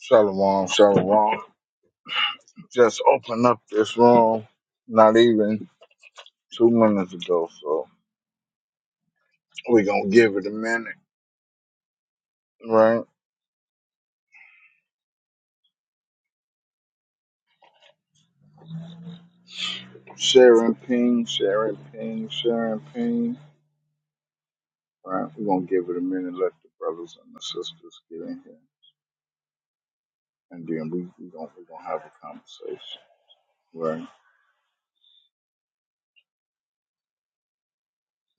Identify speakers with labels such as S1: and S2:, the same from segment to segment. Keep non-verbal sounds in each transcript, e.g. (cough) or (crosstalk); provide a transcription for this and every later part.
S1: Shalom, shalom. Just open up this room not even two minutes ago, so we gonna give it a minute, right? Sharing ping, sharing ping, sharing ping, right? we gonna give it a minute, let the brothers and the sisters get in here, and then we, we gonna, we gonna have a conversation, right?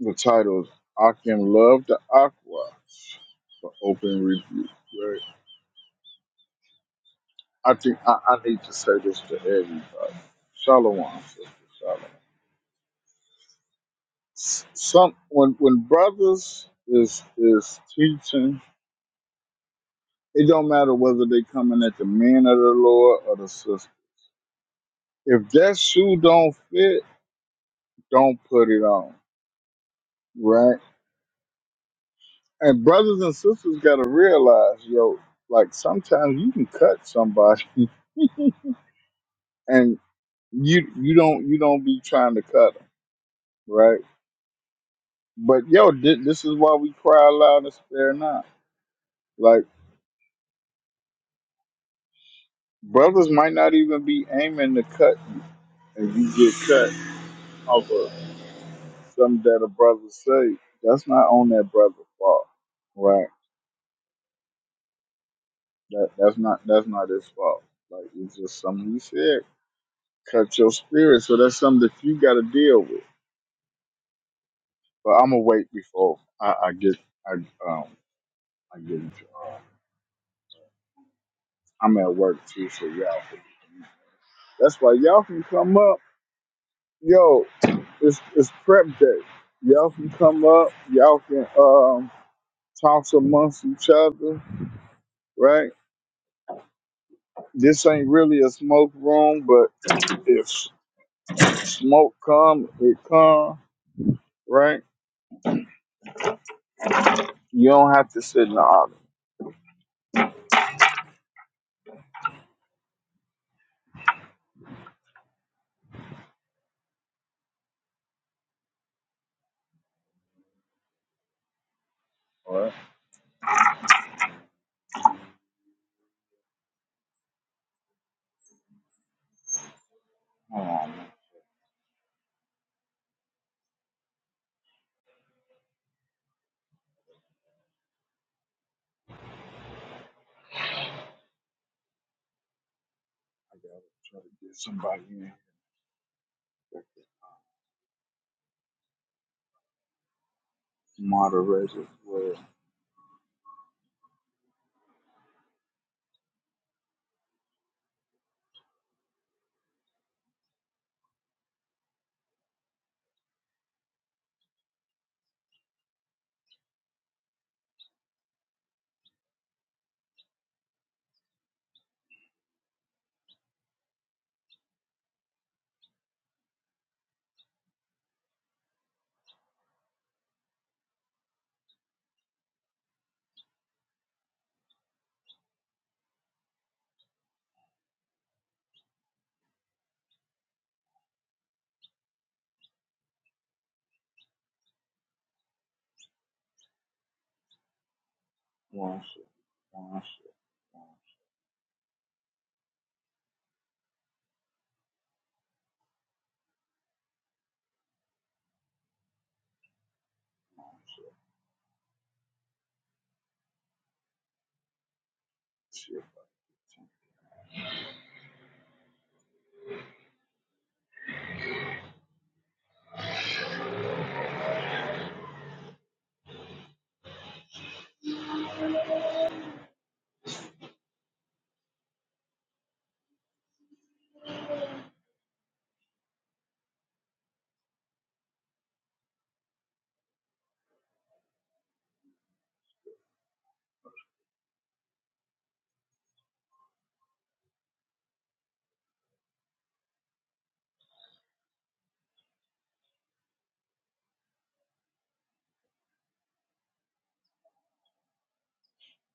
S1: The title is I Can Love the Aqua for Open Review, right? I think I, I need to say this to everybody. Shalom, sister, shalom. S- Some when when brothers is is teaching, it don't matter whether they coming at the men of the Lord or the sister. If that shoe don't fit, don't put it on, right? And brothers and sisters gotta realize, yo, like sometimes you can cut somebody (laughs) and you you don't you don't be trying to cut them, right? But yo, thi- this is why we cry loud and spare not. Like brothers might not even be aiming to cut, and you get cut off something that a brother say, that's not on that brother's fault, right? That that's not that's not his fault. Like it's just something he said. Cut your spirit. So that's something that you got to deal with. But I'm gonna wait before I, I get I um I get into. Uh, I'm at work too, so y'all. Can, that's why y'all can come up. Yo, it's it's prep day. Y'all can come up. Y'all can um talk amongst each other, right? This ain't really a smoke room, but if smoke come, it come, right? You don't have to sit in the audience. All right. Hold on, man. I gotta try to get somebody in. that can Moderate as well. One shit. One shit. One shit. One shit. Shit.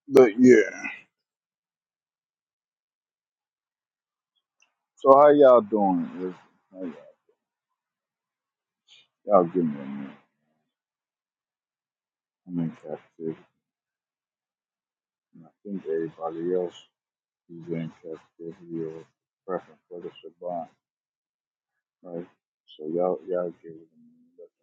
S1: But yeah. So how y'all doing? Is- How y'all, y'all give me a minute. I'm in captivity. And I think everybody else is in captivity or prepping for the Shabbat. Right. So y'all y'all get what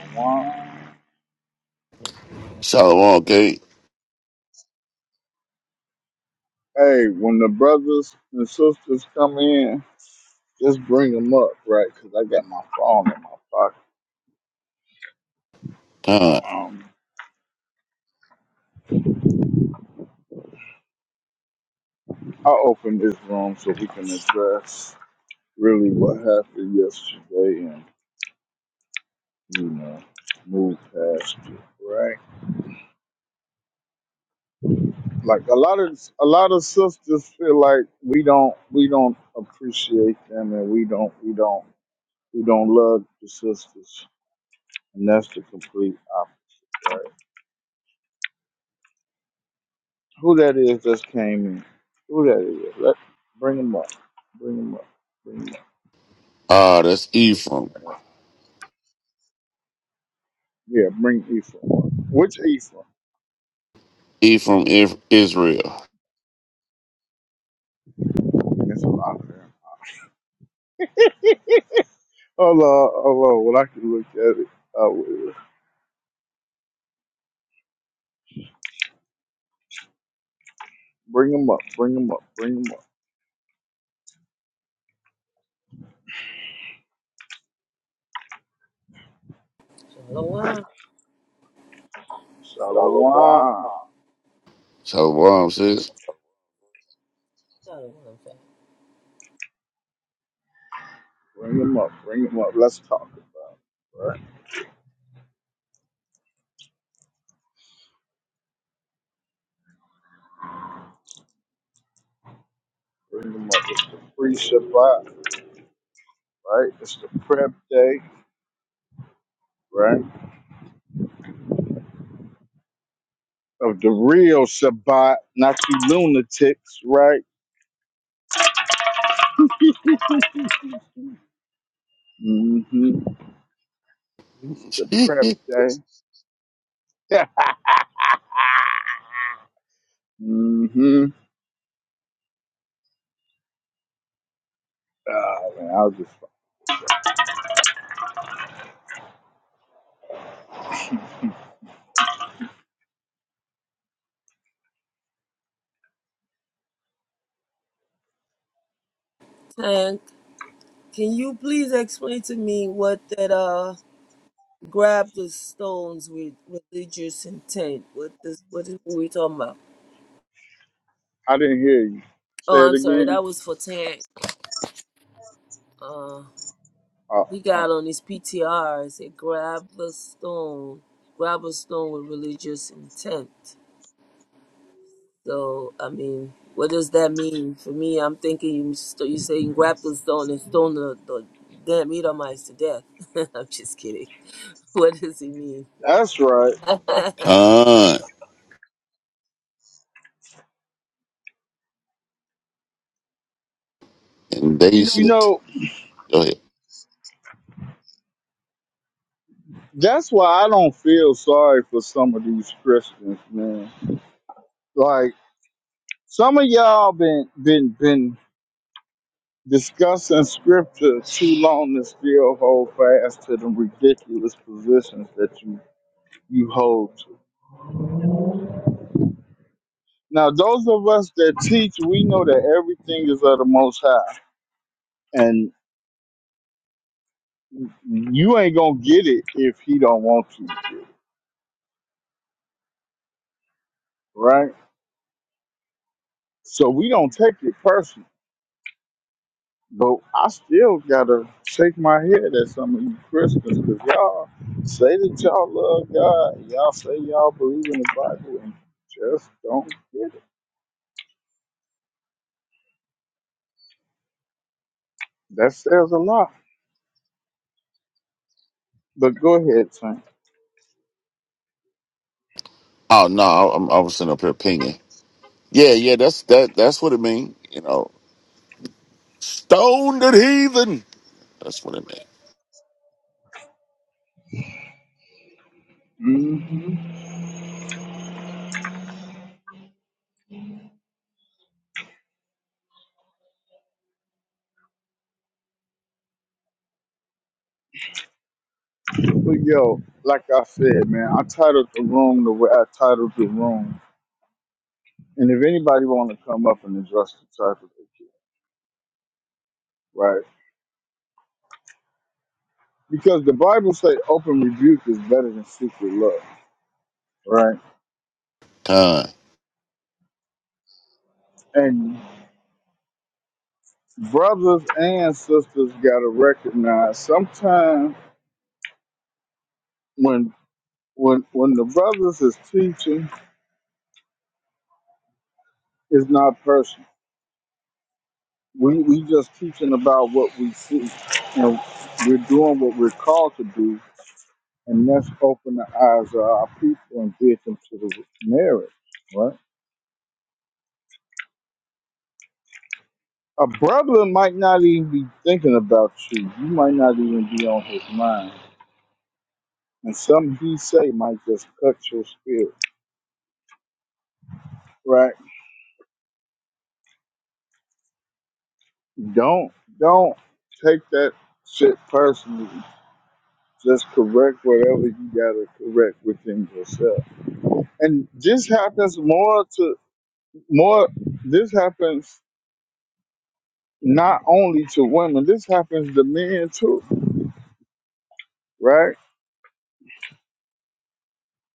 S1: I mean. Wow.
S2: Shalom Gate.
S1: Hey, when the brothers and sisters come in, just bring them up, right? Because I got my phone in my pocket.
S2: Uh,
S1: Um, I'll open this room so we can address really what happened yesterday and you know move past it, right? Like a lot of a lot of sisters feel like we don't we don't appreciate them and we don't we don't we don't love the sisters, and that's the complete Who that is just came in? Who that is? Let bring him up. Bring him up. Bring him up.
S2: ah, that's Ephraim.
S1: All right. Yeah, bring Ephraim up. Which Ephraim?
S2: Ephraim, if Israel.
S1: There's a lot of them. Oh Lord, oh Lord, well I can look at it. I will. Bring him up. Bring him up. Bring him up.
S3: Shalom. Shalom.
S1: Shalom.
S2: Shalom sis.
S3: Shalom.
S1: Bring him up. Bring him up. Let's talk about it. Right? Bring him up. It's the free Shabbat, right? It's the prep day, right? Of the real Shabbat, not you lunatics, right? (laughs) It's the
S2: (laughs)
S1: prep day. (laughs) hmm Oh, man, I was just,
S3: tank. can you please explain to me what that uh grab the stones with religious intent? What this what is what we talking about?
S1: I didn't hear you. Say
S3: Oh,
S1: it
S3: I'm sorry,
S1: again.
S3: that was for Tank. Uh,
S1: Oh,
S3: he got
S1: oh,
S3: on his PTR. It said grab the stone, grab a stone with religious intent. So I mean, what does that mean for me? I'm thinking you st- you saying grab the stone and stone the, the damn Edomites to death. (laughs) I'm just kidding. (laughs) What does he mean?
S1: that's right.
S3: (laughs)
S2: Con. And they
S1: You
S2: said,
S1: know,
S2: go ahead.
S1: that's why I don't feel sorry for some of these Christians, man. Like some of y'all been been been discussing scripture too long and still hold fast to the ridiculous positions that you you hold to. Now, those of us that teach, we know that everything is of the Most High, and you ain't gonna get it if he don't want to, right? So we don't take it personal. But I still gotta shake my head at some of you Christians because y'all say that y'all love God, y'all say y'all believe in the Bible, and just don't get it. That says a lot. But go ahead, Tank.
S2: Oh, no, I, I'm, I was sitting up here pinging. Yeah, yeah, that's that. That's what it mean. You know, stone the heathen. That's what it mean.
S1: hmm But yo, like I said, man, I titled the room the way I titled the room. And if anybody want to come up and address the topic, they can, right? Because the Bible say open rebuke is better than secret love, right?
S2: Con,
S1: And brothers and sisters gotta recognize sometimes when when when the brothers is teaching, it's not personal. We we just teaching about what we see, and we're doing what we're called to do, and that's open the eyes of our people and get them to the marriage, right? A brother might not even be thinking about you. You might not even be on his mind And something he say might just cut your spirit, right? Don't don't take that shit personally. Just correct whatever you gotta correct within yourself. And this happens more to more. This happens not only to women. This happens to men too, right?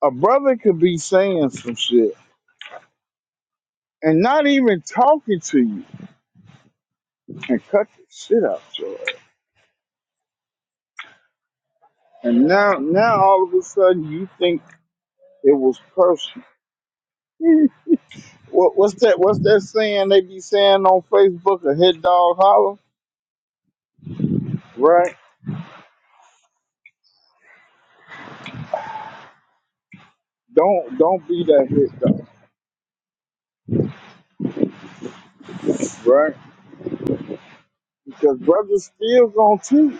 S1: A brother could be saying some shit and not even talking to you and cut the shit out your ass. And now now all of a sudden you think it was personal What, what's that? What's that saying they be saying on Facebook? A hit dog holler, right? Don't don't be that hit dog, right? Because brothers still gonna cheat.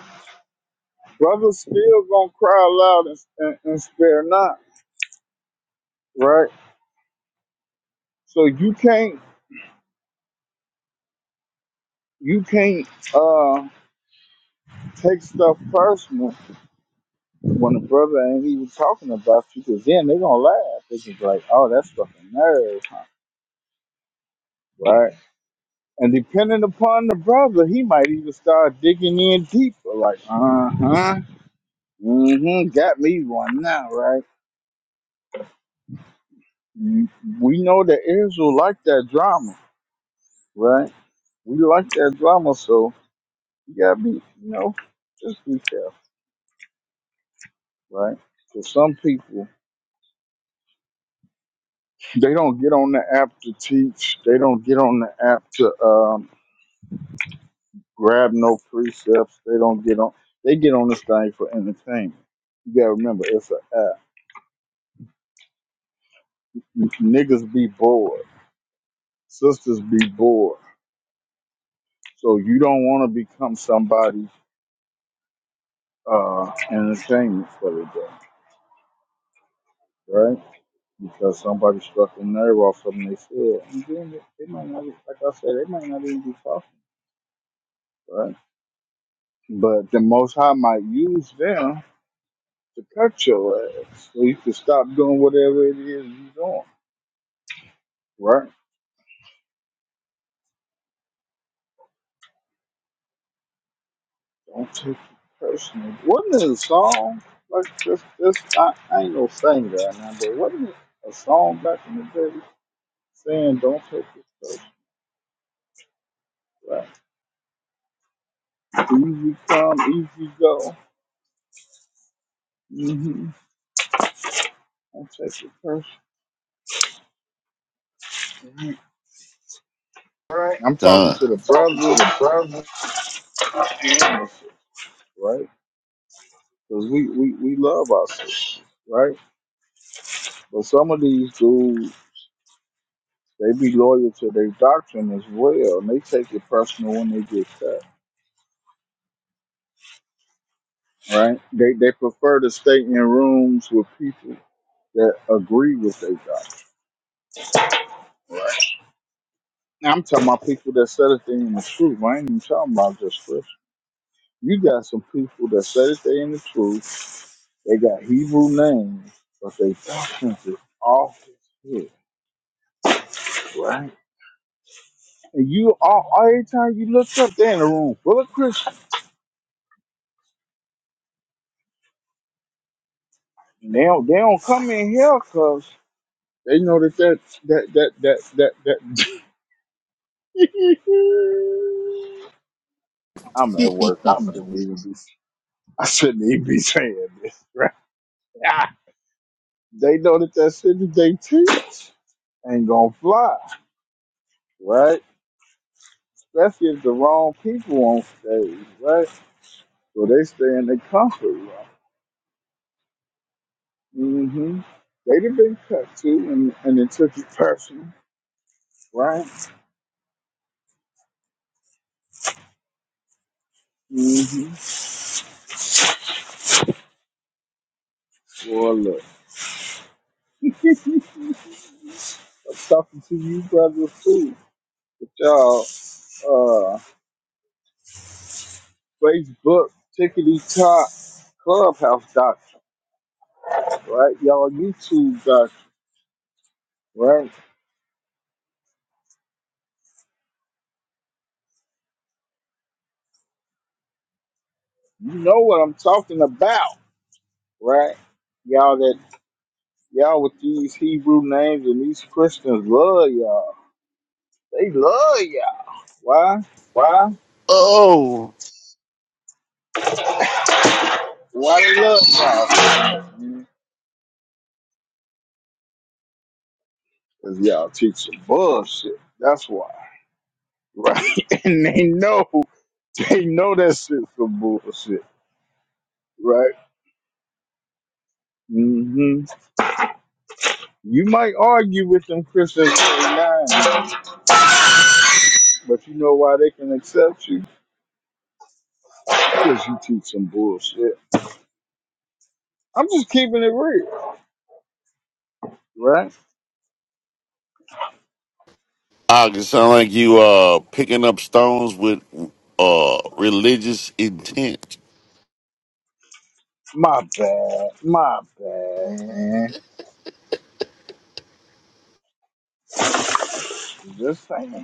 S1: Brothers still gonna cry loud and, and, and spare not, right? So you can't you can't uh take stuff personal when a brother ain't even talking about you, because then they gonna laugh. They just like, oh, that's fucking nerve, huh? Right? And depending upon the brother, he might even start digging in deeper. Like, uh huh, mm-hmm, got me one now, right? Mm, We know that Israel like that drama, right? We like that drama, so you gotta be, you know, just be careful, right? Because some people, they don't get on the app to teach. They don't get on the app to um, grab no precepts. They don't get on. They get on this thing for entertainment. You gotta remember, it's an app. Niggas be bored sisters be bored. So you don't want to become somebody's uh, entertainment for the day, right? Because somebody struck a nerve off something they said. And then they they might not, like I said, they might not even be talking, right? But the Most High might use them to cut your ass so you can stop doing whatever it is you're doing, right? Don't take it personal. Wasn't it a song? Like, this, this, I, I ain't no singer right now, but wasn't it a song back in the day? saying don't take this personal. Right? Easy come, easy go. Mm-hmm. Don't take it personal. Mhm. I'm talking
S2: con.
S1: to the brothers and the sisters, right? Because we, we, we love our sisters, right? But some of these dudes, they be loyal to their doctrine as well, and they take it personal when they get cut, right? They, they prefer to stay in rooms with people that agree with their doctrine. Now, I'm talking about people that said a thing in the truth. I ain't even talking about just scripture You got some people that say that they in the truth. They got Hebrew names, but they doctrines is off as shit, right? And you all every time you look up, they in a room full of Christians. And they don't they don't come in here because they know that that that that that that that. (laughs) I'm at work.
S2: (laughs)
S1: I
S2: I'm
S1: shouldn't even be. (laughs) I shouldn't even be saying this, right? (laughs) They know that that shit that they teach ain't gonna fly, right? That's just the wrong people on stage, right? So they stay in their comfort zone. Mm-hmm. They'd have been cut to, and, and it took it personal, right? Mm-hmm. Well, look, (laughs) I'm talking to you, brothers, too. But y'all, uh, Facebook, tickety top, clubhouse doctor, right? Y'all, YouTube doctor, right? You know what I'm talking about, right? Y'all that. Y'all with these Hebrew names and these Christians love y'all. They love y'all. Why?
S2: why? oh,
S1: Why they love y'all? Cause y'all teach some bullshit. That's why. Right? (laughs) And they know, they know that shit's some bullshit. Right? hmm You might argue with them Christians online, but you know why they can accept you? Because you teach some bullshit. I'm just keeping it real, right?
S2: I can sound like you uh picking up stones with uh religious intent.
S1: My bad, my bad, man. Just saying.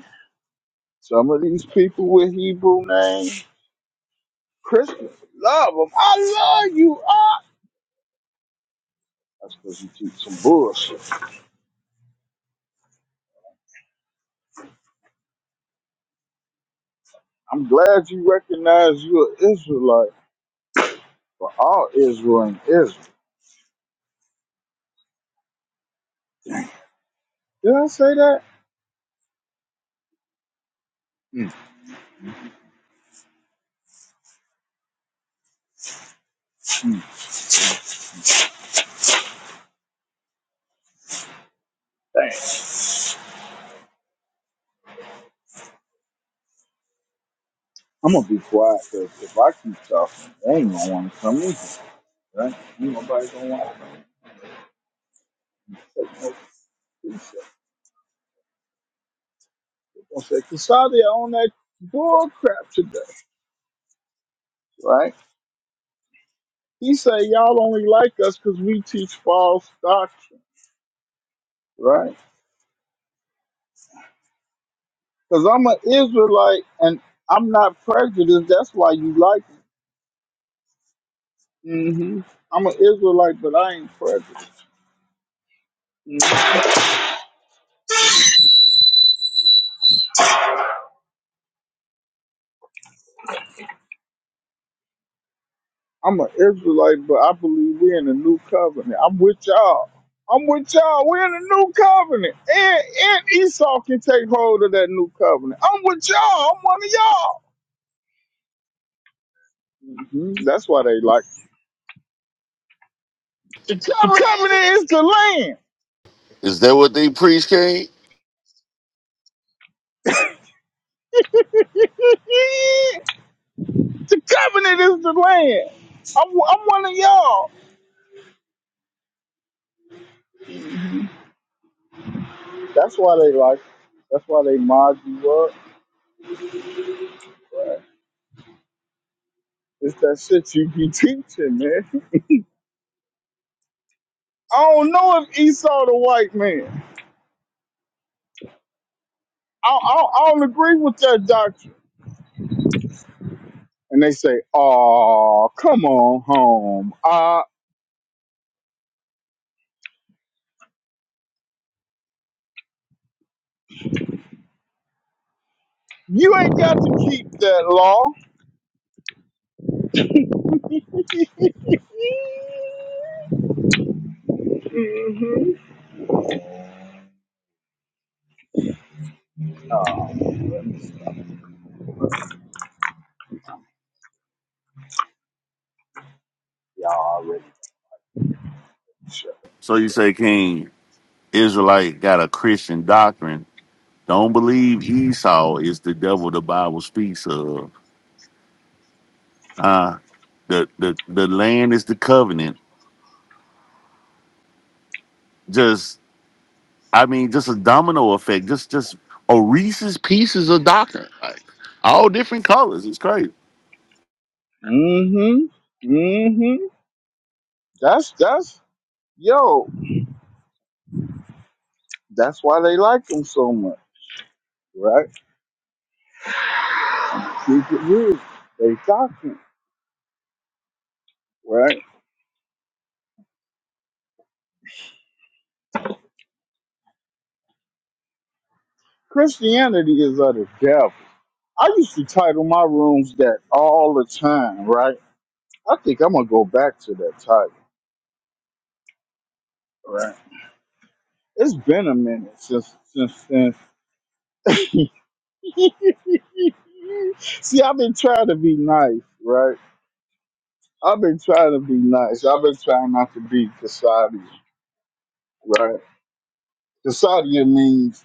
S1: Some of these people with Hebrew names, Christians, love them. I love you. Ah! That's because you teach some bullshit. I'm glad you recognize you're an Israelite, but all Israel ain't Israel. Did I say that? Mm-mm. Dang. I'm going to be quiet because if I keep talking, they ain't going to want to come either. Right? Ain't nobody going to want to take no peace. going to say, Cassandra on that bull crap today. Right? He say, y'all only like us because we teach false doctrine. Right? Because I'm an Israelite and I'm not prejudiced. That's why you like me. hmm I'm an Israelite, but I ain't prejudiced. Mhm. I'm an Israelite, but I believe we're in the new covenant. I'm with y'all. I'm with y'all. We're in the new covenant. And, and Esau can take hold of that new covenant. I'm with y'all. I'm one of y'all. Mhm. That's why they like me.
S2: The
S1: the
S2: covenant.
S1: covenant is the land.
S2: Is that what they preach, Cain?
S1: (laughs) the covenant is the land. I'm, I'm one of y'all. That's why they like. That's why they mod you up. It's that shit you be (laughs) teaching, man. I don't know if Esau the white man. I, I, I don't agree with that doctrine. And they say, "Oh, come on home. Uh, you ain't got to keep that law." Y'all already shut. up.
S2: So you say, King, Israelite got a Christian doctrine. Don't believe Esau is the devil the Bible speaks of. Uh the the the land is the covenant. Just I mean, just a domino effect, just just a Reese's pieces of doctrine. Like all different colors. It's crazy.
S1: Mm-hmm. Mm-hmm. That's that's yo. That's why they like them so much, right? Secret rules. They doctrine, right? Christianity is of the devil. I used to title my rooms that all the time, right? I think I'm gonna go back to that title, right? It's been a minute since since since. (laughs) See, I've been trying to be nice, right? I've been trying to be nice. I've been trying not to be Kasadian, right? Kasadian means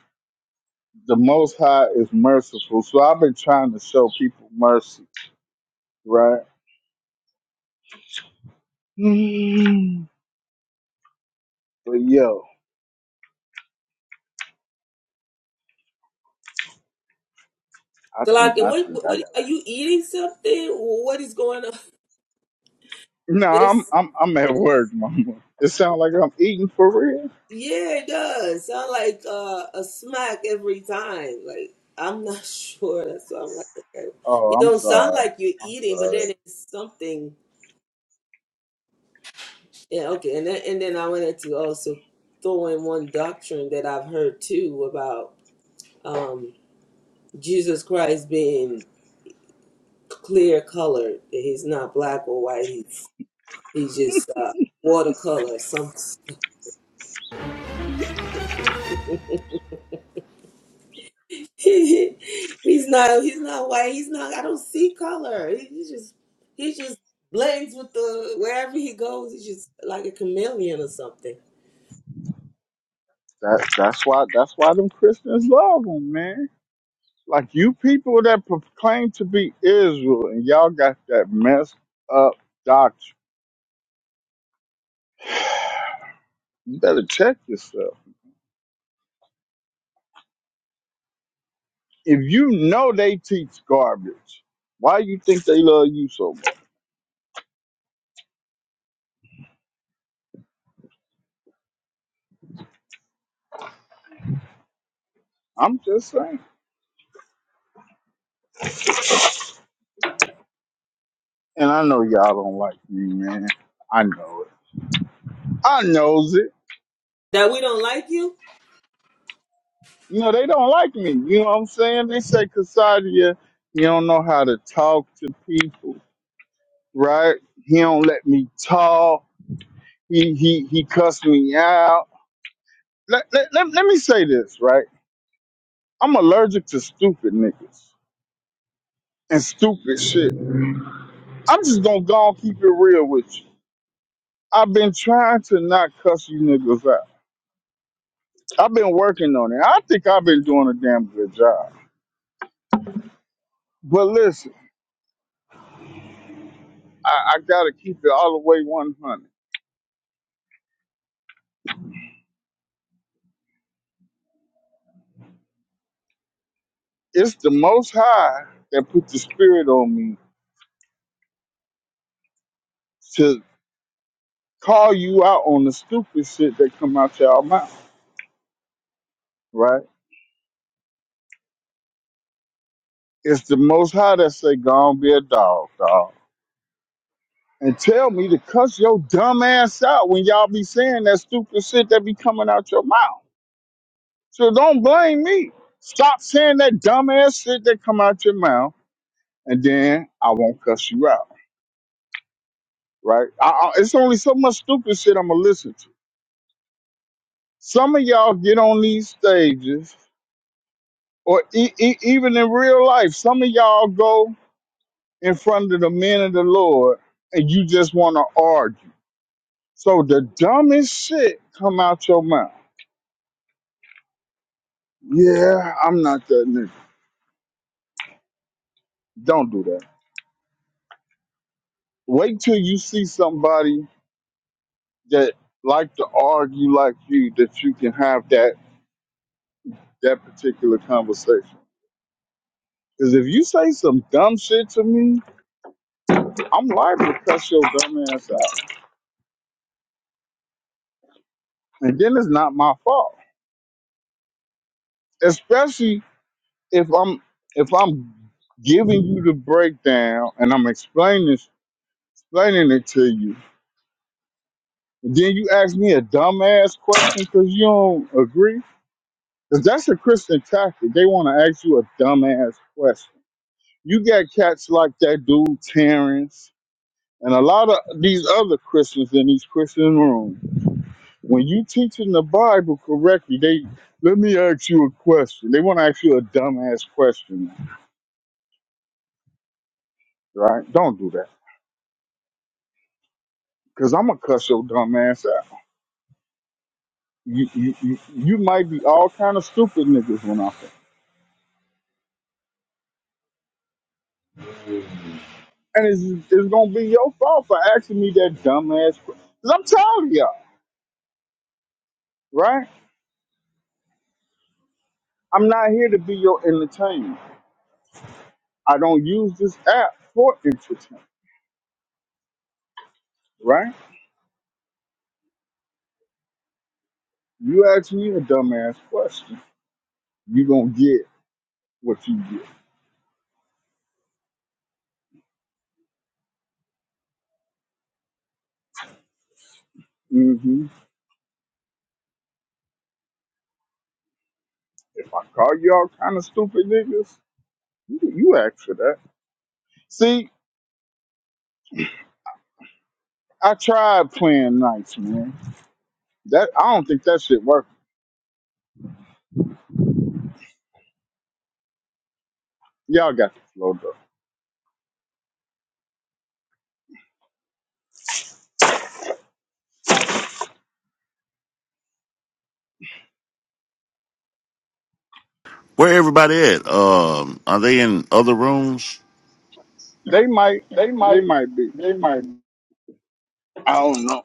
S1: the Most High is merciful, so I've been trying to show people mercy, right? (sighs) but yo, I
S3: So
S1: think
S3: Like,
S1: I
S3: what,
S1: think
S3: what,
S1: I got.
S3: what are you eating something? What is going on? (laughs)
S1: No, I'm
S3: This,
S1: I'm I'm at work, mama. It sounds like I'm eating for real.
S3: yeah, it does sound like uh, a smack every time. Like I'm not (laughs) sure. That's why I'm like, okay,
S1: Oh,
S3: it
S1: I'm
S3: don't sound
S1: sorry.
S3: like you're
S1: I'm
S3: eating, but
S1: sorry.
S3: then it's something. Yeah, okay, and then and then I wanted to also throw in one doctrine that I've heard too about um, Jesus Christ being clear colored. He's not black or white. He's just uh, watercolor. Some (laughs) he's not he's not white. He's not. I don't see color. He, he just he just blends with the wherever he goes. He's just like a chameleon or something.
S1: That that's why that's why them Christians love them, man. Like you people that proclaim to be Israel and y'all got that messed up doctrine. You better check yourself. If you know they teach garbage, why you think they love you so much? I'm just saying. And I know y'all don't like me, man. I know it. I knows it.
S3: That we don't like you.
S1: you know, they don't like me. You know what I'm saying? They say, Casadia, you don't know how to talk to people, right? He don't let me talk. He he he cussed me out. Let, let, let, let me say this, right? I'm allergic to stupid niggas and stupid shit. I'm just gonna go and keep it real with you. I've been trying to not cuss you niggas out. I've been working on it. I think I've been doing a damn good job. But listen, I, I gotta keep it all the way 100. It's the Most High that put the spirit on me to call you out on the stupid shit that come out your mouth, right? It's the Most High that say, "Go on, be a dog, dog," and tell me to cuss your dumb ass out when y'all be saying that stupid shit that be coming out your mouth. So don't blame me. Stop saying that dumb ass shit that come out your mouth, and then I won't cuss you out, right? I, I, it's only so much stupid shit I'ma listen to. Some of y'all get on these stages or e- e- even in real life, some of y'all go in front of the men of the Lord and you just want to argue. So the dumbest shit come out your mouth. Yeah, I'm not that nigga. Don't do that. Wait till you see somebody that like to argue like you that you can have that that particular conversation. Because if you say some dumb shit to me, I'm liable to cuss your dumb ass out. And then it's not my fault. Especially if I'm if I'm giving you the breakdown and I'm explaining explaining it to you, then you ask me a dumbass question because you don't agree. Because that's a Christian tactic. They want to ask you a dumbass question. You got cats like that dude Terrence and a lot of these other Christians in these Christian rooms. When you teaching the Bible correctly, they let me ask you a question. They want to ask you a dumbass question, right? Don't do that because I'm gonna cuss your dumbass You, you, you you might be all kind of stupid niggas when I say, and it's, it's gonna be your fault for asking me that dumbass. que- i I'm tired of y'all, right? I'm not here to be your entertainment. I don't use this app for entertainment, right? You ask me a dumbass question, you gonna get what you get. hmm If I call you all kind of stupid niggas, you, you ask for that. See, I tried playing nice, man. That I don't think that shit worked. Y'all got the flow, though.
S2: Where everybody at? Um are they in other rooms?
S1: They might, they might be. I don't know.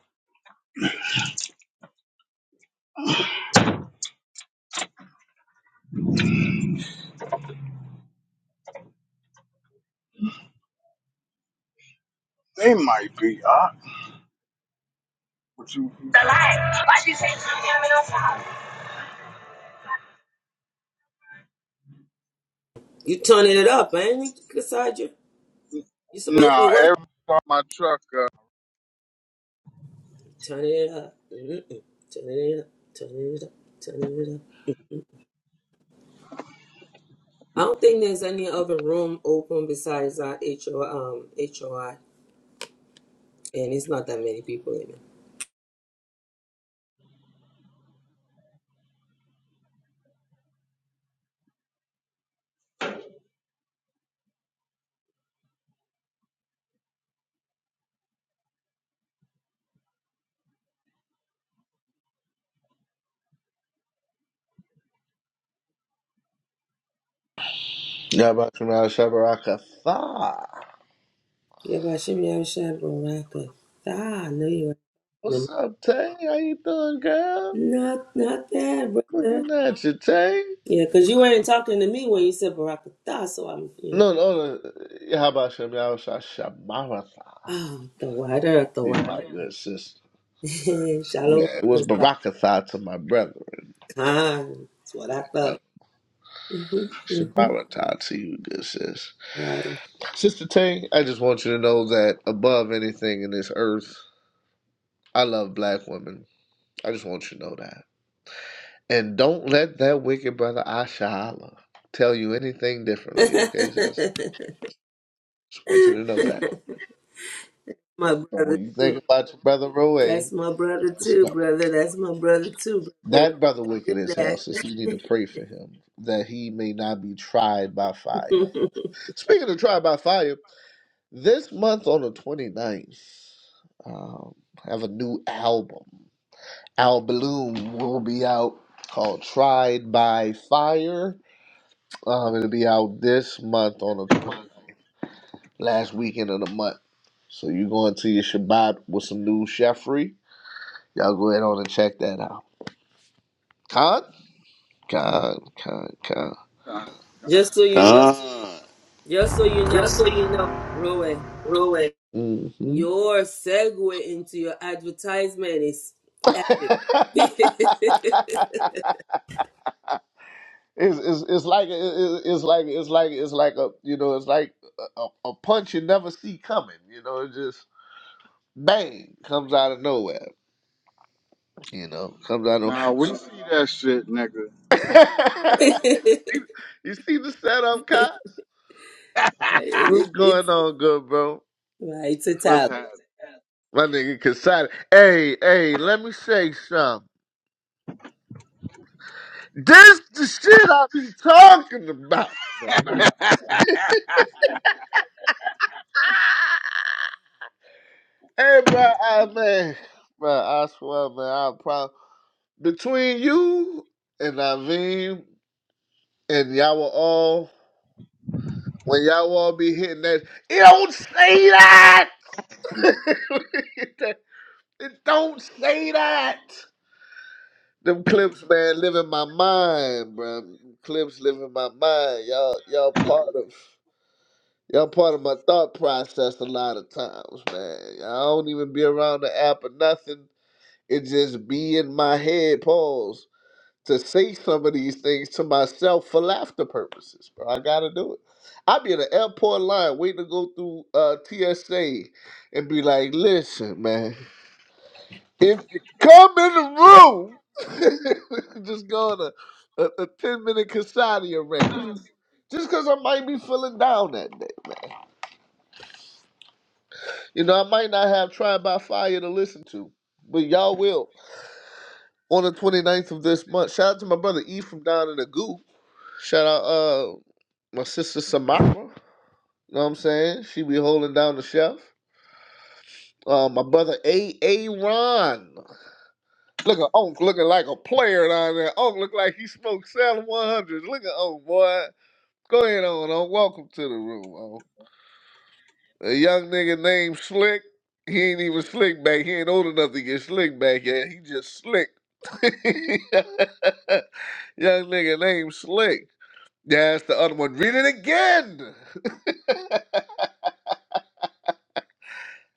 S1: They might be. I, but you, The light. Why you say something I'm in on fire?
S3: You turning it up, man. You decide you you supposed to be
S1: nah.
S3: working.
S1: Every time my truck up,
S3: Turning it up. Mm-mm. Turning it up. Turning it up. Turning it up. I don't think there's any other room open besides our HO, um, HOI, and it's not that many people in there.
S4: Yabakana Shabarakatha.
S3: Yabashim Baraka. Ah, I know you were talking to me.
S4: What's up, Tay? How you doing, girl?
S3: not not bad, brother.
S4: Looking at you, Tay.
S3: Yeah, because you weren't talking to me when you said Baraka Tha, so I'm you know
S4: No, no, no. How about Shabarakatha? Shabaratha.
S3: Oh, the water, the
S4: You
S3: water.
S4: my good sister.
S3: (laughs) Shallow
S4: Yeah, it
S3: water
S4: was
S3: stop
S4: Barakatha to my brother.
S3: time. That's what I
S4: though.
S3: thought. hmm hmm
S4: Shabaratha to you, good sis.
S3: Water.
S4: Sister Tay, I just want you to know that above anything in this earth, I love black women. I just want you to know that. And don't let that wicked brother Asha Allah tell you anything differently, okay,
S3: (laughs)
S4: sis? Just want you to know that.
S3: my
S4: So
S3: brother
S4: when you
S3: too.
S4: think about your brother Roe,
S3: That's my brother
S4: just
S3: too,
S4: know
S3: brother. That's my brother too, brother.
S4: that brother wicked
S3: Let's do
S4: as hell.
S3: that.
S4: Since you need to pray for him that he may not be tried by fire. Speaking of tried by fire, this month on the 29th, um, I have a new album. Al Balloon will be out called Tried by Fire. Um, it'll be out this month on the 29th, last weekend of the month. So you going to your Shabbat with some new Sheffrey. Y'all go ahead on and check that out. Con, con, con, con.
S1: nah.
S3: (laughs) just so you know.
S2: Uh,
S3: Just so you know,
S2: Just so you know,
S3: Roe.
S2: Ruin.
S4: Mm-hmm.
S3: Your segue into your advertisement is
S4: (laughs)
S3: epic. (laughs) it,
S4: it's, it's it's like it's, it's like it's like it's like a you know it's like a, a punch you never see coming. You know, it just bang comes out of nowhere. You know, comes out of
S1: nah, We
S4: (laughs)
S1: see that shit, nigga.
S4: you, see, you see the setup, Cos?
S3: it,
S4: What's going
S3: it's
S4: on, good bro?
S3: right, it's a
S1: What's
S3: talent.
S1: happening?
S4: My nigga Kasada. Hey, hey, let me say something. This the shit I be talking about, man. Hey, bro, I, man, bro, I swear, man, I probably between you and Naveem and y'all were all when y'all all be hitting that. It don't say that. (laughs) it don't say that. Them clips, man, live in my mind, bro. Them clips live in my mind. Y'all, y'all part of. Y'all part of my thought process a lot of times, man. I don't even be around the app or nothing. It just be in my head, pause, to say some of these things to myself for laughter purposes, bro. I gotta do it. I be in the airport line waiting to go through uh, TSA and be like, listen, man, if you come in the room, (laughs) just go on a, a, a 10 minute Casadia rant. Just because I might be feeling down that day. man." You know, I might not have Tried by Fire to listen to, but y'all will on the twenty ninth of this month. Shout out to my brother E from down in the goo. Shout out uh my sister Samara. You know what I'm saying? She be holding down the chef. Uh, my brother A. A. Ron. Look at Unc looking like a player down there. Unc look like he smoked Salem one hundred. Look at Unc, boy. Go ahead on, Unc. Welcome to the room, Unc. A young nigga named Slick. He ain't even slick back. He ain't old enough to get slick back yet. He just slick. (laughs) Young nigga named Slick. Yeah, That's the other one. Read it again. (laughs)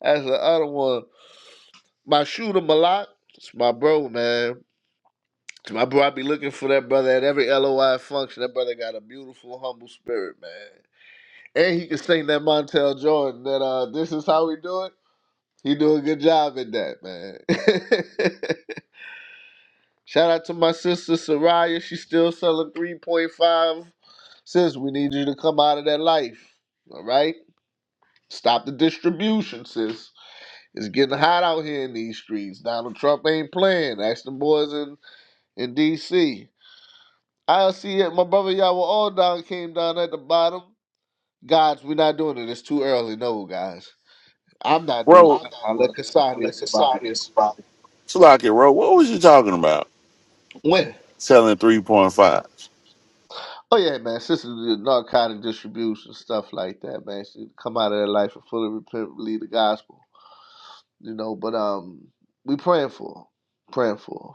S4: That's the other one. My shooter Malak. It's my bro, man. It's my bro. I be looking for that brother at every LOI function. That brother got a beautiful, humble spirit, man. And he can sing that Montel Jordan. That uh, this is how we do it. He do a good job at that, man. (laughs) Shout out to my sister Soraya. She's still selling 3.5. Sis, we need you to come out of that life. All right? Stop the distribution, sis. It's getting hot out here in these streets. Donald Trump ain't playing. Ask the boys in, in D.C. I see it. My brother, y'all were all down, came down at the bottom. Guys, we're not doing it. It's too early. No, guys. I'm not doing
S2: Bro,
S4: it. I'll let Casadia somebody.
S2: Slocky, bro, what was you talking about?
S4: When?
S2: Selling 3.5.
S4: Oh yeah, man. Sisters did narcotic distribution stuff like that, man. She come out of their life and fully repent, believe the gospel, you know. But um, we praying for, 'em. praying for. 'em.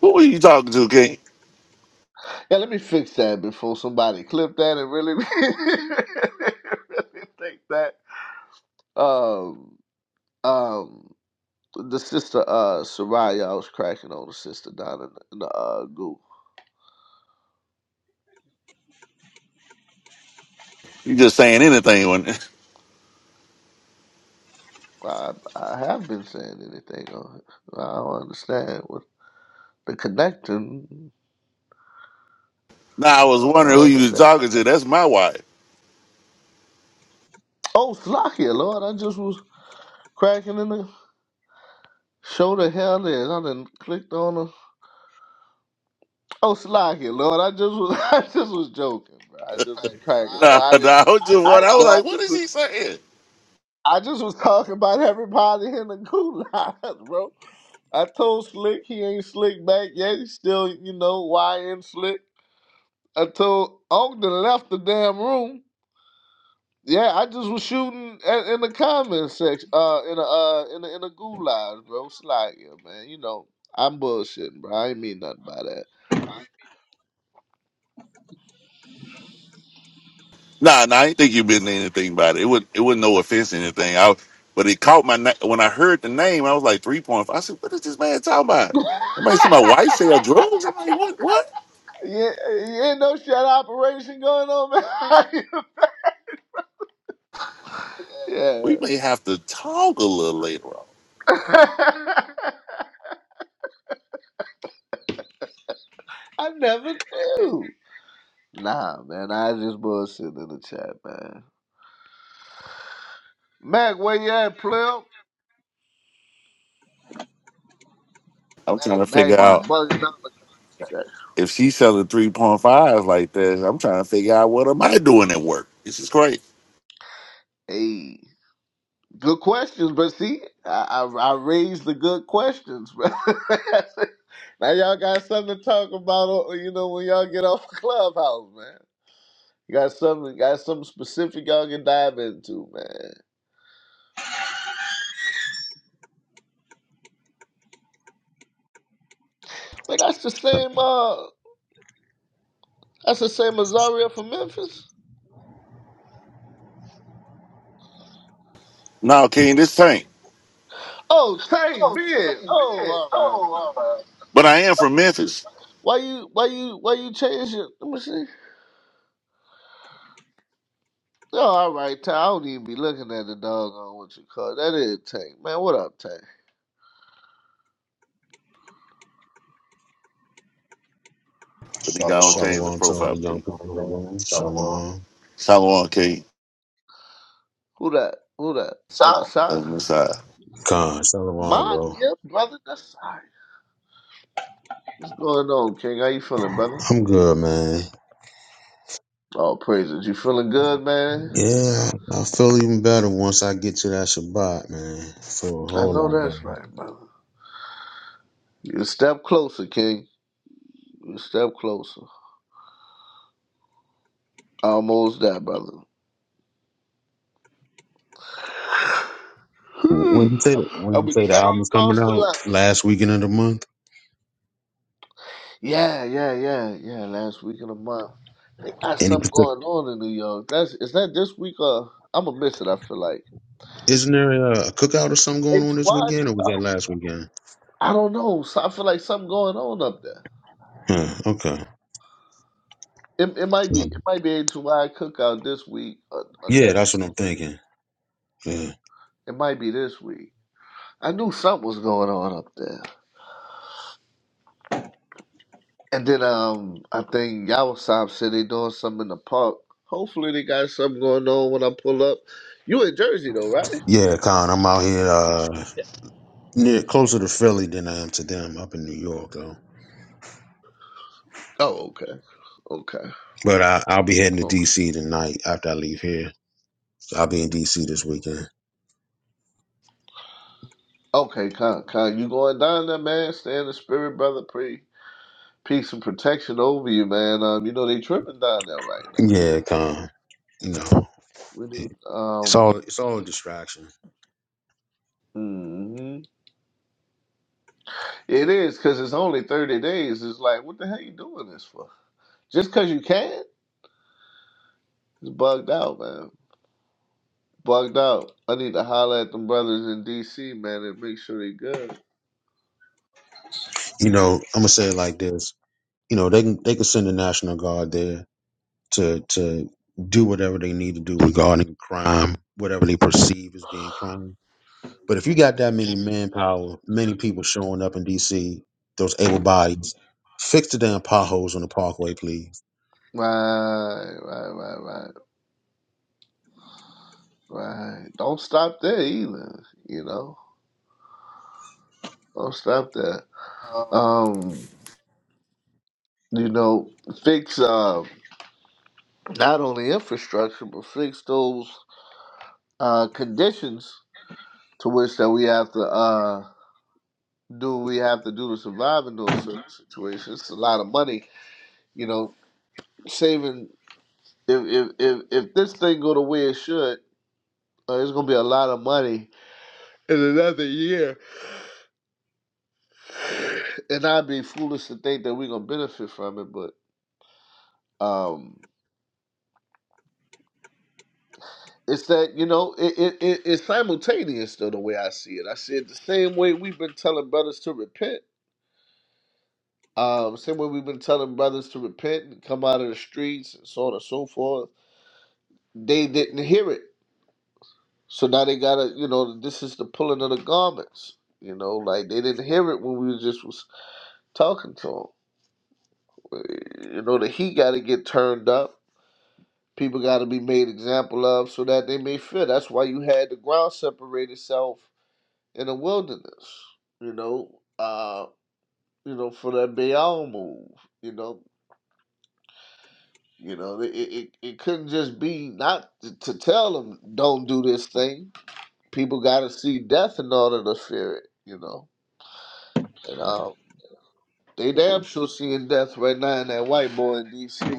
S2: Who were you talking to, King?
S4: Yeah, let me fix that before somebody clip that and really, (laughs) really think that. Um, um, the sister uh Soraya, I was cracking on the sister down in the, in the uh group.
S2: You just saying anything when (laughs)
S4: I I have been saying anything on it. I don't understand what the connection.
S2: Nah, I was
S4: I
S2: wondering who
S4: don't
S2: you was
S4: understand.
S2: talking to. That's my wife.
S4: Oh, Slakia, Lord, I just was cracking in the show the hell is. I done clicked on the Oh, Slakia, Lord, I just was (laughs) I just was joking, bro. I just was cracking, bro.
S2: Nah, (laughs)
S4: I didn't
S2: nah, I was just
S4: I
S2: wondering. I
S4: didn't
S2: was
S4: know I
S2: like, what
S4: just
S2: is he
S4: was
S2: saying?
S4: I just was talking about everybody in the gulag, (laughs) bro. I told Slick he ain't slick back yet. He's still, you know, YN slick. I told Ogden left the damn room. Yeah, I just was shooting at, in the comment section, uh, in a, uh, in the in the gulag, bro. Slide, yeah, man. You know, I'm bullshitting, bro. I ain't mean nothing by that.
S2: Nah, nah, I didn't think you been anything about it. It was it wasn't no offense or anything. I but it caught my na- when I heard the name, I was like three point five. I said, What is this man talking about? I might see my wife sell drugs. I'm like, what what?
S4: Yeah, you ain't no shot operation going on, man. (laughs) yeah,
S2: We may have to talk a little later on.
S4: (laughs) I never knew. Nah, man, I just bullshitting in the chat, man. Mac, where you at, pleb?
S2: I'm trying to
S4: They
S2: figure
S4: be
S2: out
S4: bugging out the section.
S2: if she's selling 3.5 like this, I'm trying to figure out what am I doing at work. This is great.
S4: Hey, good questions, but see, I I, I raised the good questions, bro. (laughs) Now y'all got something to talk about, uh, you know, when y'all get (laughs) off Clubhouse, man. You got something, got something specific y'all can dive into, man. But that's the same, uh, that's the same Azaria from Memphis.
S2: No, King, this tank.
S4: Oh, Tank, Ben. Oh, all right, all right, all right.
S2: But I am from Memphis.
S4: Why you, why you, why you change your? Let me see. Oh, all right, Tank. I don't even be looking at the dog on what you call it. that is Tank, man. What up, Tank?
S2: But nigga, I don't Shalom. change the
S5: Shalom to all
S2: profile
S5: the young
S2: King.
S5: people in the room.
S2: Shalom,
S5: Shalom.
S2: Shalom, King.
S4: Who that? Who that? Uh, Nasai?
S2: On the side.
S5: Khan, Shalom,
S4: My
S5: bro.
S4: dear brother, Nasai. What's going on, King? How you feeling, brother?
S5: I'm good, man.
S4: Oh, praises. You feeling good, man?
S5: Yeah, I feel even better once I get to that Shabbat, man. I feel a
S4: I
S5: whole
S4: know
S5: lot better.
S4: that's right, brother. You step closer, King. You step closer. Almost there, brother. (sighs)
S5: When you say when
S4: I've
S5: you
S4: been
S5: say the
S4: dragging
S5: album's coming
S4: across the
S5: out
S4: line.
S5: last weekend of the month,
S4: Yeah, yeah, yeah, yeah. Last week of the month. They got
S5: any
S4: something
S5: particular?
S4: going on in New York. That's is that this week or I'm gonna miss it, I feel like.
S5: Isn't there a cookout or something going on this
S4: HY?
S5: weekend, or was that last weekend?
S4: I don't know. So I feel like something going on up there.
S5: Huh, okay.
S4: It, it might be
S5: Yeah,
S4: it might be HY cookout this week or, or
S5: Yeah,
S4: next
S5: that's what I'm thinking. Yeah,
S4: it might be this week. I knew something was going on up there. And then um, I think Yawasab said they doing something in the park. Hopefully they got something going on when I pull up. You in Jersey though, right?
S5: yeah, Con. I'm out here uh, near closer to Philly than I am to them up in New York, though.
S4: Oh, okay, okay,
S5: But I, I'll be heading to
S4: okay,
S5: DC tonight after I leave here. I'll be in DC this weekend.
S4: okay. Con, con, you going down there, man? Stay in the spirit, brother. Pre, peace and protection over you, man. Um, you know they tripping down there right now.
S5: Yeah, con. You know,
S4: We need,
S5: it- it's all
S4: um,
S5: it's all a distraction.
S4: mhm. It is because it's only thirty days. It's like, what the hell you doing this for? Just because you can? It's bugged out, man. Bugged out. I need to holler at them brothers in DC, man, and make sure they good.
S5: You know, I'm gonna say it like this. You know, they can they can send the National Guard there to to do whatever they need to do regarding crime, whatever they perceive as being crime. But if you got that many manpower, many people showing up in DC, those able bodies, fix the damn potholes on the parkway, please.
S4: Right, right, right, right, right. Don't stop there either, you know. Don't stop there. Um, you know, fix uh not only infrastructure but fix those uh conditions to which that we have to uh do what we have to do to survive in those certain situations. It's a lot of money, you know, saving if if if, if this thing go the way it should Uh, it's gonna be a lot of money in another year, and I'd be foolish to think that we're gonna benefit from it. But um, it's that you know, it, it, it it's simultaneous though the way I see it. I see it the same way we've been telling brothers to repent. Um, same way we've been telling brothers to repent and come out of the streets and so on and so forth. They didn't hear it, so now they gotta you know this is the pulling of the garments. You know, like they didn't hear it when we was just was talking to them. You know, the heat got to get turned up People got to be made example of so that they may fear. That's why you had the ground separate itself in the wilderness. You know, uh, you know, for that Baal move. You know, you know, it it, it couldn't just be not to, to tell them don't do this thing. People got to see death in order to fear it. You know, and um, they damn sure seeing death right now in that white boy in D.C.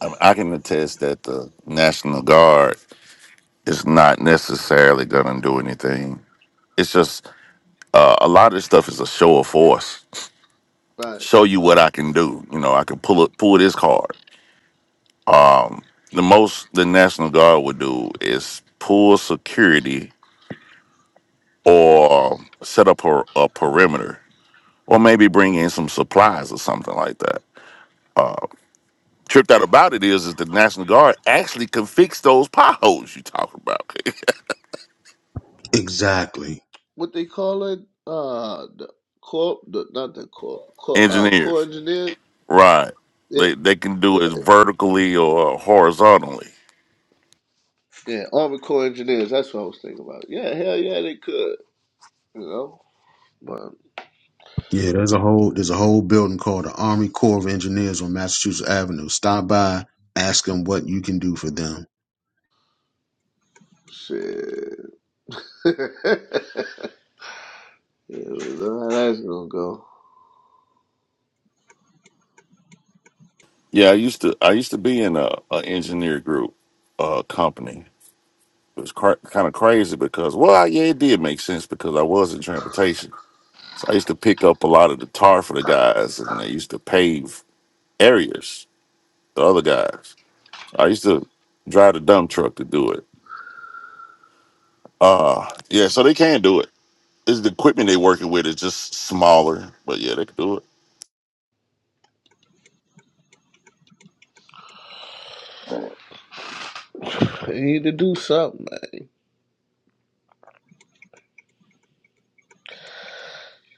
S2: I, mean, I can attest that the National Guard is not necessarily going to do anything. It's just uh, a lot of this stuff is a show of force.
S4: Right,
S2: Show you what I can do. You know, I can pull it. pull this card. Um, the most the National Guard would do is pull security or set up a, a perimeter or maybe bring in some supplies or something like that. Tripped out about it is is the National Guard actually can fix those potholes you talk about.
S5: Exactly.
S4: what they call it? Uh, the corp, the, not the corp,
S2: (laughs)
S4: corp uh, core
S2: Engineers.
S4: engineers.
S2: Right.
S4: Yeah,
S2: They they can do
S4: yeah,
S2: it vertically or horizontally.
S4: yeah. Army Corps engineers. That's what I was thinking about. Yeah, hell yeah, they could. You know, but
S5: Yeah, there's a whole there's a whole building called the Army Corps of Engineers on Massachusetts Avenue. Stop by, ask them what you can do for them.
S4: shit. (laughs) yeah, we know how that's gonna go.
S2: Yeah, I used to I used to be in a, a engineer group uh company. It was cr- kind of crazy because well, yeah, it did make sense because I was in transportation So I used to pick up a lot of the tar for the guys, and they used to pave areas. The other guys, I used to drive the dump truck to do it. Uh yeah. So they can do it. It's the equipment they working with is just smaller, but yeah, they can do it.
S4: They need to do something, man.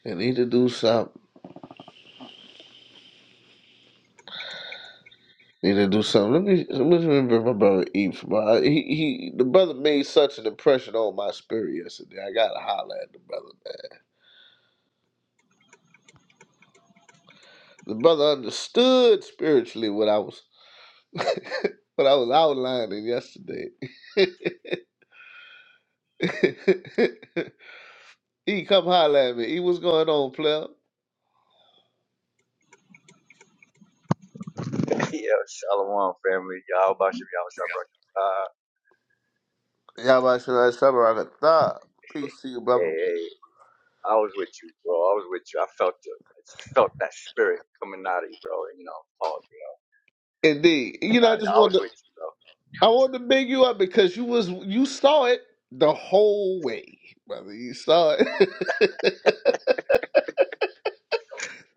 S4: They need to do something. Need to do something. Let me let me remember my brother Eve. Bro. He he. The brother made such an impression on my spirit yesterday. I gotta holler at the brother. The brother understood spiritually what I was what I was outlining yesterday. (laughs) E, come holler at me. E, what's going on, player?
S6: Yeah, Shalom family. Y'all about to be honest, I uh
S4: Y'all about to that summer I could thought. Peace to you, brother.
S6: hey, hey, I was with you, bro. I was with you. I felt you. I just felt that spirit coming out of you, bro. You know, pause, you know.
S4: Indeed. You know, I just
S6: I, I was
S4: wanted to,
S6: with you, bro.
S4: I wanted to big you up because you was you saw it the whole way, brother. You saw it.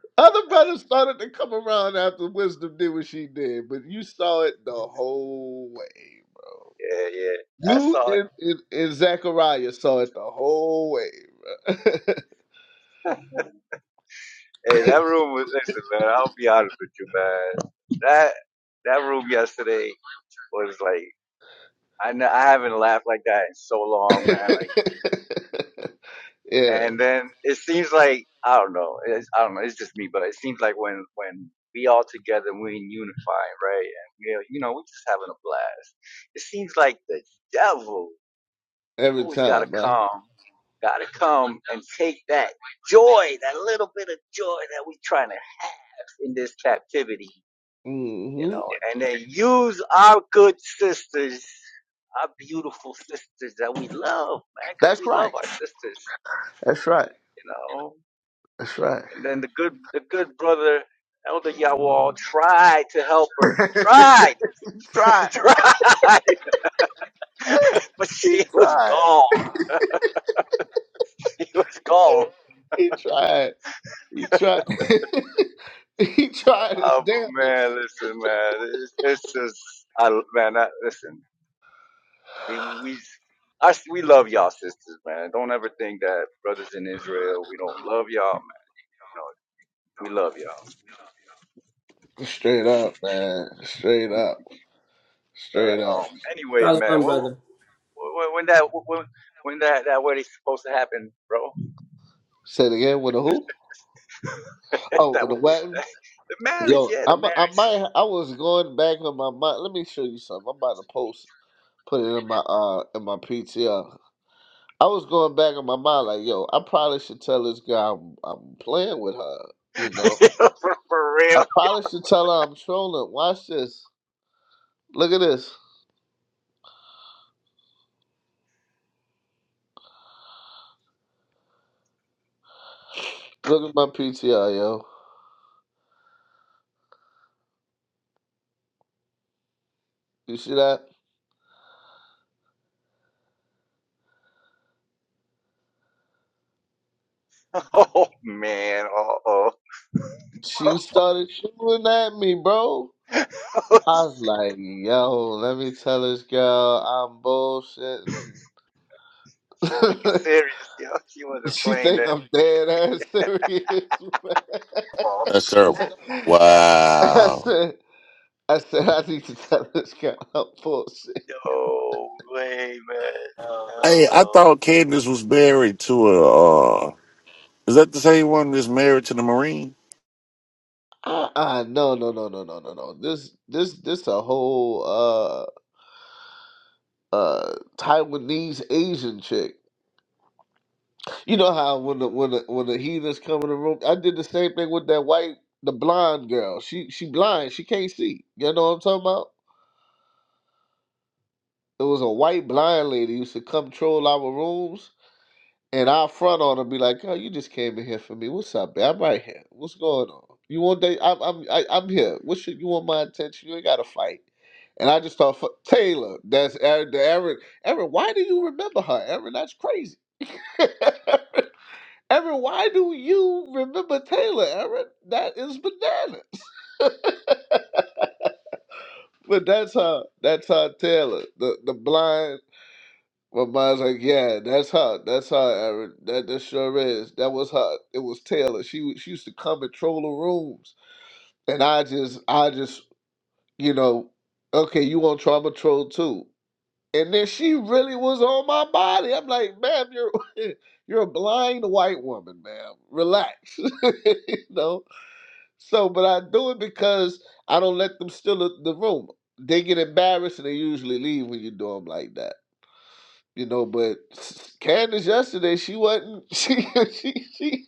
S4: (laughs) Other brothers started to come around after Wisdom did what she did, but you saw it the whole way.
S6: Yeah, yeah. I
S4: You
S6: saw it.
S4: and, and, and Zachariah saw it the whole way, bro.
S6: Hey, that room was listen, man, I'll be honest with you, man. That that room yesterday was like I n- I haven't laughed like that in so long, man. Like.
S4: (laughs) yeah,
S6: And then it seems like I don't know. It's, I don't know. It's just me, but it seems like when when we all together, we are unified, right? And we, are- you know, we are just having a blast. It seems like the devil
S4: every
S6: always got to
S4: time, bro.
S6: come, got to come and take that joy, that little bit of joy that we are trying to have in this captivity, you
S4: hmm
S6: know, and then use our good sisters, our beautiful sisters that we love, man, because
S4: That's
S6: we love
S4: right.
S6: our sisters,
S4: That's right.
S6: you know
S4: That's right.
S6: And then the good the good brother Elder Yawal tried to help her. Tried,
S4: He
S6: (laughs)
S4: tried. (laughs)
S6: tried, (laughs) but
S4: He
S6: she was
S4: tried.
S6: gone. (laughs) She was gone.
S4: He tried. He tried. (laughs) he tried his
S6: Oh but
S4: damnedest.
S6: man, listen, man, it's, it's just, I man, I, listen, we we I, we love y'all sisters, man. Don't ever think that brothers in Israel we don't love y'all, man. No, we love y'all.
S4: Straight up, man. Straight
S6: (laughs)
S4: up.
S6: But
S4: Straight up.
S6: um, anyways,
S3: Solomon,
S6: man, what,
S3: brother.
S6: what, when that when, when that that what is supposed to happen, bro?
S4: Say it again with a who?
S6: (laughs)
S4: Oh,
S6: that
S4: with a
S6: was-
S4: weapon.
S6: the marriage,
S4: Yo,
S6: yeah, the
S4: I mi- I might I was going back on my mind. Let me show you something. I'm about to post put it in my uh in my PTR. I was going back on my mind like, yo, I probably should tell this guy I'm, I'm playing with her, you know.
S6: marriage. (laughs) for, for
S4: I
S6: real.
S4: probably should tell her I'm trolling. Watch this. Look at this. Look at my PTR, yo. You see that?
S6: Oh man, uh oh.
S4: She started shooting at me, bro.
S6: (laughs)
S4: I was like, yo, let me tell this girl I'm bullshitting.
S6: she took it serious, yo. She
S4: (laughs)
S6: wasn't
S4: she
S6: playing
S4: think
S6: that.
S4: I'm dead ass serious. (laughs) man.
S2: That's terrible.
S4: I
S2: Wow.
S4: said, I said, I need to tell this girl I'm bullshit.
S6: No way, man. Hell
S2: Hey, I
S6: no.
S2: thought Candace was married to a. Uh, is that the same one that's married to the Marine?
S4: Uh, uh no, no, no, no, no, no, no. This, this, this a whole uh. uh Taiwanese Asian chick. You know how when the when the when the heathens come in the room, I did the same thing with that white the blonde girl. She she blind, she can't see. You know what I'm talking about? It was a white blind lady used to come troll our rooms and our front on her be like, "Oh, you just came in here for me. What's up, man? I'm right here. What's going on? You want that? I'm I'm I, I'm here. What should you want my attention? You ain't got to fight." And I just thought, "Fuck, Taylor, that's Erin. the Erin. Erin, why do you remember her? Erin, that's crazy. (laughs) Aaron, why do you remember Taylor, Aaron? That is bananas. But that's her. That's her Taylor. The the blind my mind's like, yeah, that's her. That's her, Aaron. That that sure is. That was her. It was Taylor. She she used to come and troll the rooms. And I just I just, you know, okay, you on trauma troll too. And then she really was on my body. I'm like, ma'am, you're (laughs) you're a blind white woman, ma'am. Relax. (laughs) you know? So, but I do it because I don't let them steal the the room. They get embarrassed and they usually leave when you do them like that, you know. But s- Candace yesterday, she wasn't. (laughs) She she she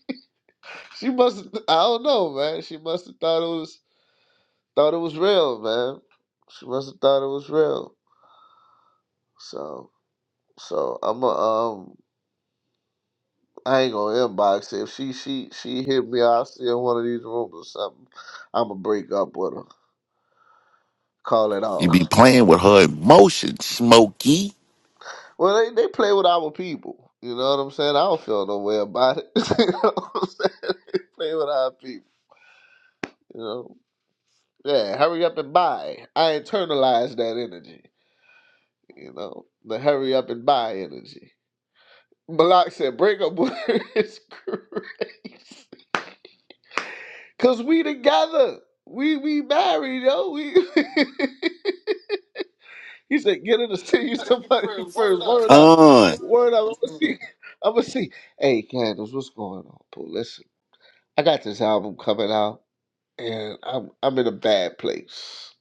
S4: she must. have I don't know, man. She must have thought it was thought it was real, man. She must have thought it was real. So so I'm a um. I ain't gonna inbox her. If she she she hit me, I'll see her in one of these rooms or something. I'ma break up with her. Call it
S2: You
S4: off.
S2: be playing with her emotions, Smokey.
S4: Well, they, they play with our people. You know what I'm saying? I don't feel no way about it. (laughs) you know what I'm saying? Play with our people. You know? Yeah, hurry up and buy. I internalized that energy. You know? The hurry up and buy energy. Malak said, break up with her (laughs) is crazy. Cause we together. We we married, yo. We (laughs) he said, get her to see you somebody first. Word up.
S2: Con,
S4: Word up. I'm gonna see. I'm gonna see. Hey Candace, what's going on, boo? Listen. I got this album coming out, and I'm I'm in a bad place.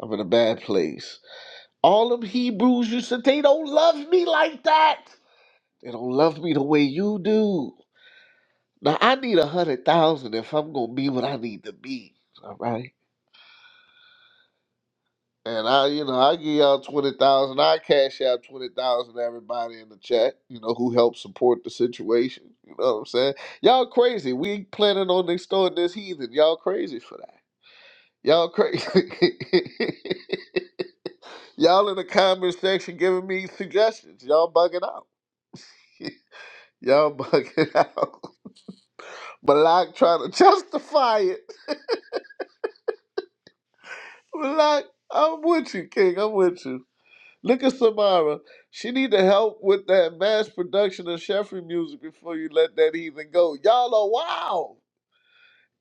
S4: I'm in a bad place. All them Hebrews you said they don't love me like that. They don't love me the way you do. Now I need a hundred thousand if I'm gonna be what I need to be. All right. And I, you know, I give y'all twenty thousand. I cash out twenty thousand. to Everybody in the chat, you know, who helped support the situation. You know what I'm saying? Y'all crazy. We ain't planning on extorting this heathen. Y'all crazy for that. Y'all crazy. (laughs) Y'all in the comment section giving me suggestions. Y'all bugging out. (laughs) Y'all bugging out. (laughs) Malak trying to justify it. Malak, I'm with you, King. I'm with you. Look at Samara. She need to help with that mass production of Sheffrey music before you let that even go. Y'all are wild.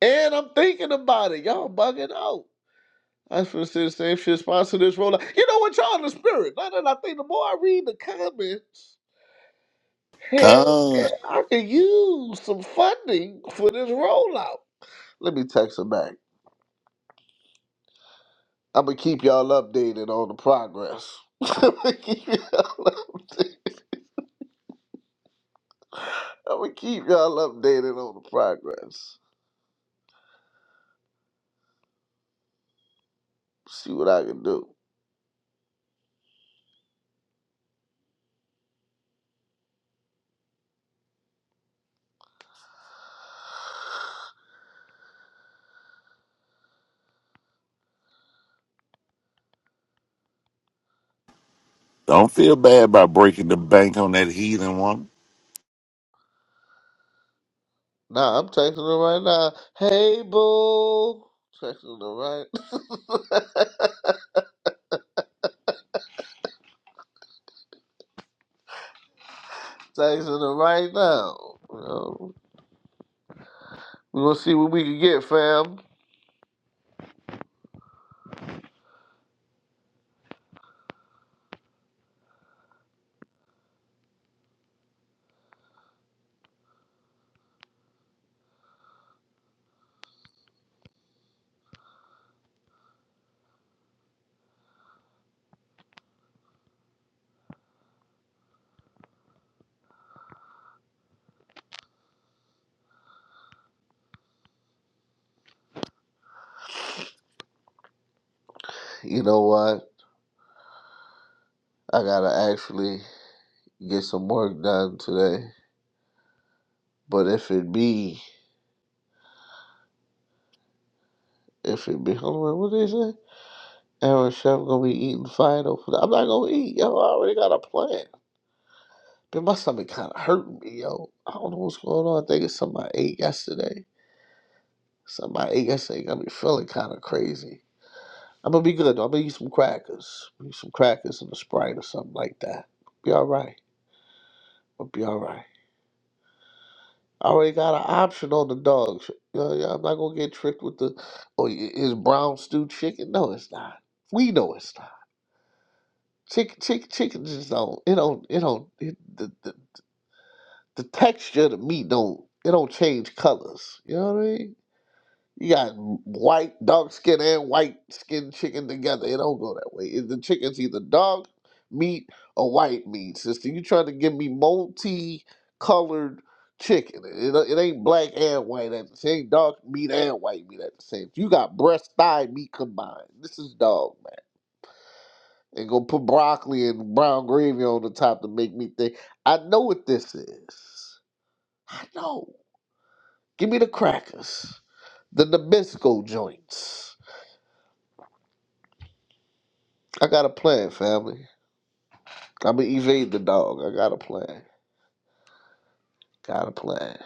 S4: And I'm thinking about it. Y'all bugging out. I should say the same shit. Sponsor this rollout. You know what? Y'all in the spirit. Now that I think, the more I read the comments, Hell
S2: con.
S4: yeah, I could use some funding for this rollout. Let me text her back. I'm gonna keep y'all updated on the progress. (laughs) I'm gonna keep y'all updated. I'm gonna keep y'all updated on the progress. See what I can do.
S2: Don't feel bad about breaking the bank on that heathen woman.
S4: Nah, I'm texting her right now. Hey, boo. Texting her right. (laughs) texting her right now. You know, we gonna see what we can get, fam. You know what? I gotta actually get some work done today. But if it be, if it be, hold on, what they say? Aaron Chef gonna be eating fine over there. I'm not gonna eat, yo. I already got a plan. But my stomach kind of hurting me, yo. I don't know what's going on. I think it's something I ate yesterday. Something I ate yesterday got me feeling kind of crazy. I'm gonna be good though. I'm gonna eat some crackers. Eat some crackers and a Sprite or something like that. Be all right. I'll be all right. I already got an option on the dogs. You know, yeah, I'm not gonna get tricked with the, oh, i- is brown stew chicken? No, it's not. We know it's not. Chicken, chicken, chicken just don't. It don't. It don't. It, the, the the texture of the meat don't. It don't change colors. You know what I mean? You got white, dark skin and white skin chicken together. It don't go that way. It- the chicken's either dark meat or white meat, sister. You trying to give me multi-colored chicken? It, it ain't black and white. At the, same. dark meat and white meat at the same. You got breast, thigh meat combined. This is dog and gonna put broccoli and brown gravy on the top to make me think. I know what this is. I know. Give me the crackers, the Nabisco joints. I got a plan, family. I'm gonna evade the dog. I got a plan. Got a plan.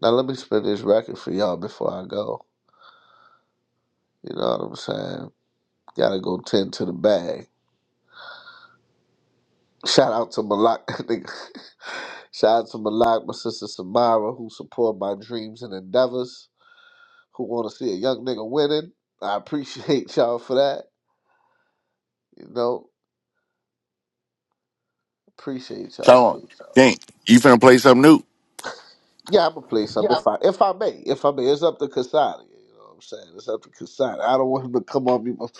S4: Now let me spin this record for y'all before I go. You know what I'm saying? Gotta go tend to the bag. Shout out to Malak. (laughs) Shout out to Malak, my sister Samara, who support my dreams and endeavors. who want to see a young nigga winning. I appreciate (laughs) y'all for that. You know, appreciate y'all.
S2: Sean, King, you finna play something new?
S4: Yeah, I'm gonna play something if I if I may. If I may, it's up to Kasadi. You know what I'm saying? It's up to Kasadi. I don't want him to come on me. but-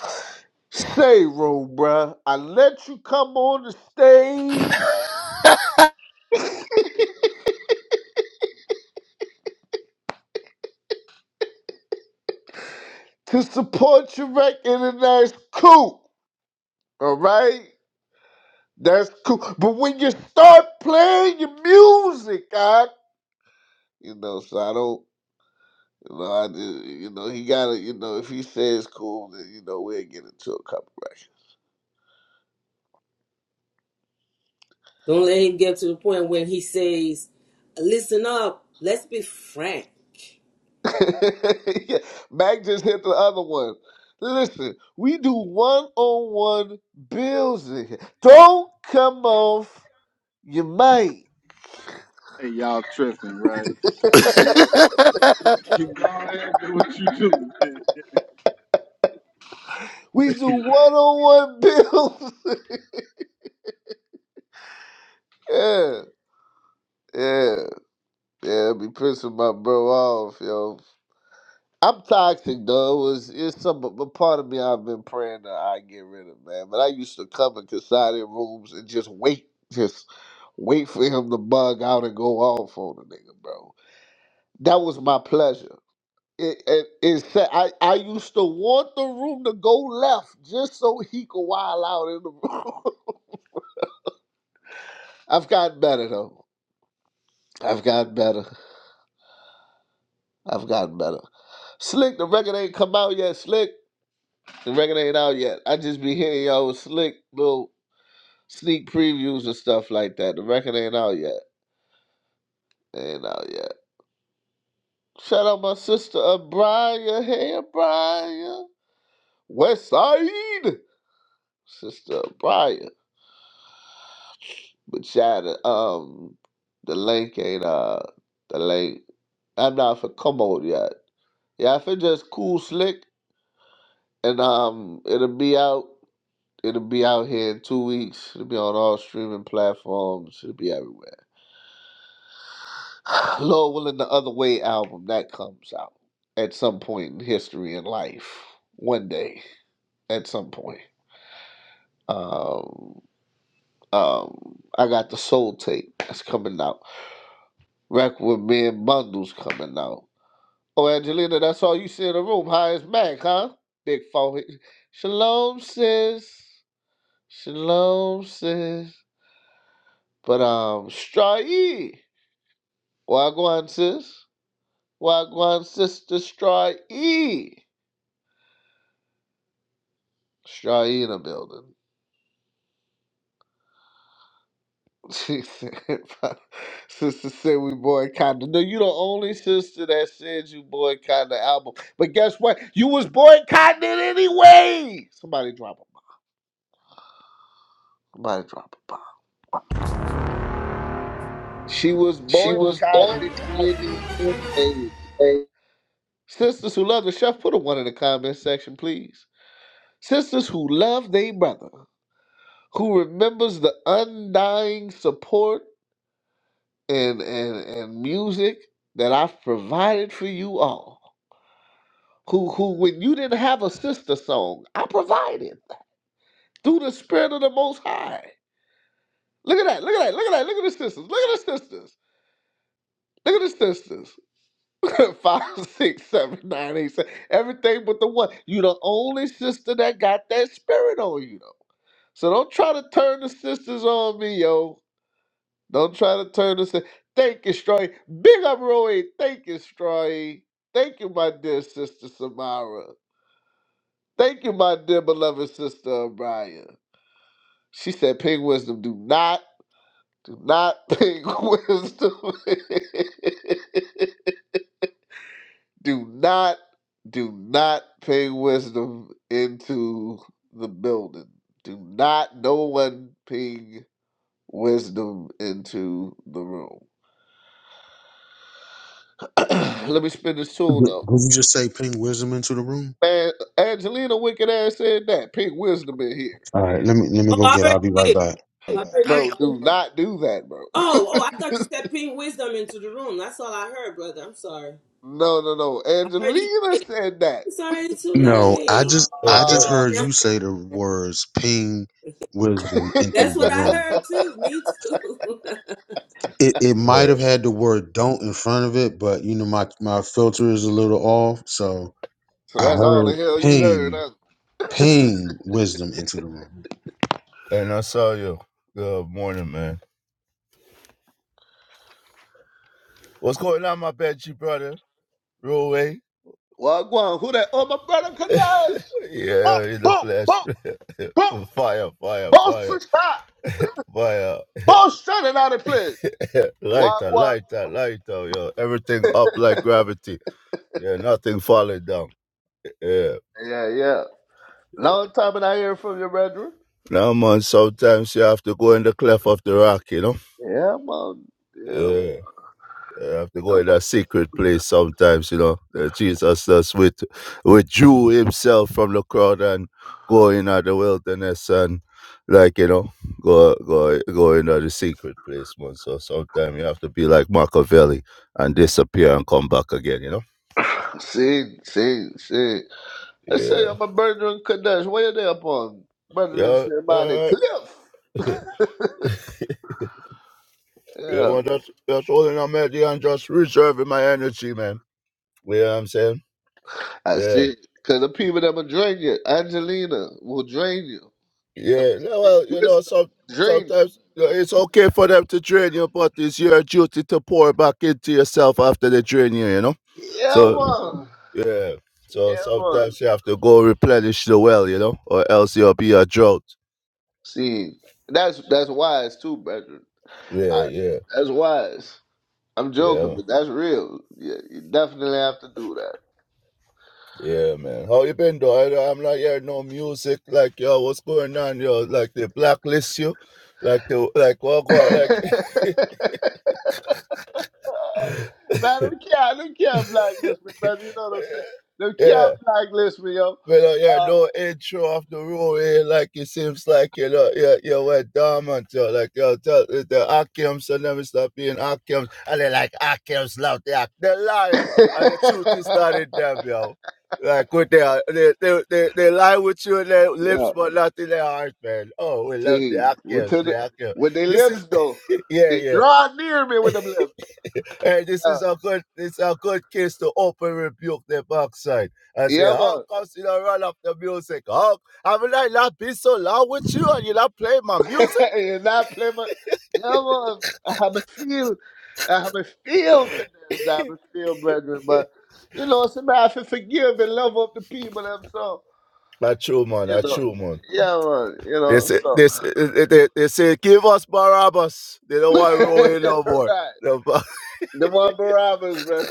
S4: Say, room, bruh. I let you come on the stage to support your record, and that's cool. All right, that's cool. But when you start playing your music, I, you know, so I don't. You know, I just, you know, he gotta, you know, if he says cool, then you know we'll get into a couple
S3: Don't let him get to the point when he says, listen up, let's be frank.
S4: records. (laughs) yeah. Mac just hit the other one. Listen, we do one on one bills in here. Don't come off your mic.
S1: Hey, y'all tripping, right? Look,
S2: (laughs)
S1: you go ahead and do what you do. Man.
S4: We do one on one bills. (laughs) yeah, yeah, yeah. Be pissing my bro off, yo. I'm toxic though. It was it's some but part of me I've been praying that I get rid of man. But I used to come in Kasadi rooms and just wait, just wait for him to bug out and go off on the nigga, bro. That was my pleasure. It it, it said I, I used to want the room to go left just so he could wild out in the room. (laughs) I've gotten better though. I've gotten better. I've gotten better. Slick, the record ain't come out yet. Slick, the record ain't out yet. I just be hearing y'all with Slick little sneak previews and stuff like that. The record ain't out yet. Ain't out yet. Shout out my sister Abria. Hey Abria. West Side. Sister Abria. But yeah, the, um the link ain't uh the link. I'm not for commode yet. Yeah, if it just cool slick and um it'll be out. It'll be out here in two weeks. It'll be on all streaming platforms. It'll be everywhere. (sighs) Lord willing, the Other Way album that comes out at some point in history and life, one day, at some point. Um, um, I got the Soul tape that's coming out. Record with me and Bundles coming out. Oh, Angelina, that's all you see in the room. High as Mac, huh? Big forehead. Shalom, sis. Shalom, sis. But um, Strae. Wagwan, sis. Wagwan, sister Strae. Straina building. (laughs) She said, sister said we boycotted. No, you the only sister that said you boycotted the album. But guess what? You was boycotting it anyway. Somebody drop a bomb. Somebody drop a bomb. She was boycotting it anyway. Sisters who love the chef, put a one in the comment section, please. Sisters who love their brother, who remembers the undying support and and and music that I've provided for you all. Who who when you didn't have a sister song, I provided through the spirit of the Most High. Look at that! Look at that! Look at that! Look at the sisters! Look at the sisters! Look at the sisters! (laughs) Five, six, seven, nine, eight, seven. Everything but the one. You the only sister that got that spirit on you though. So don't try to turn the sisters on me, yo. Don't try to turn this. In. Thank you, Stroy. Big up, Roy. Thank you, Stroy. Thank you, my dear sister Samara. Thank you, my dear beloved sister O'Brien. She said, "Ping wisdom. Do not, do not (laughs) ping wisdom. (laughs) do not, do not ping wisdom into the building. Do not. No one ping wisdom into the room." (clears throat) Let me spin this
S5: Did
S4: tune though.
S5: did you just say ping wisdom into the room?
S4: Man, Angelina wicked ass said that. Pink wisdom in here.
S5: All right, let me let me
S3: Oh,
S5: go
S3: I
S5: get. it.
S3: already
S5: I'll be right
S3: did.
S5: back.
S3: I already
S4: Bro, do not do that, bro. (laughs)
S3: Oh, oh, I thought you said ping wisdom into the room. That's all I heard, brother. I'm sorry.
S4: No, no, no.
S3: I already
S4: Angelina
S3: did.
S4: said that.
S3: It's already too
S5: No, I
S3: late.
S5: just
S7: Hey,
S5: I
S7: bro.
S5: just
S4: Uh,
S5: heard
S4: (laughs)
S3: Yeah.
S5: you say the words ping wisdom into
S3: That's
S5: the
S3: what I
S5: room.
S3: heard too. Me too. (laughs)
S5: It it might
S7: Hey.
S5: have had the word don't in front of it, but you know my my filter is a little off, so
S4: so
S5: I
S4: that's all the
S5: heard
S4: hell you heard.
S5: ping
S4: Huh?
S5: ping wisdom into the room.
S7: And I saw you. Good morning, man. What's going on, my Banshee brother? Roll away.
S4: Wagwan, who that? Oh, my brother
S7: (laughs)
S4: Kadash. Boom,
S7: yeah, in the
S4: boom,
S7: flash.
S4: boom, boom.
S7: (laughs) fire, fire,
S4: Both
S7: fire,
S4: shot.
S7: fire.
S4: Both shot it out of place.
S7: (laughs) lighter,
S4: Wagwan.
S7: lighter, lighter, yo. Everything up like gravity. Yeah, nothing falling down. Yeah.
S4: Yeah, yeah. Long time and I hear from your brethren.
S7: Now, man, sometimes you have to go in the cleft of the rock, you know?
S4: Yeah, man. Yeah.
S7: Yeah. I have to go in
S4: (sighs)
S7: a secret place sometimes, you know. Uh, Jesus just with withdrew himself from the crowd and go in at the wilderness and like you know, go go go in at the secret place, man. So sometimes you have to be like Machiavelli and disappear and come back again, you know.
S4: (coughs) See, see, see. I say
S7: Yeah,
S4: I'm a brother in Kadesh. Where they upon? Brother and
S7: yeah, uh,
S4: cliff.
S7: (laughs) yeah,
S4: Yeah.
S7: man. That's that's all in my head, yeah, and just reserving my energy, man. You know what I'm saying?
S4: I
S7: yeah.
S4: see. Because the people that will drain you, Angelina will drain you. And
S7: Yeah, no, well, you know,
S4: Wisdom
S7: some,
S4: drain you.
S7: sometimes you know, it's okay for them to drain you, but it's your duty to pour back into yourself after they drain you, you know?
S4: Yeah,
S7: So,
S4: man.
S7: yeah,
S4: Yeah,
S7: so
S4: man.
S7: sometimes you have to go replenish the well, you know, or else you'll be a drought.
S4: See, that's that's wise too, brethren. I,
S7: Yeah, yeah,
S4: that's wise. I'm
S7: yeah,
S4: joking, but that's real. Yeah, you definitely have to do
S7: yeah, man. How you been, though? I, I'm not hearing no music. Like, yo, what's going on, yo? Like, they blacklist you. Like, the, like, what, what, like, (laughs)
S4: that. (laughs) Nah, don't care. Don't care. Blacklist me, brother. You know what I'm saying? Don't
S7: yeah.
S4: care. Blacklist me, yo.
S7: But uh, yeah,
S4: Uh,
S7: no intro off the road here. Like it seems like you know, yeah, you went are dormant. yo, Like yo, tell the the Akims will never stop being Akims, and they like Akims love the act, they liar, and the truth is not
S4: (laughs)
S7: in them, yo. Like with their they they they, they lie with you in their
S4: yeah.
S7: lips, but not in their heart, man. Oh, we love the
S4: See, with,
S7: Akims,
S4: to the,
S7: the Akims.
S4: with their
S7: This is
S4: lips though,
S7: (laughs) yeah,
S4: they
S7: yeah.
S4: draw near me with them lips.
S7: Hey, this
S4: Yeah.
S7: is a good this is a good case to open rebuke their backside and say,
S4: Yeah,
S7: How
S4: man.
S7: come you don't run up the music? How haven't I not been so loud with you and you not play my
S4: (laughs)
S7: music?
S4: and I play my. Yeah, man. I have a feel. I have a feel to this. I have a feel, brethren. But you know, somebody have to forgive and love up the people themselves.
S7: Not true, man,
S4: You
S7: not
S4: know.
S7: true, man.
S4: Yeah, man. You
S7: They
S4: know.
S7: say
S4: So.
S7: they, say- they, they they say give us Barabbas. They don't want Rory
S4: (laughs)
S7: no more.
S4: right.
S7: The
S4: The one Barabbas, man.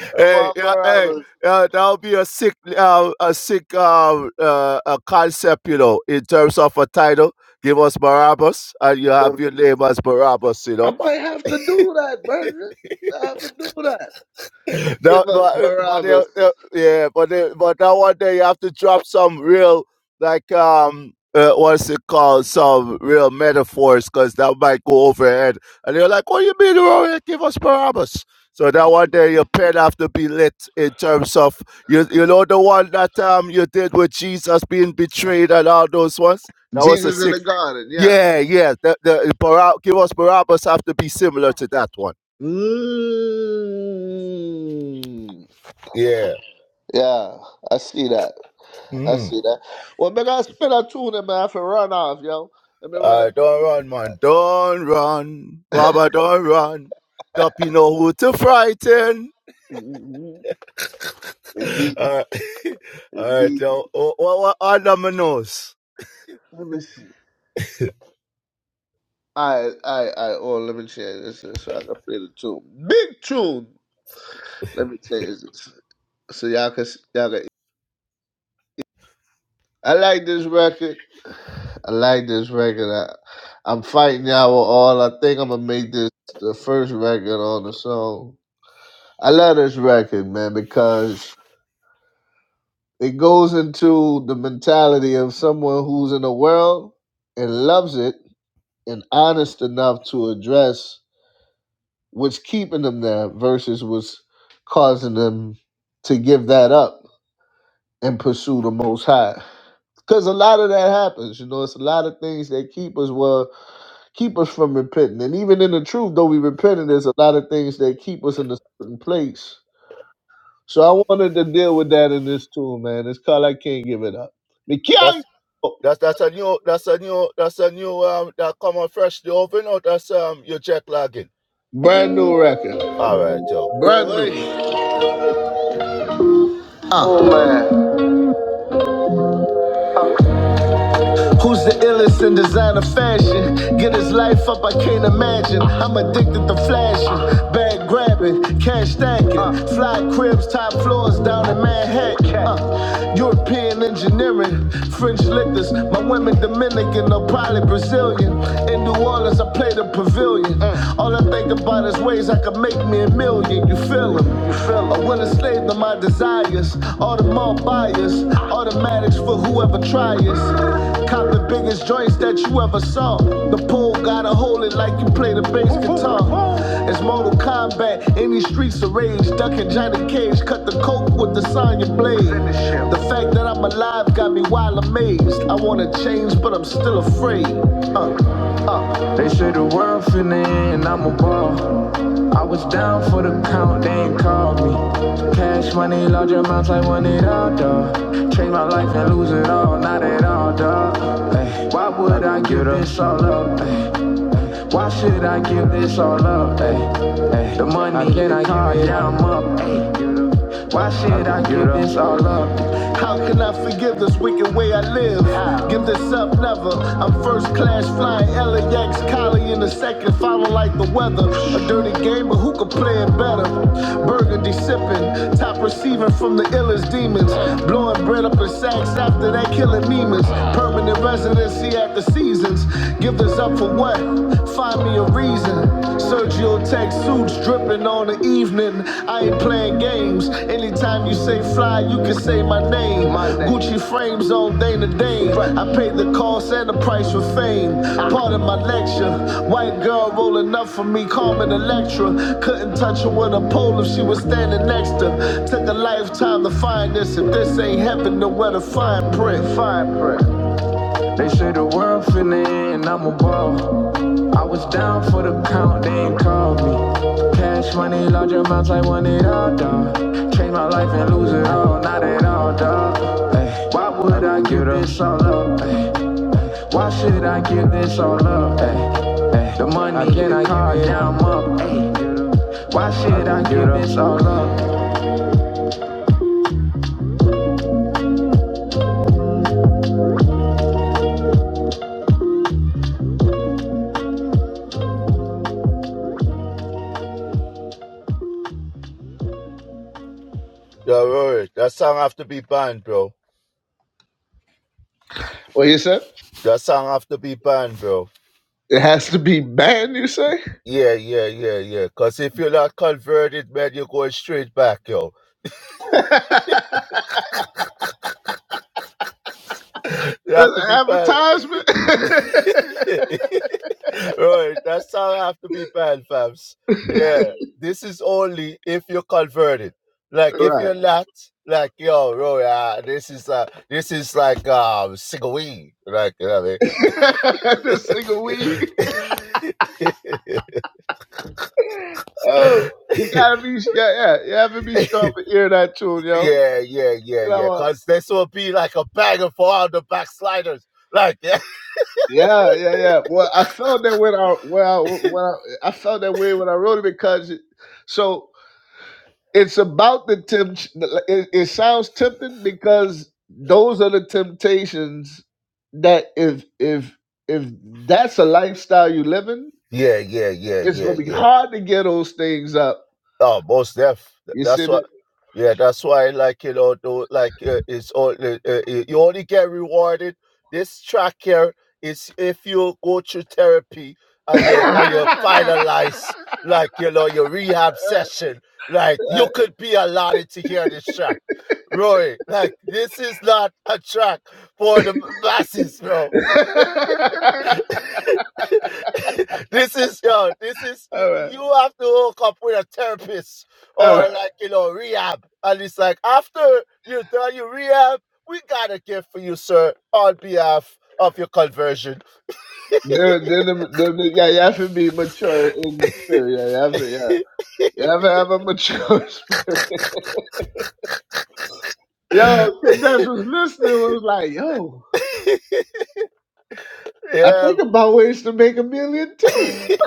S7: (laughs)
S4: The
S7: hey,
S4: one
S7: yeah, hey,
S4: Barabbas.
S7: yeah, that'll be a sick uh, a sick uh, uh, a concept, you know, in terms of a title. Give us Barabbas and you have your name as Barabbas, you
S4: I
S7: know.
S4: might have to do that, man. I have to do that. Give
S7: No,
S4: us
S7: but but they,
S4: Barabbas.
S7: they, yeah, but they, but that one day you have to drop some real like um uh, what's it called some real metaphors because that might go over your head, and you're like, what do you mean, Rory? Give us parables. So that one day your pen have to be lit in terms of you you know the one that um you did with Jesus being betrayed and all those ones. That was a
S4: Jesus in
S7: sick.
S4: the garden, yeah.
S7: Yeah, yeah. The the Barab- give us Barabbas have to be similar to that one.
S4: Mm.
S7: Yeah.
S4: Yeah, I see that. I see that. Well, make I spin a tune, man. I have to run off, yo. Let me run a
S7: Uh, don't run, man. Don't run. Baba, don't run. Duppy know who to frighten.
S4: tune. Indeed,
S7: Uh, (laughs) all right,
S4: indeed.
S7: yo. What, what under my nose?
S4: Let me see. I, I, I. Oh, let me change this so I can play the tune. Big tune. Let me change this. so y'all can y'all can. I like this record. I like this record. I, I'm fighting y'all with all. I think I'm gonna make this the first record on the song. I love this record, man, because it goes into the mentality of someone who's in the world and loves it and honest enough to address what's keeping them there versus what's causing them to give that up and pursue the most high. Because a lot of that happens, you know, it's a lot of things that keep us well, keep us from repenting. And even in the truth, though we repented, there's a lot of things that keep us in a certain place. So I wanted to deal with that in this tune, man. It's called I Can't Give It Up. Mikhail-
S7: That's that's that's a new that's a new that's a new um that come on fresh the oven out that's um your jet lagging.
S4: Brand new record.
S7: All right, yo.
S4: Brand new. Uh. Who's the illest in design of fashion? Get his life up, I can't imagine. I'm addicted to flashing, bag grabbing, cash stacking, fly cribs, top floors down in Manhattan. Uh, European engineering, French liquors. My women Dominican or probably Brazilian. In New Orleans, I play the pavilion. All I think about is ways I could make me a million. You feel 'em? You feel 'em? well enslaved to my desires. All the more buyers, automatics for whoever tries. Cop the biggest joints that you ever saw. The pole gotta hold it like you play the bass guitar. It's Mortal Kombat in these streets of rage. Ducking Johnny Cage, cut the coke with the Sonya blade. The fact that I'm alive got me wild amazed. I wanna change, but I'm still afraid. Uh, uh. They say the world finna end, and I'm a ball. I was down for the count, they ain't called me. Cash money, large amounts, I want it all, dawg. Change my life and lose it all, not at all, dawg. Ay, why would I give this all up? ay? Why should I give this all up? ay? The money, I can I give it I'm up. ay. Why should I give this all up? How can I forgive this wicked way I live? Give this up, never. I'm first class flying LAX, collie in the second, if like the weather. A dirty game, but who could play it better? Burgundy sipping, top receiving from the illest demons. Blowing bread up in sacks after that, killing demons. Permanent residency at the seasons. Give this up for what? Find me a reason. Sergio tech suits dripping on the evening. I ain't playing games. Anytime you say fly, you can say my name. Gucci frames on Dana Dane. I paid the cost and the price for fame. Part of my lecture. White girl rolling up for me, Carmen Electra. Couldn't touch her with a pole if she was standing next to. her. Took a lifetime to find this. If this ain't heaven, then where to find print? Find print. They say the world finna end and I'm a ball. I was down for the count, they ain't called me. Cash money, large amounts, I want it all, dawg. Change my life and lose it all, not at all, dawg. Ay, why would I give this all up? Ay, why should I give this all up? Ay, the money I in the car, yeah, I'm up. Ay, why should I give this all up?
S7: Yo, Rory, that song have to be banned, bro.
S4: What you said
S7: That song have to be banned, bro.
S4: it has to be banned. You say
S7: Yeah, yeah, yeah, yeah. Cause if you're not converted, man, you're going straight back, yo. (laughs) You
S4: that's
S7: have to
S4: an
S7: be banned.
S4: advertisement,
S7: (laughs) right, that's how I have to be banned, fams. Yeah, this is only if you're converted. Like
S4: (laughs)
S7: if
S4: right?
S7: you're not, like yo, bro, uh, this is uh, this is like um, single weed. Like you know what
S4: (laughs) the single
S7: I
S4: weed.
S7: mean?
S4: Oh, you gotta be yeah, yeah. You have to be
S7: (laughs)
S4: strong for hearing that tune, yo.
S7: yeah, yeah, yeah,
S4: You know
S7: yeah.
S4: what?
S7: Cause this will be like a banger for all the backsliders. Like (laughs) yeah,
S4: Yeah, yeah, yeah. Well, I felt that when I when I, when I, I felt that way when I wrote it because it, so it's about the tempt. It, it sounds tempting because those are the temptations that if if if that's a lifestyle you living,
S7: yeah, yeah, yeah,
S4: it's
S7: yeah,
S4: gonna be
S7: yeah.
S4: hard to get those things up.
S7: Oh, most def.
S4: You see
S7: That's why.
S4: me?
S7: Yeah, that's why. Like you know, though, like uh, it's all. Uh, uh, uh, you only get rewarded. This track here is if you go through therapy and you and you
S4: (laughs)
S7: finalize like you know your rehab
S4: Right.
S7: session. Like you
S4: all
S7: could be allotted to hear this track, Roy. Like this is not a track for the masses, bro. (laughs) this is yo, this is
S4: right.
S7: you
S4: (laughs)
S7: you have to hook up with a therapist
S4: All
S7: or
S4: right.
S7: like you know, rehab. And it's like after you done your rehab, we got a gift for you, sir, on behalf of your conversion.
S4: Then, then, then, yeah, you have to be mature in spirit. Yeah, you have to, yeah. You have to have a mature (laughs) spirit. Yo, Kadesh was listening and was like, yo, I
S7: Yeah.
S4: think about ways to make a million
S7: (laughs)
S4: too. (laughs)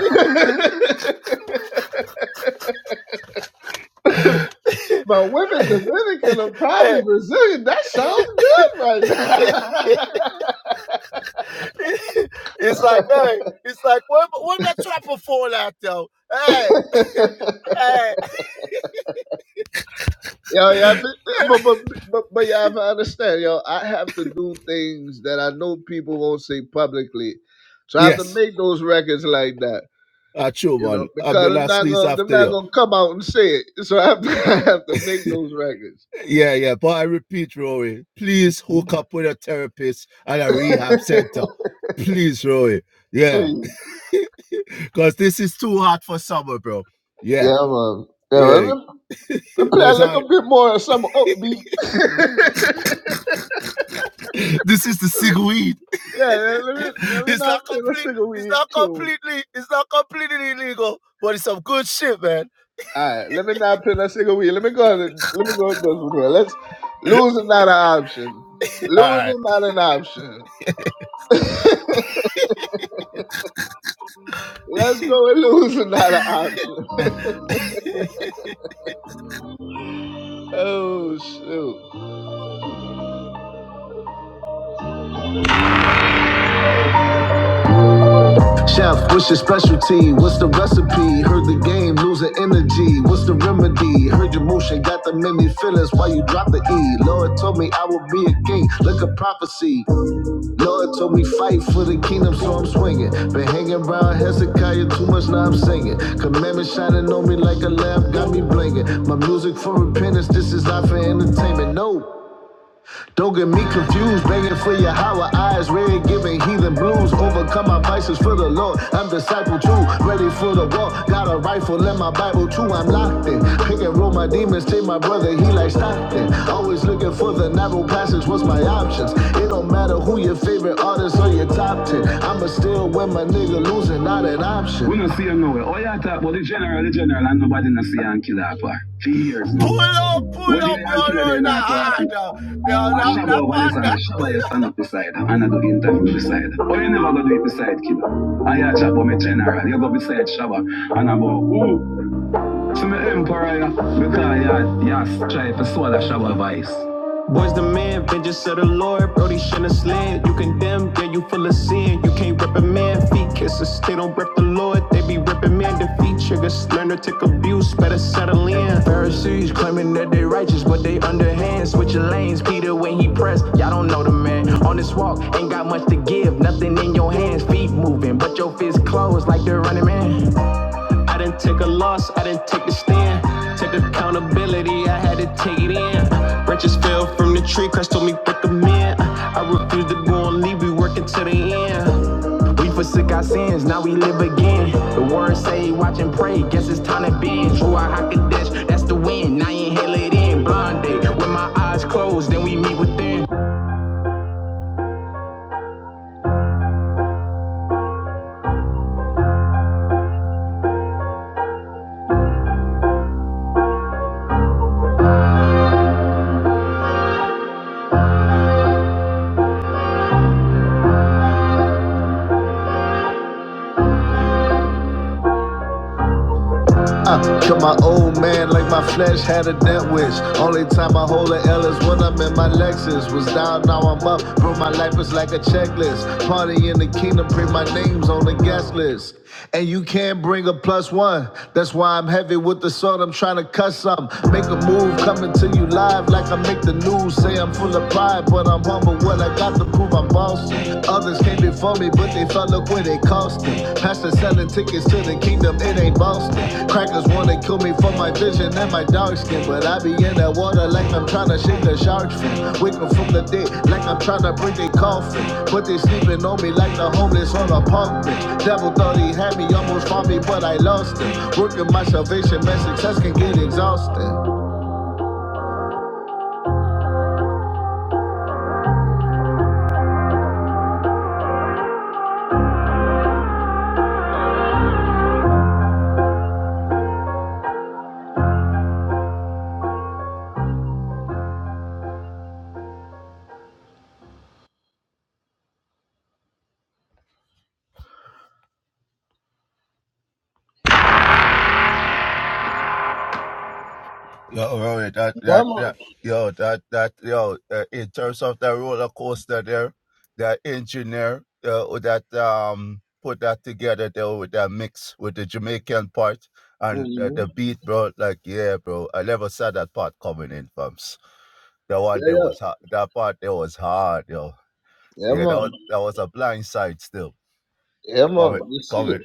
S4: but women Dominican are probably Brazilian. That sounds good right
S7: it's like, hey, it's like, where, where my trapper phone at though? Hey, (laughs)
S4: now. (laughs)
S7: hey.
S4: Yo, yeah, but but but but you have to understand, yo. I have to do things that I know people won't say publicly, so I have to
S7: Yes,
S4: make those records like that,
S7: ah true
S4: you know,
S7: man. I've
S4: because
S7: been
S4: I'm
S7: last
S4: not
S7: sneeze
S4: gonna they're
S7: after
S4: not
S7: you.
S4: gonna come out and say it. So I have to, (laughs) I have to make those records.
S7: Yeah, yeah. But I repeat, Rory, please hook
S4: Mhm.
S7: up with a therapist and a rehab
S4: (laughs)
S7: center. Please, Rory. Yeah.
S4: Please,
S7: Because this is too hot for summer, bro. Yeah,
S4: yeah, man. Yeah, man.
S7: yeah.
S4: Let, me let me play
S7: But
S4: a
S7: it's hard.
S4: little bit more of some upbeat. (laughs)
S7: (laughs) This is the cigweed.
S4: yeah, yeah, let me let me
S7: It's
S4: not
S7: not
S4: play a
S7: completely.
S4: single
S7: It's
S4: weed
S7: not
S4: tune.
S7: completely. It's not completely illegal. But it's some good shit, man.
S4: All right, let me not play that single weed. Let me go. let me go. Ahead and do Let's losing not an option.
S7: All right.
S4: Losing not an option. Let's go with losing not an option.
S7: (laughs)
S4: (laughs) oh shoot! Chef, what's your specialty? What's the recipe? Heard the game, losing energy. What's the remedy? Heard your motion, got the many feelings. Why you drop the E? Lord told me I would be a king. Look a prophecy. Lord told me fight for the kingdom, so I'm swinging. Been hanging around Hezekiah too much, now I'm singing. Commandments shining on me like a lamp, got me blinking. My music for repentance, this is not for entertainment. No. Don't get me confused, begging for your higher eyes, red giving heathen blues. Overcome my vices for the Lord. I'm disciple too, ready for the war. Got a rifle in my Bible too. I'm locked in. Pick and roll my demons, take my brother, he like Stockton. Always looking for the narrow passage. What's my options? It don't matter who your favorite artist or your top ten. I'ma still win my nigga losing, not an option. We don't see him nowhere. All y'all talk about the general, the general, and nobody not see him kill that part. For years now.
S7: Pull up, pull
S4: When the
S7: up your
S4: young killer
S7: Rory. That
S4: in our
S7: hard
S4: party.
S7: now. Yeah, that,
S4: Ashaba
S7: that
S4: wabale
S7: part. that
S4: sana, ashaba ya stand up beside her. Anna do interview beside her. But you never go do it beside kid. I ya chop on general, you go beside Shaba. And I'm ooh, to me emperor, ya. because ya, ya try to swallow Shaba vice. Settle in, Pharisees claiming that they righteous, but they underhand. Switching lanes, Peter when he pressed, y'all don't know the man. On this walk, ain't got much to give, nothing in your hands, feet moving, but your fists closed like the running man. I didn't take a loss, I didn't take a stand. Took accountability, I had to take it in. Branches fell from the tree, Christ told me pick 'em in. I refused to go and leave, we working till the end. We forsook our sins, now we live again. The word say, watch and pray, guess it's time to bend. True, I hock a dash, that's the wind. now you inhale it in. Blonde day, with my Uh, kill my old man like my flesh had a dent wish. Only time I hold an L is when I'm in my Lexus. Was down, now I'm up. Bro, my life is like a checklist. Party in the kingdom, pray my name's on the guest list. And you can't bring a plus one. That's why I'm heavy with the sword. I'm trying to cut some. Make a move, coming to you live like I make the news. Say I'm full of pride, but I'm humble. What I got to prove, I'm bossy. Others came before me, but they fell up where they cost them. Pastor selling tickets to the kingdom, it ain't Boston. Crackers wanna kill me for my vision and my dark skin, but I be in that water like I'm tryna shake a shark fin. Wake 'em from the dead like I'm tryna break their coffin. But they sleeping on me like the homeless on a park bench. Devil thought he had me, almost found me, but I lost him. Working my salvation, man, success can get exhausting.
S7: Yo, Rory, that,
S4: Yeah,
S7: that,
S4: man.
S7: that, yo, that, that, yo, uh, in terms of that roller coaster there, that engineer uh, who that um put that together there with that mix with the Jamaican part and uh,
S4: hmm
S7: the beat, bro. Like, yeah, bro, I never saw that part coming in, bumps. That one
S4: Yeah,
S7: there
S4: yeah.
S7: was hard. That part there was hard, yo.
S4: Yeah,
S7: Yeah, that
S4: man.
S7: was that was a blind side still.
S4: Yeah,
S7: The
S4: man.
S7: comment,
S4: You
S7: the
S4: see it.
S7: comment.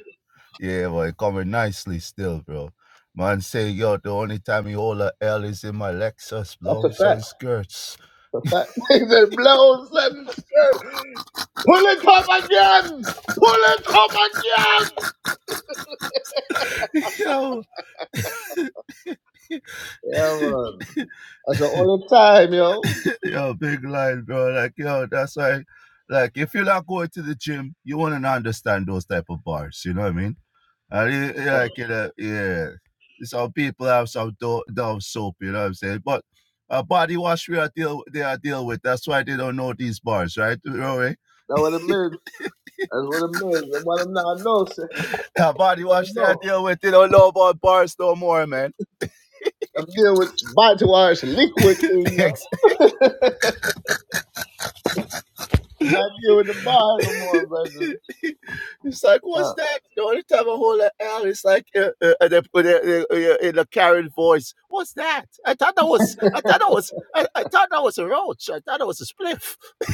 S7: Yeah, but it coming nicely still, bro. Man say, yo, the only time you hold a L is in my Lexus,
S4: That's a
S7: blows
S4: fact.
S7: some skirts.
S4: The fact (laughs) is it blows and pull it up again. Pull it up again.
S7: (laughs) yo,
S4: Yeah,
S7: (laughs)
S4: man. That's the only time, yo.
S7: yo, big line, bro. Like, yo, that's why, like, if you're not going to the gym, you want to understand those type of bars. You know what I mean? And it- it like,
S4: That
S7: you know, yeah, some people have some do- dumb soap. You know what I'm saying? But a body wash we are deal they are deal with. That's why they don't know these bars, right? You know what I mean?
S4: what it means. That's what it means. And what I'm not know, say,
S7: Now, body
S4: you never
S7: wash that I
S4: know.
S7: deal with, they don't know about bars no more, man.
S4: I'm dealing with body wash, liquid thing, yo. (laughs) I'm not dealing with the bar no more,
S7: (laughs)
S4: brother.
S7: it's like,
S4: Yeah.
S7: what's that? The only time I hold an L is like uh, uh, uh, they uh, uh, in a carried voice. What's that? I thought that was, I thought that was, I, I thought that was a roach. I thought that was a spliff.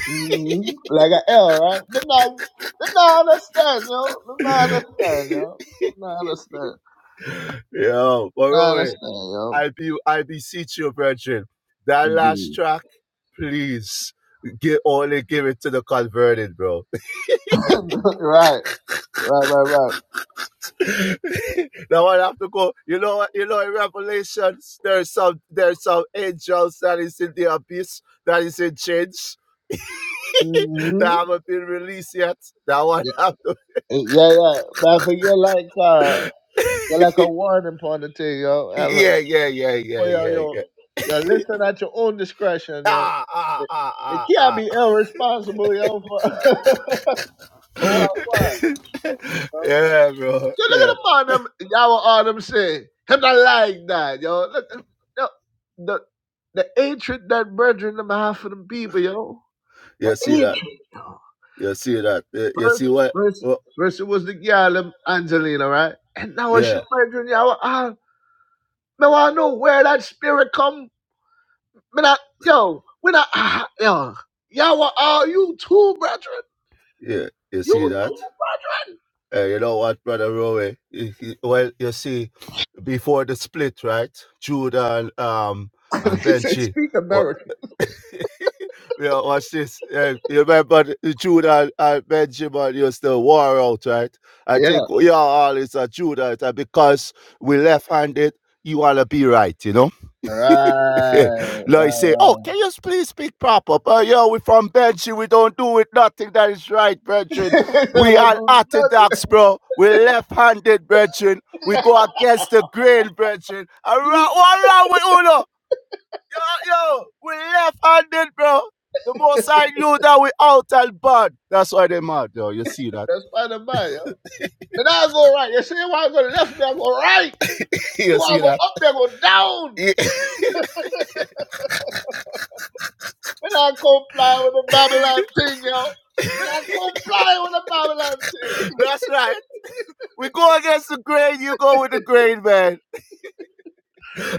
S4: hmm Like an L, right? Them not, them not understand, yo. Them not
S7: (laughs)
S4: understand, yo. Them not understand.
S7: Yo,
S4: They're
S7: but
S4: Not
S7: Rory,
S4: understand, yo.
S7: I be, I beseech you, virgin, that last
S4: Indeed.
S7: track, please, give, only give it to the converted, bro
S4: (laughs) right. Right, right, right.
S7: (laughs) now I have to go. You know what? You know in Revelations, there's some there's some angels that is in the abyss that is in chains that
S4: Mm-hmm.
S7: haven't been released yet. Now I
S4: Yeah,
S7: (laughs) have to.
S4: yeah, yeah. But I think you're like uh, you're like a warning point to you, yo. Ever.
S7: Yeah, yeah, yeah, yeah,
S4: For yo,
S7: yeah,
S4: yo,
S7: yeah.
S4: yo, listen at your own discretion, yo.
S7: Ah, ah,
S4: They
S7: ah,
S4: they can't
S7: ah,
S4: be irresponsible, yo. For, (laughs)
S7: ah.
S4: for what, what?
S7: (laughs)
S4: Yo,
S7: yeah, bro.
S4: Yo, look
S7: Yeah,
S4: at the man. Them y'all what all them say. Him not like that, yo. Look, yo, the the hatred that brethren them have for them people, yo. The
S7: you see that?
S4: hatred.
S7: You see that? You you
S4: First,
S7: see what?
S4: first,
S7: Oh,
S4: first it was the girl, um, Angelina, right? And now she
S7: yeah,
S4: murdering y'all. Ah, now I know where that spirit come. Me not, yo, we not, ah, yo, y'all are you too, brethren?
S7: yeah. You see
S4: You
S7: that? Eh, you know what, brother Rowe? Eh, eh, Well, you see. before the split, right? Judah and um
S4: too. (laughs)
S7: and
S4: Because they
S7: Benji.
S4: speak
S7: Wa-
S4: American.
S7: (laughs) Yeah, watch this. Yeah, you remember the- the Judah and Benjamin used to war out, right? I
S4: Yeah,
S7: think we are all is a Judah it's a because we left handed, you wanna be right, you know?
S4: right,
S7: (laughs) Like
S4: right,
S7: say, oh,
S4: right.
S7: can you please speak proper? But yo, we from Benji, we don't do it nothing that is right, brethren.
S4: (laughs) no,
S7: We
S4: don't
S7: are
S4: do
S7: orthodox,
S4: nothing.
S7: bro. We left-handed, brethren. We
S4: (laughs)
S7: go against the grain, brethren.
S4: you,
S7: Around, what wrong with Uno? Yo, yo, we left-handed, bro. The most I knew that we out and bad. That's why they mad, yo. You see that?
S4: that's by the by, yo. Then I go right. You see, you want to go left, then I go right.
S7: (laughs)
S4: You
S7: you
S4: want
S7: see
S4: to
S7: that?
S4: go up, then I go down.
S7: (laughs)
S4: When not comply with the Babylon thing, yo. When not comply with the Babylon thing.
S7: That's right. We go against the grain, you go with the grain, man.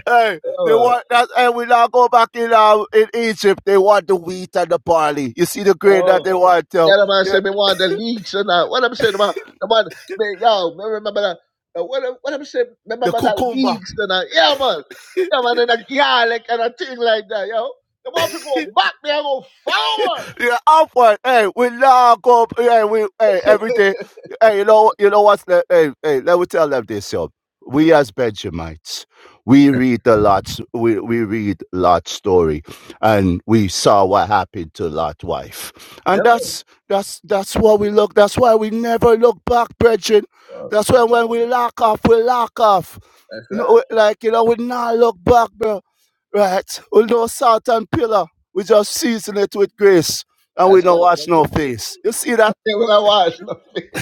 S7: Hey,
S4: (laughs)
S7: they
S4: yo,
S7: want that, and we now go back in um, in Egypt. They want the wheat and the barley. You see the grain that
S4: yo.
S7: they want, yo.
S4: Yeah, the man
S7: The,
S4: said me want the leaks and that. What I'm saying, the man, the man, man yo, me remember that. uh, What, I'm- what I'm saying,
S7: the
S4: remember that
S7: cucumber.
S4: leaks and that. Yeah, man. Yeah, man, and a garlic and a thing like that, yo. The man fi go back, me I go forward.
S7: Yeah, upward. Hey, we log up. Hey, we hey everything. Hey, you know you know what's the hey hey. Let me tell them this, yo. We as Benjamites, we read the Lot's we we read Lot's story, and we saw what happened to Lot's wife, and
S4: Yeah, man.
S7: that's that's that's what we look. That's why we never look back, brethren.
S4: Well,
S7: That's
S4: yeah,
S7: why when
S4: man.
S7: we lock off, we lock off.
S4: That's right.
S7: No, like you know, we not look back, bro. Right? We no salt and pillar. We just season it with grace and we
S4: That's
S7: don't
S4: it,
S7: wash no
S4: brother.
S7: face. You see that?
S4: Yeah, when I watch, (laughs)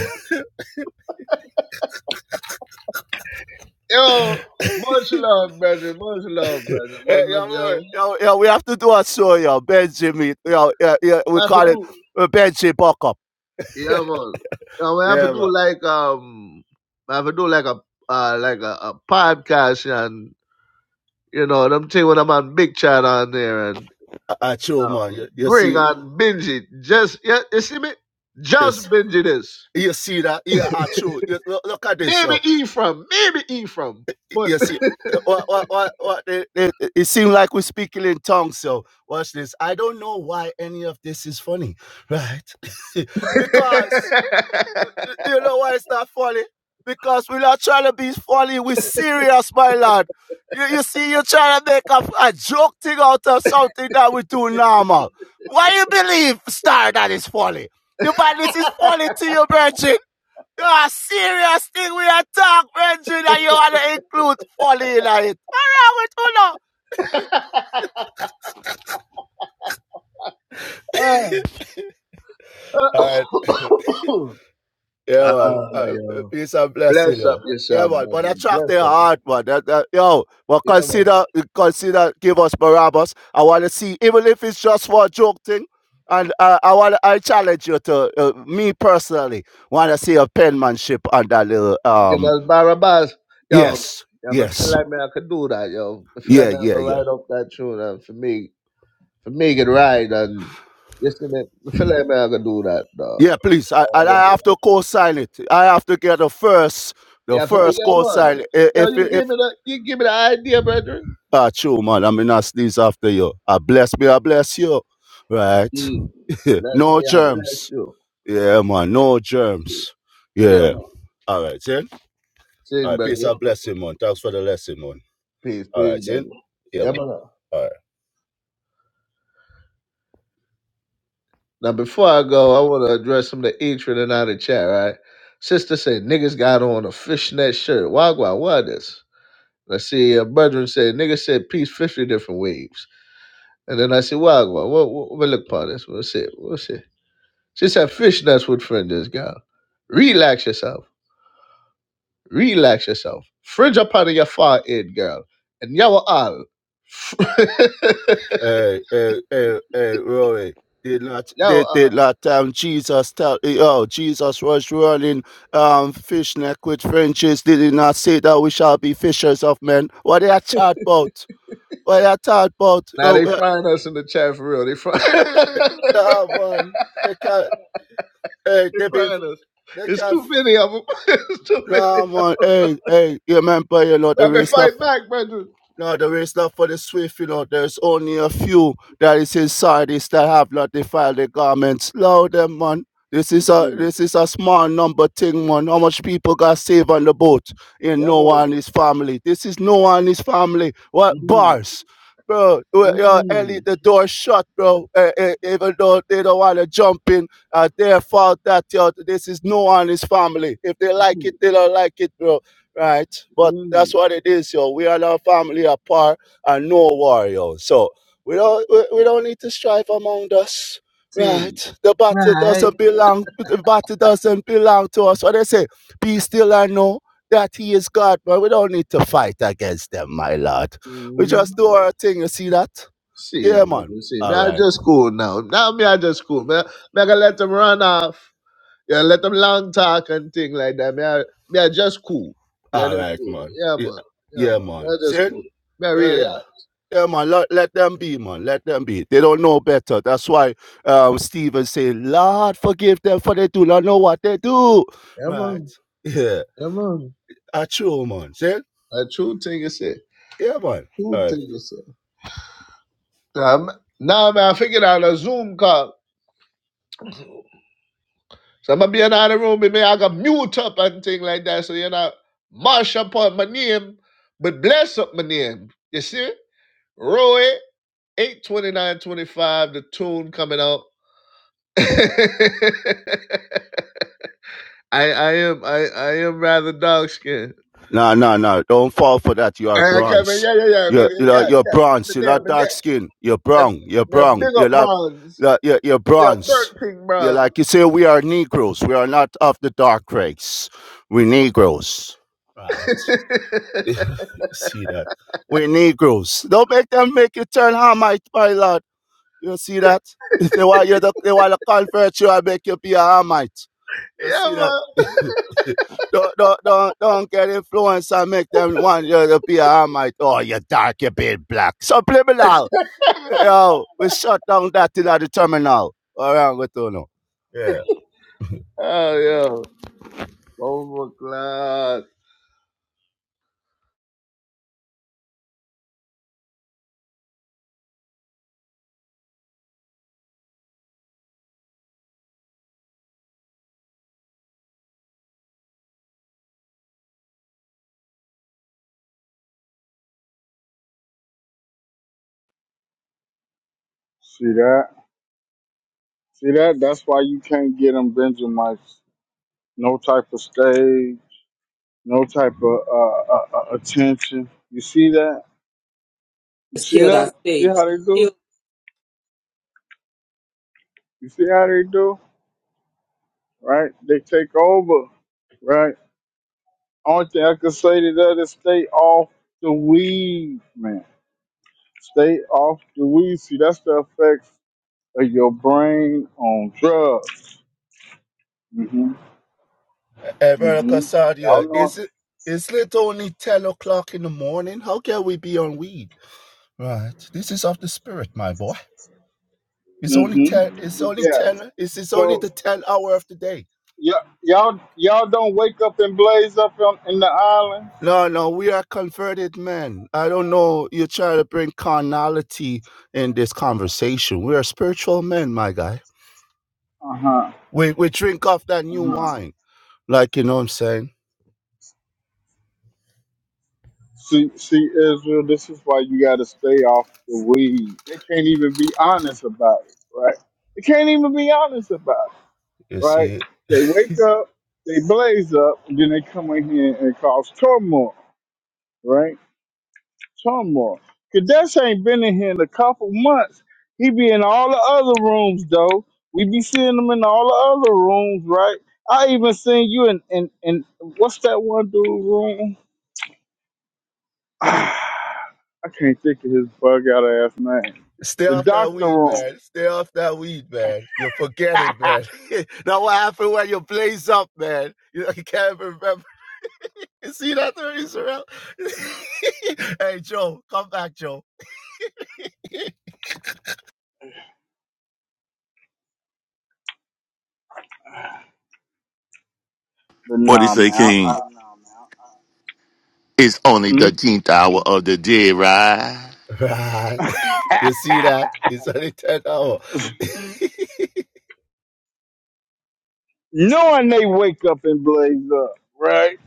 S4: yo, much love, brother. Much love,
S7: (laughs) Eh,
S4: brother. Much love,
S7: yeah, man.
S4: yo.
S7: yeah, yeah, we have to do a show, yeah. Benjamin, yeah, yeah, yeah, we
S4: I have to
S7: call it
S4: do.
S7: uh, Benji buck up. (laughs)
S4: Yeah, man. Now we have to
S7: Yeah,
S4: do
S7: man.
S4: like um, I have to do like a uh, like a, a podcast and you know them thing when I'm on Big Chat on there and
S7: Ah, ah, true,
S4: uh,
S7: man. You, you
S4: bring
S7: see
S4: on binge it. Just yeah, you see me? Just
S7: this?
S4: binge this,
S7: You see that? Yeah, ah, true. You, look, look at this,
S4: Maybe
S7: so
S4: Ephraim, maybe Ephraim, but.
S7: you see eh, what what what, what it, it, it seems like we're speaking in tongues. So watch this. I don't know why any of this is funny, right? (laughs)
S4: (laughs)
S7: because You you know why it's not funny? Because we're not trying to be funny. We're serious, my lad. You, you see, you're trying to make a, a joke thing out of something that we do normal. Why you believe, Star, that is funny? You find this is funny to you, Virgin? You are a serious thing we are talking, Virgin, and you want to include funny in it. All right, with you now?
S4: Ah, (coughs)
S7: All right. Yeah,
S4: Ah,
S7: man. Uh, uh,
S4: yeah.
S7: peace and blessing,
S4: Bless up
S7: yo. Yeah,
S4: yourself,
S7: man.
S4: brother.
S7: But attract
S4: Bless
S7: their
S4: up.
S7: heart, man. That, that, yo, but
S4: Yeah, man.
S7: consider, consider, give us Barabbas. I want to see, even if it's just for a joke thing. And uh, I want, I challenge you to, uh, me personally, want to see a penmanship on that little.
S4: Give
S7: Um,
S4: us Barabbas. Yo,
S7: yes,
S4: yo, I feel
S7: yes,
S4: like man, I could do that, yo. I feel
S7: yeah,
S4: like man, I
S7: yeah,
S4: could
S7: yeah,
S4: ride up that tune and for me, for me it could ride and listen it. I feel like man, I could do that, dog.
S7: yeah. Please, I,
S4: Yeah, I
S7: and
S4: could
S7: I
S4: do
S7: have
S4: that.
S7: to co-sign it. I have to get the first, the
S4: Yeah, for me,
S7: first
S4: yeah, man.
S7: co-sign. I-
S4: Yo,
S7: If
S4: you
S7: if
S4: give me the you give me the idea, brethren.
S7: Ah, true, man. I'm in a sneeze after you. I bless me, I bless you. Right.
S4: Mm.
S7: (laughs)
S4: Bless me,
S7: no
S4: I bless
S7: germs.
S4: you.
S7: Yeah, man. No germs.
S4: Yeah,
S7: Yeah.
S4: man.
S7: All right, then. All
S4: Sin,
S7: right. Peace
S4: brethren.
S7: and blessing, man. Thanks for the lesson, man.
S4: Peace,
S7: All
S4: peace,
S7: right, then.
S4: brother.
S7: Yeah,
S4: Yeah,
S7: man.
S4: man.
S7: All right.
S4: Now before I go, I wanna address some of the hatred and out of chat, right? Sister said niggas got on a fishnet shirt. Wagwan, what is? I see a brethren said, nigga said peace 50 different ways. And then I said, why, why, what, what, what look upon this? What's it? What's it? She said, fish, that's what friend is, girl. Relax yourself. Relax yourself. Fringe up out of your forehead, girl. And y'all all. (laughs)
S7: Hey, hey, hey, hey, Rory. Did not,
S4: y'all
S7: did, did
S4: all.
S7: not, um, Jesus tell, eh, oh, Jesus was running, um, fishnet with Frenches. Did he not say that we shall be fishers of men? What are you talking about? What are you talking about?
S4: Now they
S7: Oh,
S4: find us in the chat for real. They find, (laughs) they
S7: Nah, man. They can't. Hey, they been.
S4: find us.
S7: They
S4: It's
S7: can't.
S4: too many of them. (laughs) it's too many.
S7: Nah, man. Hey, hey. You remember you know the
S4: I've been
S7: race stuff.
S4: fighting back, brethren.
S7: No, the race not for the swift, you know. There's only a few that is inside this that have not defiled their garments. Lord them, man. This
S4: It's
S7: is a
S4: many.
S7: this is a small number thing, man. How much people got saved on the boat in
S4: Yeah, boy.
S7: Noah and his family? This is Noah and his family. What
S4: Mm,
S7: bars? Bro, we- uh, Ellie,
S4: mm,
S7: the door shut, bro. Uh, uh, even though they don't want to jump in, uh, their fault that yo, this is Noah and his family. If they like
S4: mm.
S7: it, they don't like it, bro right? But
S4: Mm.
S7: that's what it is, yo. We are our family apart and no war, yo. So we don't we, we don't need to strive among us,
S4: See,
S7: right? The battle
S4: I
S7: doesn't belong. The battle doesn't belong to us. What they say? Be still and know that He is God. But we don't need to fight against them, my lord. We
S4: mm-hmm.
S7: just do our thing. You see that?
S4: see,
S7: Yeah,
S4: man,
S7: man.
S4: you see, May
S7: All
S4: I
S7: right.
S4: just cool now. Now may I just cool. May me I can let them run off. Yeah, let them long talk and thing like that. May I, May I just cool. May I
S7: All
S4: just
S7: right,
S4: cool.
S7: man.
S4: Yeah,
S7: Yeah,
S4: man. Yeah,
S7: yeah
S4: man. May
S7: man.
S4: I just
S7: See?
S4: cool. May I
S7: Yeah, yeah.
S4: realize.
S7: Yeah, man, let, let them be, man. Let them be. They don't know better. That's why um, Stephen saying, Lord, forgive them for they do not know what they do.
S4: Yeah,
S7: Right.
S4: man.
S7: Yeah.
S4: Yeah, man.
S7: That's true, man. See?
S4: A true thing you say.
S7: Yeah, man. All
S4: True
S7: right.
S4: thing you say. Um, now me I figured out a Zoom call. So I'm gonna be in another room, and may I got mute up and thing like that. So you know, mash up on my name, but bless up my name. You see? Roy 82925, the tune coming out. (laughs) I I am I I am rather dog skinned.
S7: No, no, no. Don't fall for that. You are
S4: I come in,
S7: bronze.
S4: yeah, yeah, yeah, yeah,
S7: You're,
S4: yeah,
S7: you're, you're
S4: yeah. But
S7: bronze. You're
S4: there,
S7: not
S4: but
S7: dark
S4: there.
S7: skin. You're
S4: The,
S7: brown. You're
S4: the
S7: brown.
S4: big
S7: You're
S4: up
S7: not,
S4: bronze.
S7: not- you're, you're
S4: Yeah,
S7: bronze.
S4: Burnt King
S7: You're
S4: bronze.
S7: like, you say, we are Negroes. We are not of the dark race. We're Negroes. Right. (laughs)
S4: (laughs)
S7: see that? We Negroes. Don't make them make you turn Hamite, my lord. You see that? (laughs) If they want you to, they want to convert you and make you be a Hamite. You
S4: yeah,
S7: see that?
S4: man.
S7: (laughs) don't, don't, don't, don't get influenced and make them want you to be a Hamite. Oh, you dark, you being black. Subliminal. Yo, we shut down that till at the terminal. All right, I'm going to know. Yeah.
S4: Oh, yeah. Oh, my God.
S1: See that? See that? That's why you can't get them Benjamites. No type of stage, no type of uh, uh, uh, attention. You see that? You
S3: Just
S1: see
S3: kill that
S1: that? See
S3: stage.
S1: how they
S3: Just
S1: do?
S3: kill
S1: You see how they do? right? They take over, right? Only thing I can say to that is stay off the weed, man. Stay off the weed. See, that's the effects of your brain on drugs. hmm
S7: Hey, Brother
S1: hmm Y'all
S7: Casadia,
S1: know.
S7: is it, is it only 10 o'clock in the morning? How can we be on weed? Right. This is of the spirit, my boy. It's only
S1: hmm
S7: ten. It's only
S1: Yeah.
S7: ten. It's, it's only
S1: So
S7: the ten hour of the day.
S1: y- y'all y'all don't wake up and blaze up on, in the island.
S7: No, no, we are converted men. I don't know. You're trying to bring carnality in this conversation. We are spiritual men, my guy.
S1: Uh
S7: We we drink off that new
S1: huh.
S7: wine. Like you know what I'm saying.
S1: See, see, Israel, this is why you got to stay off the weed. They can't even be honest about it, right? They can't even be honest about
S7: You
S1: it, right?
S7: see.
S1: They wake up, they blaze up, and then they come in here and cause turmoil, right? Turmoil. Kadesh ain't been in here in a couple months. He be in all the other rooms, though. We be seeing him in all the other rooms, right? I even seen you in, in, in what's that one dude room? (sighs) I can't think of his bug out ass name.
S7: Stay
S1: The
S7: off that
S1: doctor
S7: weed,
S1: room.
S7: man. Stay off that weed, man. You'll forget it, man. (laughs) now what happened when you blaze up, man? You (laughs) you can't remember. You see that thirty, Sorrel? (laughs) hey, Joe, come back, Joe. (laughs)
S1: But
S2: what do you
S1: nah,
S2: say,
S1: man. I,
S2: King?
S1: I,
S2: It's only
S1: hmm?
S2: the 10th hour of the day, right?
S7: Right. (laughs) You see that? It's only 10 hours.
S1: Knowing they wake up and blaze up, right?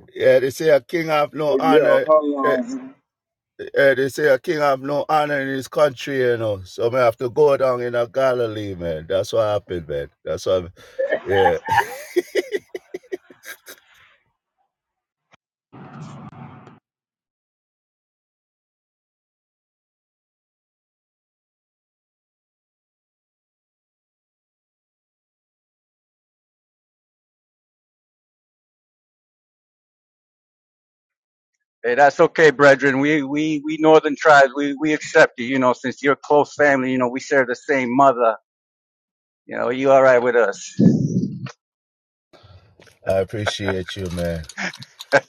S7: (laughs) yeah, they say a king have
S1: But
S7: no
S1: yeah,
S7: honor.
S1: hold
S7: eh,
S1: on.
S7: eh, they say a king have no honor in his country, you know. So I have to go down in a Galilee, man. That's what happened, man. That's what. Yeah,
S6: Hey, that's okay, brethren. We we we northern tribes, we we accept you. You know, since you're close family, you know, we share the same mother. You know, you all right with us?
S7: I appreciate you, man.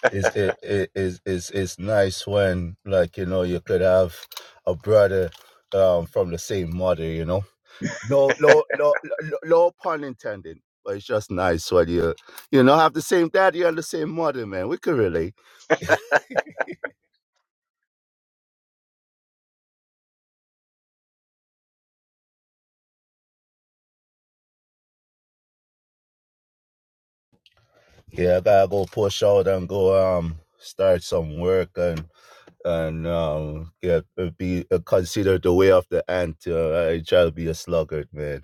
S7: It's it, it, it's it's it's nice when like you know you could have a brother um from the same mother, you know No, no, no, no, no pun intended. But it's just nice when you, you know, have the same daddy and the same mother, man. We could relate. Yeah, I gotta go push out and go um start some work and and um get uh, be considered the way of the ant. Uh, I try to be a sluggard, man.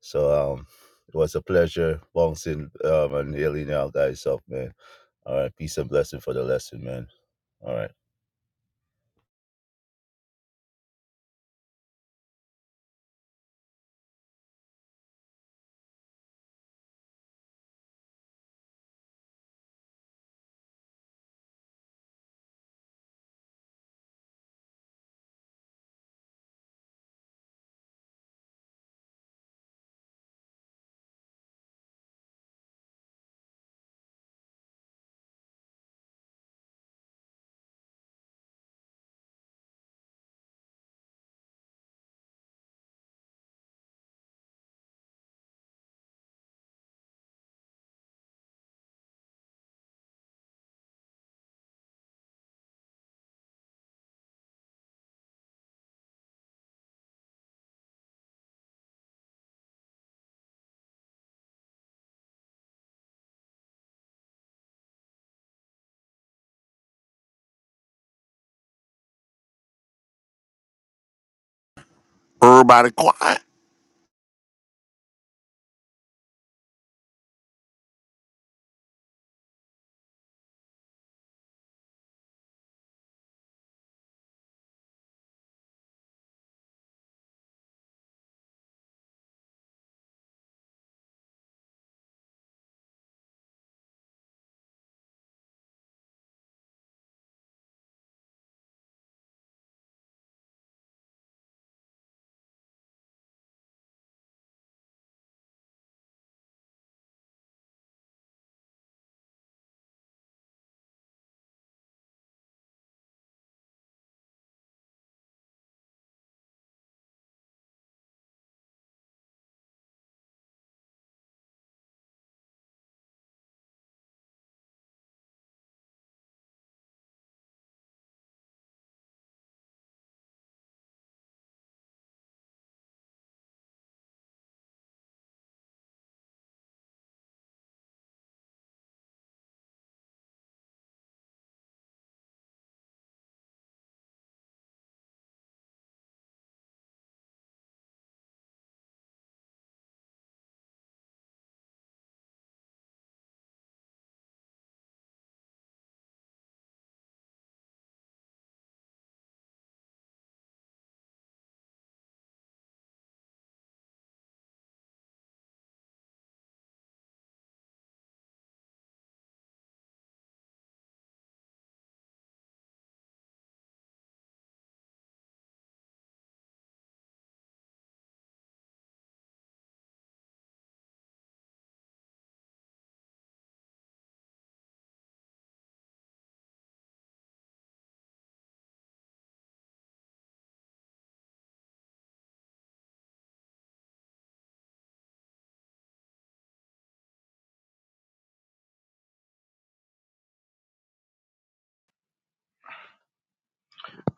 S7: So um, it was a pleasure bouncing um and healing you guys up, man. All right, peace and blessing for the lesson, man. All right.
S2: Everybody quiet.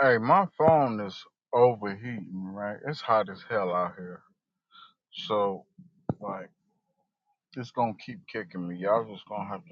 S1: Hey, my phone is overheating, right? It's hot as hell out here. So, like, it's gonna keep kicking me. Y'all just gonna have to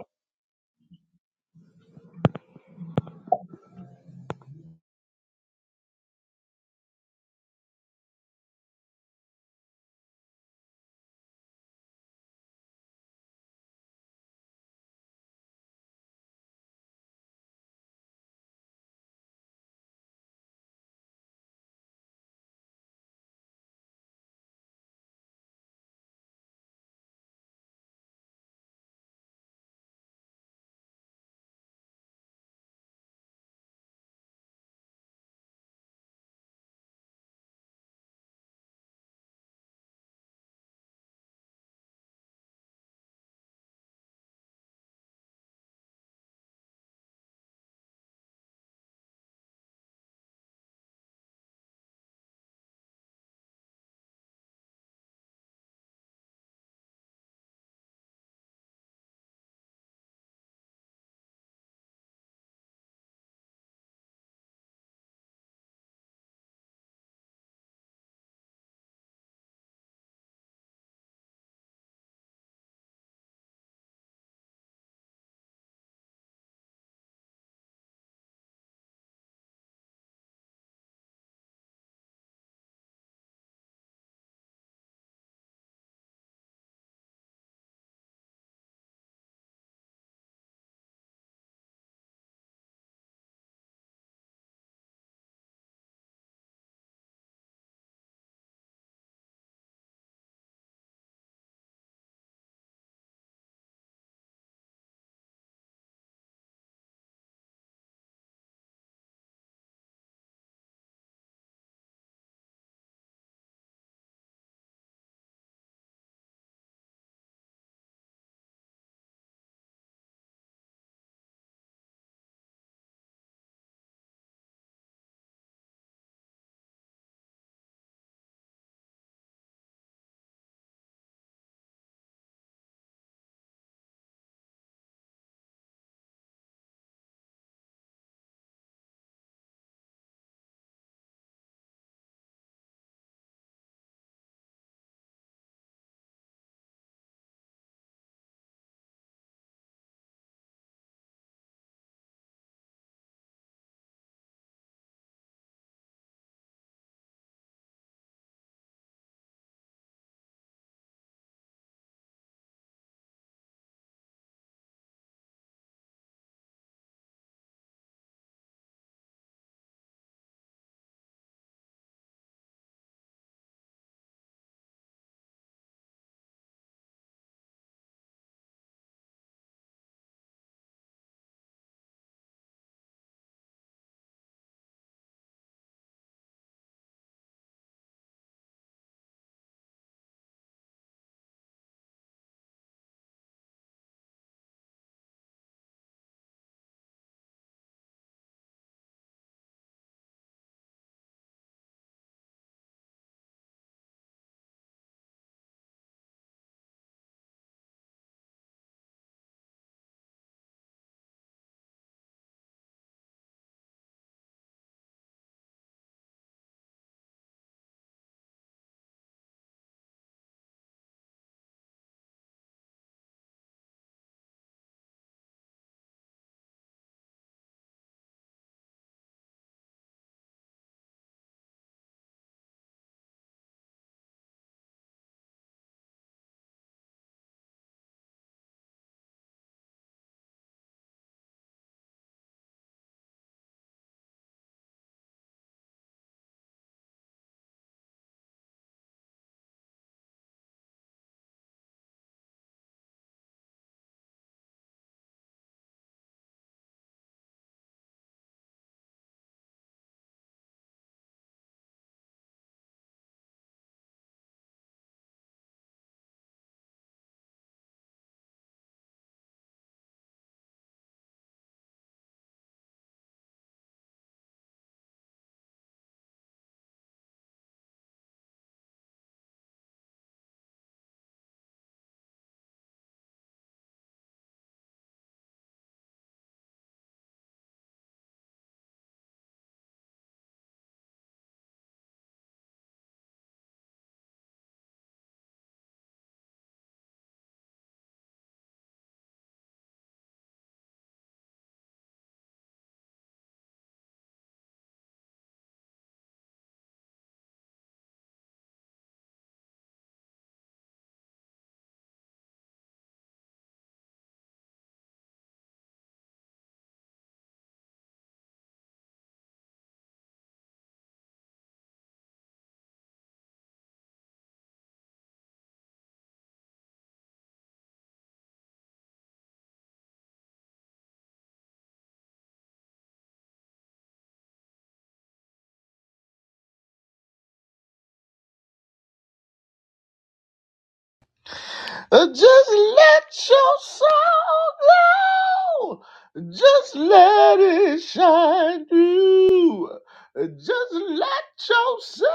S4: Uh, Just let your soul glow. Just let it shine through. Uh, Just let your soul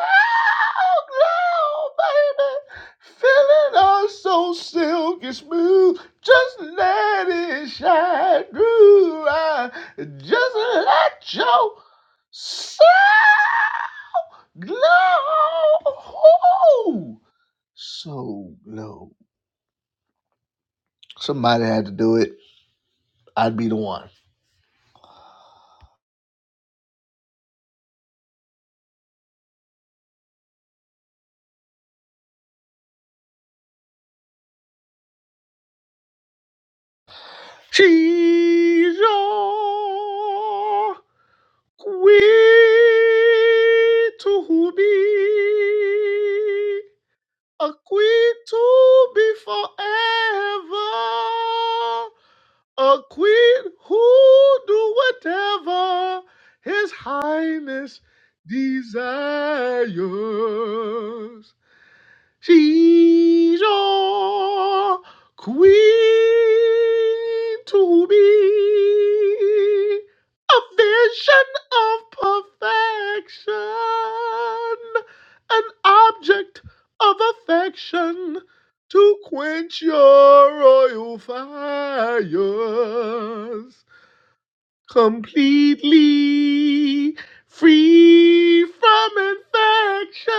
S4: glow, baby. Feeling all so silky smooth. Just let it shine through. Uh, Just let your soul glow. So glow. Somebody had to do it. I'd be the one. She to quench your royal fires. completely free from infection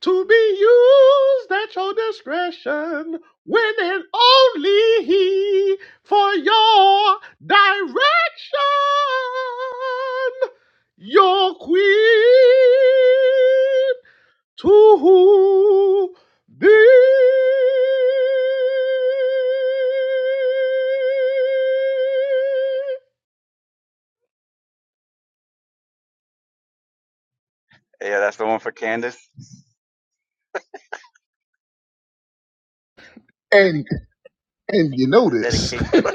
S4: to be used at your discretion when and only for your direction your queen to who be
S6: Yeah, that's the one for Candace.
S4: and and you
S6: That's
S4: know
S6: a
S4: this
S6: dedication
S4: (laughs)
S6: for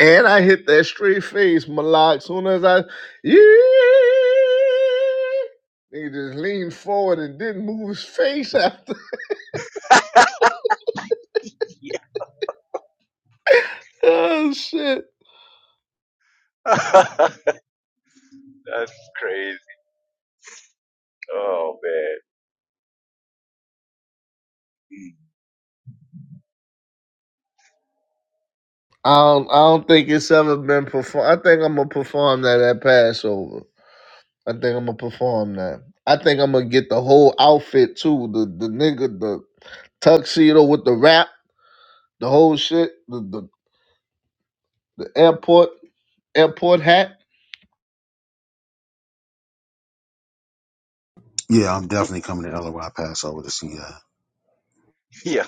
S4: and i hit that straight face malak soon as i yeah, they just leaned forward and didn't move his face after
S6: (laughs) you.
S4: (laughs) oh shit
S6: (laughs) that's crazy. Oh man.
S4: I don't, I don't think it's ever been performed. I think I'm gonna perform that at Passover. I think I'm gonna perform that. I think I'm gonna get the whole outfit too. The the nigga, the tuxedo with the wrap, the whole shit, the, the, the airport airport hat.
S5: Yeah, I'm
S6: (laughs)
S5: definitely coming to LOI Passover to see ya.
S6: (laughs) Yo,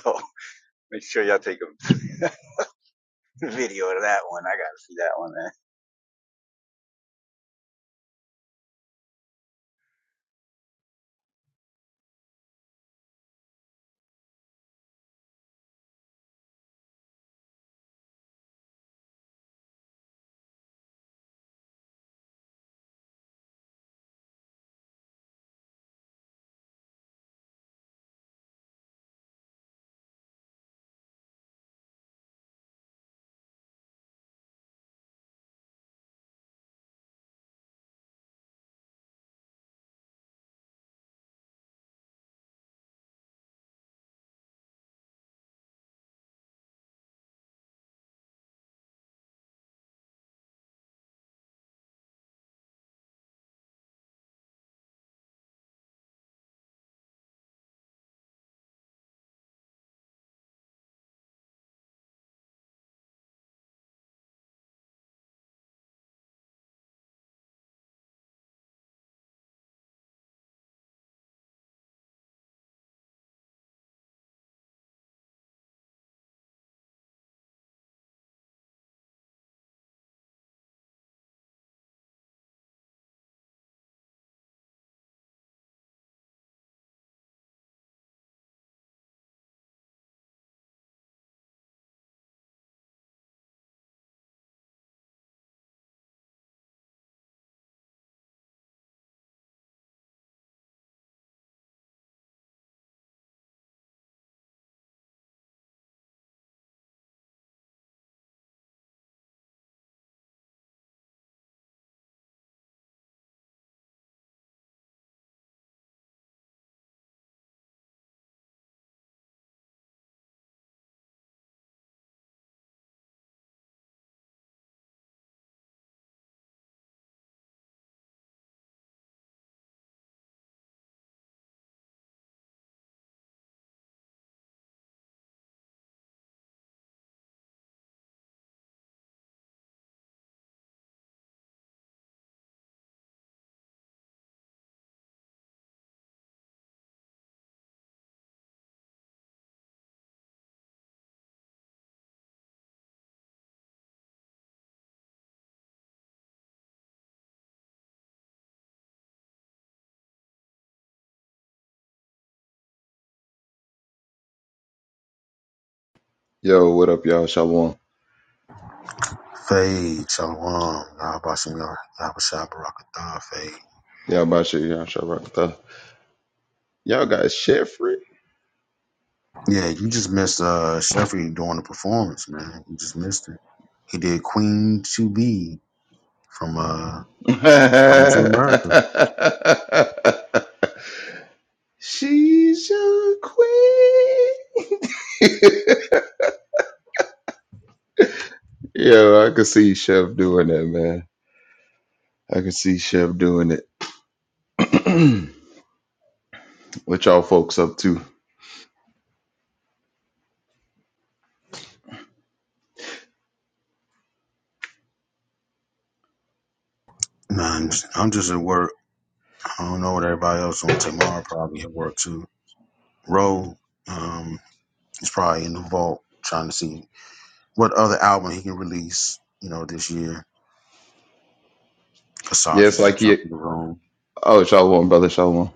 S6: make sure y'all take a (laughs) video of that one. I gotta see that one, man.
S8: Yo, what up, y'all? Shalom.
S5: Fade, Shalom, Yahbashim, Yahbashah, Barakatah, Fade.
S8: Y'all about you, y'all Shabbat. Kata. Y'all got Sheffrey.
S5: Yeah, you just missed uh Sheffrey during the performance, man. You just missed it. He did Queen to be from uh Coming to America.
S8: (laughs) She's a queen. (laughs) Yo, I could see Chef doing that, man. I could see Chef doing it. (clears throat) what y'all folks up to?
S5: Man, I'm just at work. I don't know what everybody else on tomorrow probably at work too. Roe, um, is probably in the vault trying to see what other album he can release, you know, this year. Kasaja
S8: Yes,
S5: just
S8: like he.
S5: jumped in the room.
S8: Oh, Shalom, brother Shalom.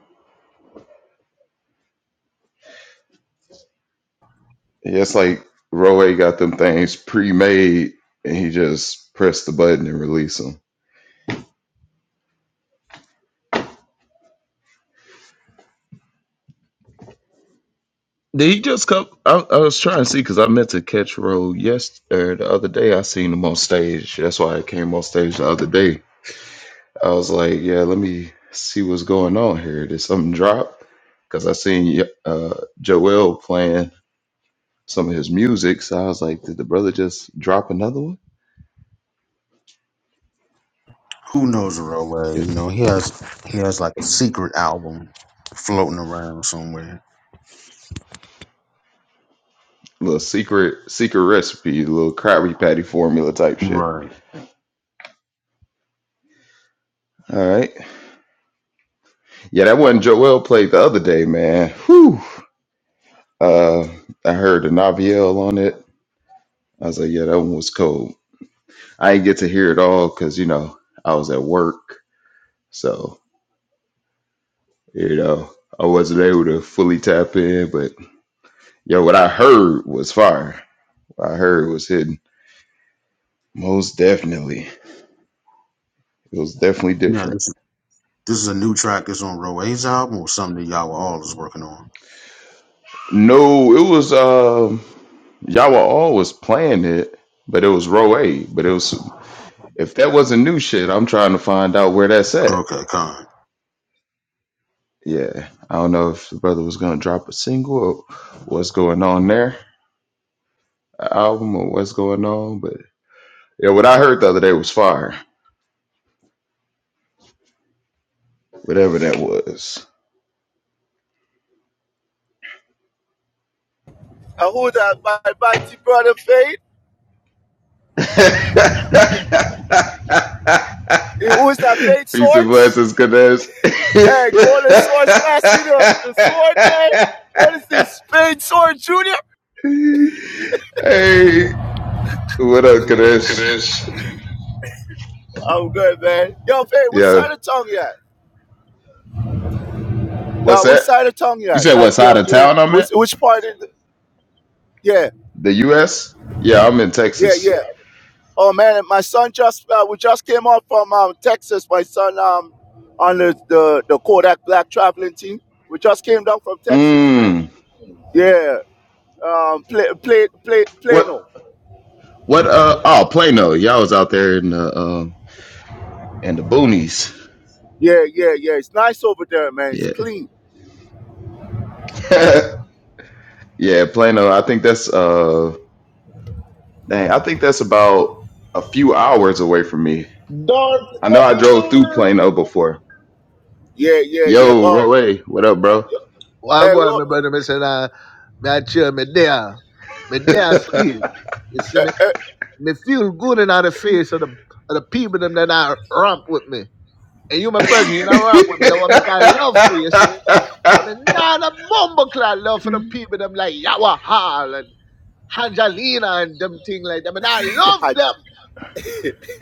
S8: Yes, like Roe got them things pre-made, and he just pressed the button and released them. Did he just come? I, I was trying to see because I meant to catch Roll yesterday. The other day, I seen him on stage. That's why I came on stage the other day. I was like, yeah, let me see what's going on here. Did something drop? Because I seen uh, Joel playing some of his music. So I was like, did the brother just drop another one?
S5: Who knows Roadway?
S8: It,
S5: You know, he has he has like a secret album floating around somewhere.
S8: little secret secret recipe, little Krabby Patty formula type shit.
S5: Right.
S8: All right. Yeah, that one Joel played the other day, man. Whew. Uh, I heard the Naviel on it. I was like, yeah, that one was cold. I didn't get to hear it all because, you know, I was at work. So, you know, I wasn't able to fully tap in. But, yo, what I heard was fire. What I heard was hidden. Most definitely. It was definitely
S5: Yeah,
S8: different.
S5: this is this is a new track that's on Roadway's album or something that y'all were all is working on.
S8: No, it was, um, y'all were always playing it, but it was row A. But it was, if that wasn't new shit, I'm trying to find out where that's at.
S5: Okay, con.
S8: Yeah. I don't know if the brother was going to drop a single or what's going on there album or what's going on. But yeah, what I heard the other day was fire, whatever that was.
S7: Uh, who that? My mighty brother Fade.
S8: (laughs)
S7: Eh, Who is that? Fade
S8: Peace and
S7: Swords?
S8: blessings, Kadesh.
S7: Hey, Golden Swords, pass you the, the sword, man. What is
S8: (laughs)
S7: this? Fade Sword Junior?
S8: hey, what up,
S4: What up,
S8: Kadesh?
S4: Chris?
S7: I'm good, man. Yo, Fade, which
S8: Yeah,
S7: side of town you at?
S8: what's
S7: Uh, which
S8: that?
S7: side of town you
S8: You
S7: at?
S8: said
S7: Like,
S8: what
S7: you know,
S8: side of
S7: you
S8: town I'm
S7: which,
S8: at?
S7: which part? Is, it? yeah,
S8: The U.S. Yeah, I'm in
S7: yeah,
S8: Texas.
S7: yeah. Oh man, my son just uh, we just came out from um, Texas. My son um on the, the the Kodak Black traveling team. We just came down from Texas, man.
S8: Mmm.
S7: Yeah, um, play, play, play,
S8: What?
S7: Plano.
S8: What? Uh. Oh, Plano. Y'all was out there in the um in the boonies.
S7: Yeah, yeah, yeah. It's nice over there, man. It's
S8: Yeah.
S7: clean.
S8: (laughs) yeah, Plano. I think that's uh dang, I think that's about a few hours away from me.
S4: Darth
S8: I know I drove through
S4: Vader.
S8: Plano before.
S7: Yeah, yeah, yeah.
S8: Yo,
S7: But
S8: Roy, what up, bro?
S4: Well, I
S7: hey,
S4: go out,
S7: Roy,
S4: my brother. Me say, "Nah, me I chill, me there, me there still. You see me?
S7: hey,
S4: Me feel good in the face of the of the people them that I romp with me. And you, my
S8: (laughs)
S4: brother, you not romp with me. That what I got love for you. you. See me? But I mean, nah, that bumble clad love for the people them like Yawa Hall and Angelina and them thing like them. And I love them.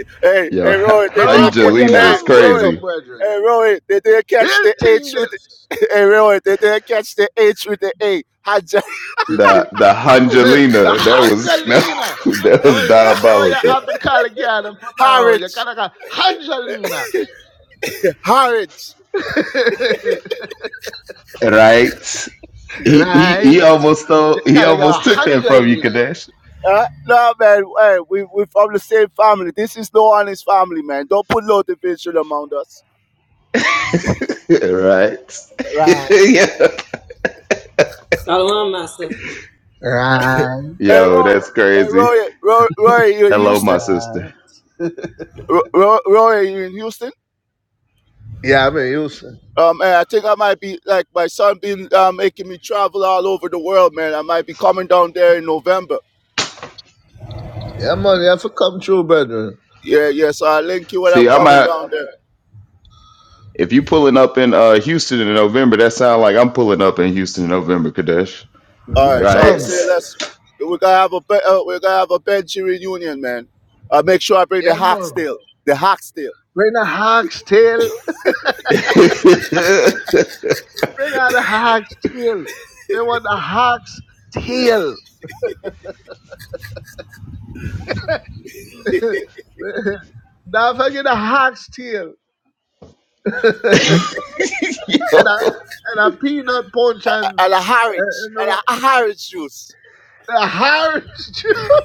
S7: (laughs) hey,
S8: Yo,
S7: hey,
S8: Ha-
S7: Roy,
S4: Me
S7: they
S4: rap
S7: didn't catch.
S4: with your
S8: Angelina
S7: Hey,
S8: is
S4: long way
S7: Roy,
S4: though,
S8: crazy.
S4: brethren.
S7: hey, Roy, they didn't catch
S4: Real
S7: the
S4: thing
S7: H with. (laughs)
S4: this.
S7: The, hey, Roy, they didn't catch the H with the A. Haj,
S4: You-
S8: The
S4: you-
S8: the
S4: (laughs) the
S8: Angelina, that was (laughs)
S4: Angelina.
S8: that,
S4: The
S8: was
S4: way, the way you
S8: diabolical.
S4: have to call again and
S7: (laughs)
S4: put down. You
S7: Harrods,
S4: kind of got Angelina.
S7: Harrods.
S4: (laughs)
S8: Right? He he he
S4: right?
S8: almost
S4: You
S8: stole, he
S4: kind of
S8: almost
S4: got
S8: took that from you,
S4: Angelina.
S8: Kadesh.
S7: Uh, no man, hey, we we from the same family. This is no honest family, man. Don't put no division among us.
S8: (laughs) Right. (laughs)
S7: Right.
S8: Yeah.
S3: Shalom, Master.
S4: Right.
S7: Hey
S8: Yo,
S7: Roy,
S8: that's
S7: hey
S8: crazy.
S7: Roy, Roy, Roy, you in
S8: Hello,
S7: Houston?
S8: my sister.
S7: Roy, Roy, you in Houston?
S4: Yeah, I mean, you see.
S7: Um, and I think I might be like my son been uh, making me travel all over the world, man. I might be coming down there in November.
S4: Yeah, man, you have to come true, brethren.
S7: Yeah, yeah. So I will link you when I'm
S8: See, I'm
S7: coming
S8: at.
S7: down there.
S8: If you pulling up in uh Houston in November, that sound like I'm pulling up in Houston in November, Kadesh.
S7: All
S4: Yeah,
S7: right. So
S8: Right?
S4: man.
S7: say let's we're gonna have a be- uh, we're gonna have a bench reunion, man. Uh, make sure I bring the
S4: Yeah, man.
S7: Hoxtail, the Hoxtail,
S4: Bring a hog's tail.
S8: (laughs)
S4: Bring out a hog's tail. They want a hog's tail. (laughs) Don't forget a hog's tail. (laughs) and a
S8: yo,
S4: and a peanut punch and,
S7: and a Harwich,
S4: and
S7: and
S4: the,
S7: a Harwich juice.
S4: the orange juice. (laughs)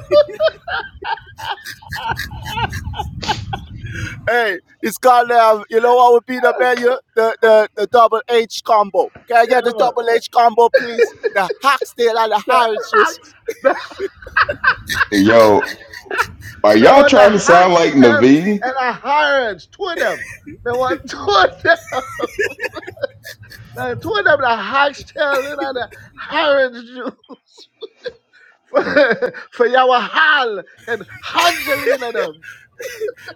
S7: Hey, it's called um, you know what would be the menu? The the the double H combo. Can I
S4: Yeah,
S7: get the
S4: man.
S7: double H combo, please? The Hoxtail and the
S4: The
S7: Harwich juice.
S4: hog's, the,
S8: yo, are
S4: they
S8: y'all
S4: want a
S8: trying to sound
S4: hog's
S8: like
S4: tail
S8: Naveen?
S4: and a orange. Two of them. They want (laughs) two of them. (laughs) Like, Two of them, the hog's tail and the orange juice. for, (laughs) for Yawa Hal and Angelina them.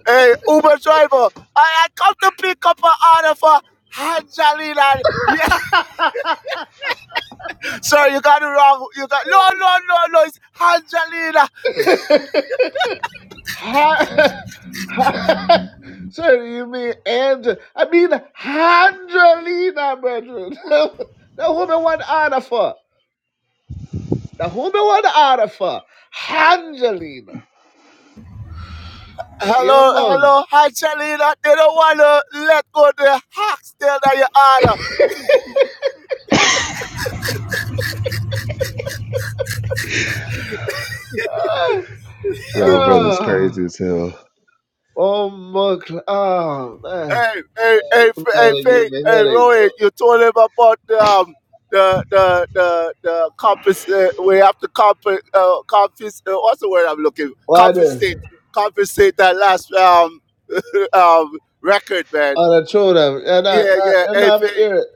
S7: Hey, Uber driver, I, I come to pick up an order for Angelina. Yeah, (laughs) sorry, you got it wrong. You got no, no, no, no. It's Angelina.
S4: (laughs) Ha- (laughs) ha- Sorry, you mean Angel? I mean Angelina, brethren. (laughs) the woman want order for. The woman want order for. Angelina. Yeah,
S7: Hello,
S4: man.
S7: hello, Angelina. They don't want to let go of the hacks still that you order.
S4: Ah,
S8: Yo, brother's
S4: ah.
S8: crazy as hell.
S4: Oh, my God. Oh, man.
S7: Hey, hey, hey, F- hey,
S4: Oh, it
S7: Faith,
S4: give me
S7: hey,
S4: headache,
S7: Roy,
S4: bro.
S7: you told him about the um, the the the the compass. Uh, we have to compass. Uh, compass. Uh, what's the word I'm looking?
S4: Why
S7: Confiscate.
S4: this?
S7: Confiscate that last um um, record, man.
S4: On the tune of, it. yeah, not,
S7: Yeah,
S4: not,
S7: yeah.
S4: I'm
S7: Hey,
S4: not even
S7: Faith,
S4: hear it.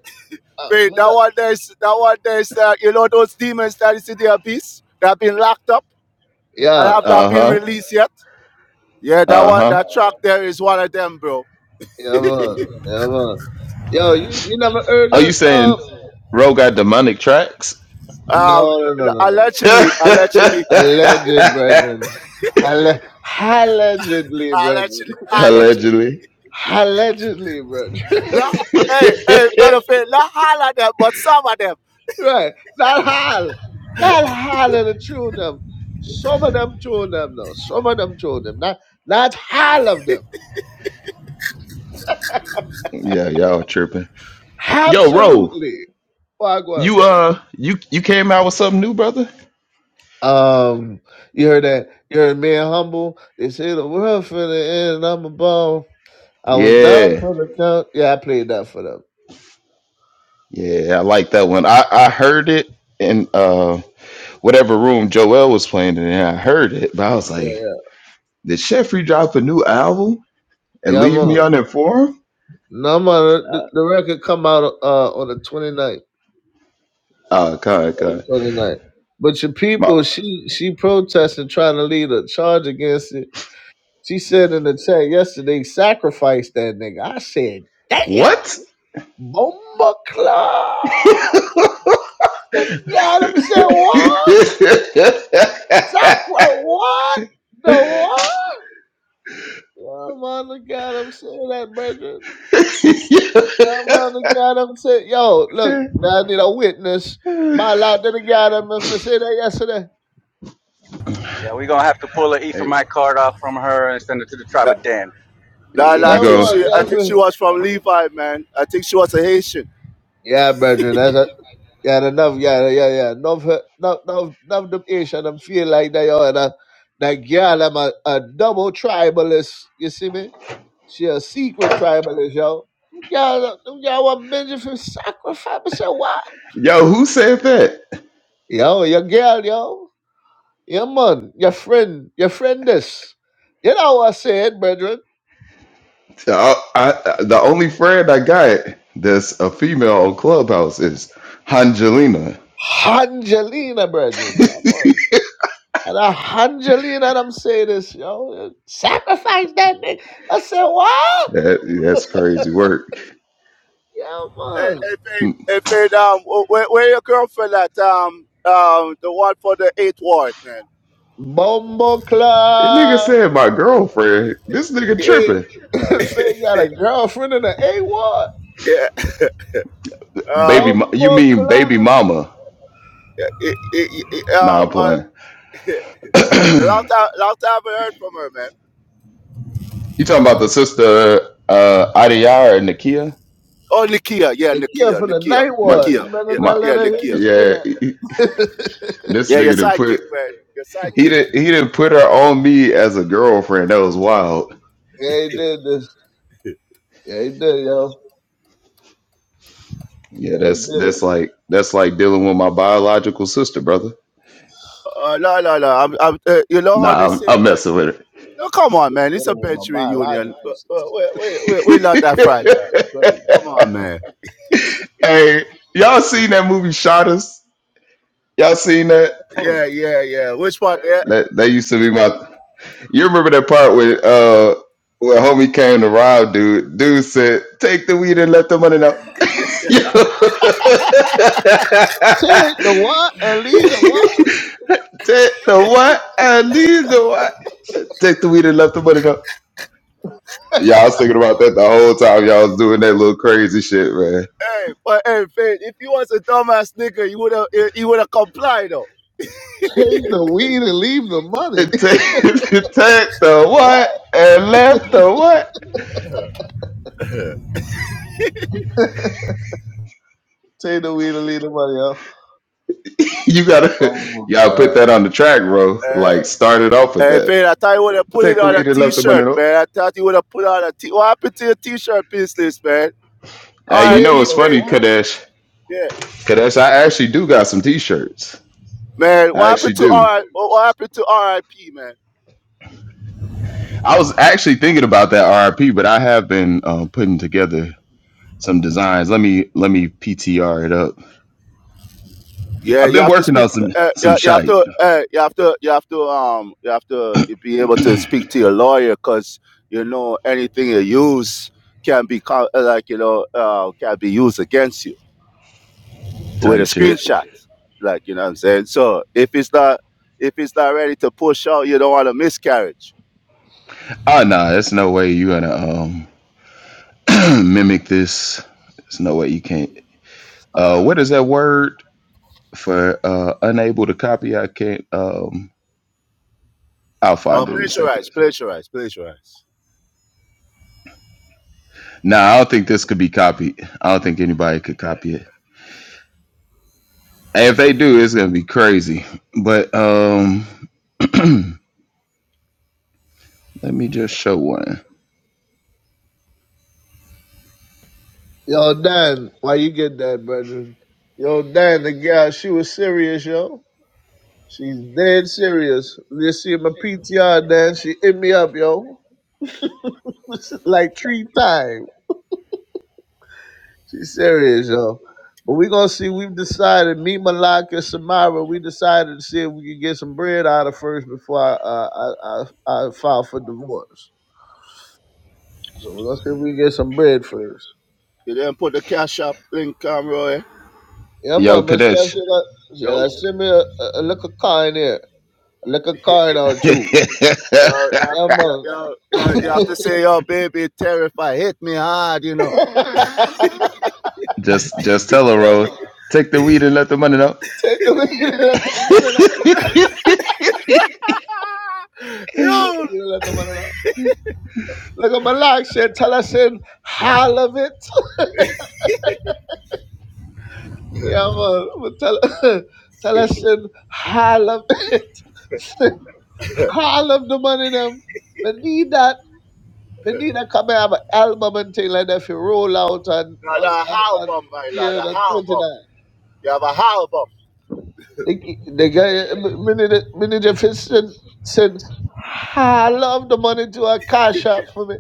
S4: Uh,
S7: Faith,
S4: me
S7: that
S4: not-
S7: one there's that one there's uh, you know those demons that is in the abyss. that have been locked up and
S4: yeah.
S7: have not
S8: Uh
S7: been
S8: huh.
S7: released yet. Yeah, that
S8: Uh
S7: one
S8: huh.
S7: that track there is one of them, bro.
S4: Yeah, man. Yeah, man. Yo, you, you never heard
S8: Are you
S4: that? Um,
S8: saying Ro got demonic tracks?
S7: Um,
S4: no, no, no, no, no.
S7: allegedly, allegedly,
S4: Alleged,
S8: (laughs)
S4: brethren. Alle- allegedly, brethren.
S7: allegedly, allegedly.
S8: Allegedly.
S4: Allegedly,
S7: La,
S4: brethren.
S8: (laughs)
S7: hey, hey, brother Faith, not all of them, but some of them.
S4: (laughs) right. Not hal. Not hal of the true them. Some of them true them, though. Some of them true them. Not, not hal of them.
S8: yeah, y'all tripping. Yo, Ro.
S4: Absolutely. Why go on,
S8: You
S4: brother?
S8: uh you you came out with something new, brother?
S4: Um, you heard that? You heard me and humble. They say the world finna end, and I'm above. I was down
S8: Yeah.
S4: for the count. Yeah, I played that for them.
S8: Yeah, I like that one. I I heard it in uh whatever room Joel was playing in and I heard it, but I was
S4: Yeah,
S8: like, did Sheffrey drop a new album
S4: yeah.
S8: and
S4: Yeah, I'm
S8: leave me
S4: on.
S8: uninformed?
S4: No, I'm on. The, the record come out uh, on the 29th.
S8: Oh god,
S4: On
S8: god.
S4: the 29th. But your
S8: My
S4: people, she she protesting, trying to lead a charge against it. She said in the chat yesterday, sacrifice that nigga. I said, damn,
S8: what?
S4: Bomba Club.
S8: (laughs)
S4: Them got him said what?
S8: hey,
S4: Sacra what? The what? Oh my God, I'm saying that, brother. That mother got up and said, yo, look, now I need a witness. My lot that got up and said that yesterday.
S6: Yeah, we gonna have to pull an E from my card off from her and send it to the tribe
S7: Nah,
S6: of Dan.
S7: nah, la, I
S8: you
S4: Yeah,
S7: think
S8: go,
S4: man,
S7: she, I
S4: yes,
S7: think
S4: sir.
S7: she was from Levi, man. I think she was a Haitian.
S4: Yeah, brethren, that's a, yeah, enough, yeah, yeah, yeah. Enough, uh, enough, enough, enough them ish and them feel like they are. And, uh, that girl, I'm a, a double tribalist. You see me? She a secret tribalist, yo. Them Girl, uh, them girl want Benjamin sacrifice. I said, what?
S8: yo, who said that?
S4: Yo, your girl, yo. Your man, your friend, your friend this. You know what I said, brethren?
S8: So I, I, the only friend I got that's a female on Clubhouse is Angelina.
S4: Angelina, brethren. Yeah, man. And a Angelina, and I'm saying this, yo. Sacrifice that nigga. I said, what?
S8: That, that's crazy work.
S4: Yeah,
S7: Hey,
S4: man.
S7: hey, Fade,
S8: This
S7: hey, Fade, um, wh- where, where your girlfriend at? Um, um, the one for the eighth ward, man.
S4: Bumbo
S8: nigga
S4: Club.
S8: said my girlfriend. This nigga
S4: They,
S8: tripping.
S4: (laughs) they got a girlfriend in the A ward.
S7: Yeah. (laughs)
S8: Baby,
S7: Um,
S8: mo- you
S4: Bumbo
S8: mean baby
S4: Club.
S8: mama?
S7: it, it, it, uh,
S8: Nah, I'm
S7: uh,
S8: playing.
S7: last
S8: (clears throat)
S7: time, last time I heard from her, man.
S8: you talking about the sister uh, Adiyar and Nakia?
S7: Oh, Nikia, yeah,
S4: They care
S7: Nikia,
S4: for the
S7: Nikia,
S4: night
S8: My,
S4: ward. You
S7: Nikia,
S4: better
S7: yeah,
S4: not
S8: my,
S4: let
S7: yeah,
S4: her hear you
S7: Nikia.
S4: say
S8: yeah.
S4: that. (laughs)
S8: This
S7: Yeah,
S8: nigga
S7: your
S8: didn't put
S7: sidekick, man, your
S8: he
S7: sidekick.
S8: didn't he didn't put her on me as a girlfriend. That was wild.
S4: yeah, he did this. Yeah, he did, yo.
S8: Yeah,
S4: Yeah, he
S8: that's that's
S4: did.
S8: like that's like dealing with my biological sister, brother.
S7: Uh, no, no, no. I'm, I'm, uh, you know how
S8: Nah,
S7: they
S8: I'm,
S7: say,
S8: I'm
S7: like,
S8: messing with her.
S7: no, come on, man.
S4: Get
S7: It's
S4: it
S7: a
S4: with my
S7: bench reunion.
S4: biological
S7: But, but
S4: sister.
S7: we, we, we, we're not that fragile.
S4: Crazy.
S7: Come on, man.
S8: Hey, y'all seen that movie Shot Us? Y'all seen that?
S4: Hmm.
S7: Yeah, yeah, yeah. Which one? Yeah.
S8: That that used to be my. You remember that part where uh when homie came to rob dude? Dude said, "Take the weed and let the money know." (laughs) Yo.
S4: Take the what and leave the what?
S8: Take the what? I need the what? Take the weed and let the money know. Y'all was thinking about that the whole time y'all was doing that little crazy shit, man.
S7: Hey, but hey, Fade, if he was a dumbass nigga, he would have he would have complied though.
S4: Take the weed and leave the money.
S8: It
S4: (laughs)
S8: attack (laughs) the
S4: what?
S8: what and left the what?
S4: Take the weed and leave the money, yo.
S8: (laughs) You gotta
S4: Oh my
S8: y'all put
S4: god.
S8: that on the track, bro. Like
S7: Hey,
S8: start it off with
S7: hey,
S8: that.
S7: Fade, I thought he would have put it
S8: Take the
S7: on a
S8: weed and left the money.
S7: t-shirt,
S8: though.
S7: man. I thought he would have put on a t. What happened to your t-shirt business, man?
S8: Hey, you
S4: Take
S8: know
S7: R.I.P.
S8: it's
S4: the
S7: Fade,
S8: funny,
S7: man.
S4: what?
S8: Kadesh.
S7: Yeah,
S8: Kadesh, I actually do got some T-shirts.
S7: man. What
S8: I
S7: happened
S8: actually
S7: to
S8: do.
S7: R.I.P. What happened to R.I.P. Man?
S8: I was actually thinking about that RIP, but I have been um, putting together some designs. Let me let me PTR it up.
S7: Yeah,
S8: I've
S7: you
S8: been
S7: have to
S8: working
S7: speak.
S8: on some
S7: Uh,
S8: some
S7: you, you have
S8: shite
S7: to. Uh, you have to. You have to. Um, you have to be able to speak to your lawyer, cause you know anything you use can be uh, like you know uh, can be used against you. with a
S8: type shit.
S7: screenshot. Like, you know what I'm saying? So if it's not if it's not ready to push out, you don't want a miscarriage.
S8: Oh no, nah, it's no way you gonna um (clears throat) mimic this. There's no way you can't. Uh, what is that word for uh, unable to copy? I can't. Um, I'll
S7: Oh
S8: find it in a second.
S7: plagiarize, plagiarize, plagiarize.
S8: Nah, I don't think this could be copied. I don't think anybody could copy it. And If they do, it's gonna be crazy. But um, (clears throat) let me just show one.
S4: Yo, Dan, why you get that, brethren? Yo, Dan, the girl, she was serious, yo. She's dead serious. You see my PTR, Dan, she hit me up, yo. (laughs) like three times. She's serious, yo. But we gonna see. We've decided, me, Malak, and Samara, we decided to see if we could get some bread out of first before I, uh, I, I, I file for divorce. So we're gonna see if we can get some bread first.
S7: You didn't put the cash app link on Roy.
S4: Yeah,
S8: Yo,
S4: man, Miss Steph, she
S8: Kadesh,
S4: like, she
S7: Yo, yo,
S4: like, send me a, a, a liquor car in there. A liquor car in there,
S8: (laughs)
S4: too.
S7: you have
S4: Yeah,
S7: to, yo,
S4: man.
S7: yo, you have to say, yo, baby, terrified, hit me hard, you know.
S4: (laughs)
S8: just just tell her,
S4: yeah,
S8: bro.
S4: man.
S8: Take the weed and let the money know.
S4: Take the weed and let the money out. Take the
S7: Yo,
S4: weed and let the money out. Look at Malak said, tell us in, how of it. Yeah, man. But tell, (laughs) tell us, send all of (laughs) it. Send all of the money them. They need that. They need a come and have an album and thing like that if you roll out and
S7: not
S4: on
S7: a
S4: on on
S7: album, my lad,
S4: here
S7: a
S4: and put it
S7: album.
S4: on.
S7: You have a album.
S4: The the guy manager manager Fison said all of the money to a cash out for me.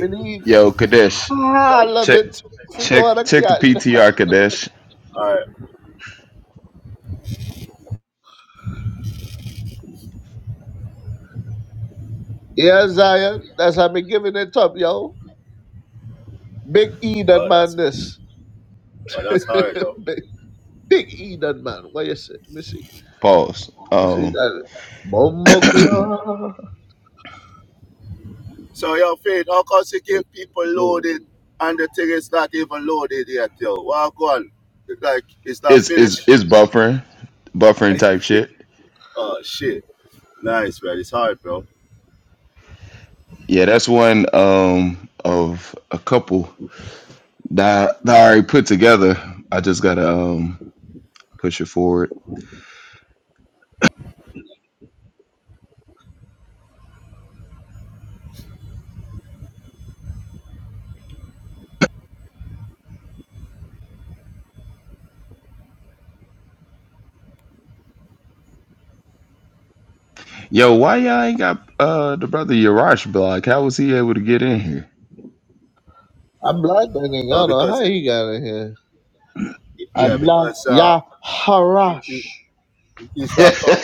S4: We need
S8: Yo, Kadesh,
S7: Yo.
S4: all of
S8: check
S4: it if you go
S8: check
S4: on a
S8: check the
S4: cash.
S8: PTR, Kadesh.
S7: All right.
S4: Yeah, Zion. That's how me giving it up, yo. Big E that
S7: Oh,
S4: man
S7: that's,
S4: this.
S7: oh, that's hard, yo.
S4: (laughs) Big E done man. Why you say? Let me see.
S8: Pause.
S4: Let me see
S8: Um,
S4: that. Mumbo Club.
S7: So your faith, how come you
S4: Hey,
S7: give people
S4: Lord.
S7: loaded and the thing is not even loaded yet, yo? Walk on. Like, it's not
S8: It's it's
S7: finished.
S8: it's buffering, buffering type shit.
S7: Oh, shit. Nice, man. It's hard, bro.
S8: Yeah, that's one um of a couple that that I already put together. I just gotta um push it forward. Yo, why y'all ain't got uh the brother Yarash block? How was he able to get in here?
S4: I'm black and I do
S7: Uh,
S4: know
S7: because,
S4: how
S7: it,
S4: he got in here.
S7: yeah,
S4: I'm black.
S7: because um,
S4: Yeah, harash.
S7: it, it's not, com-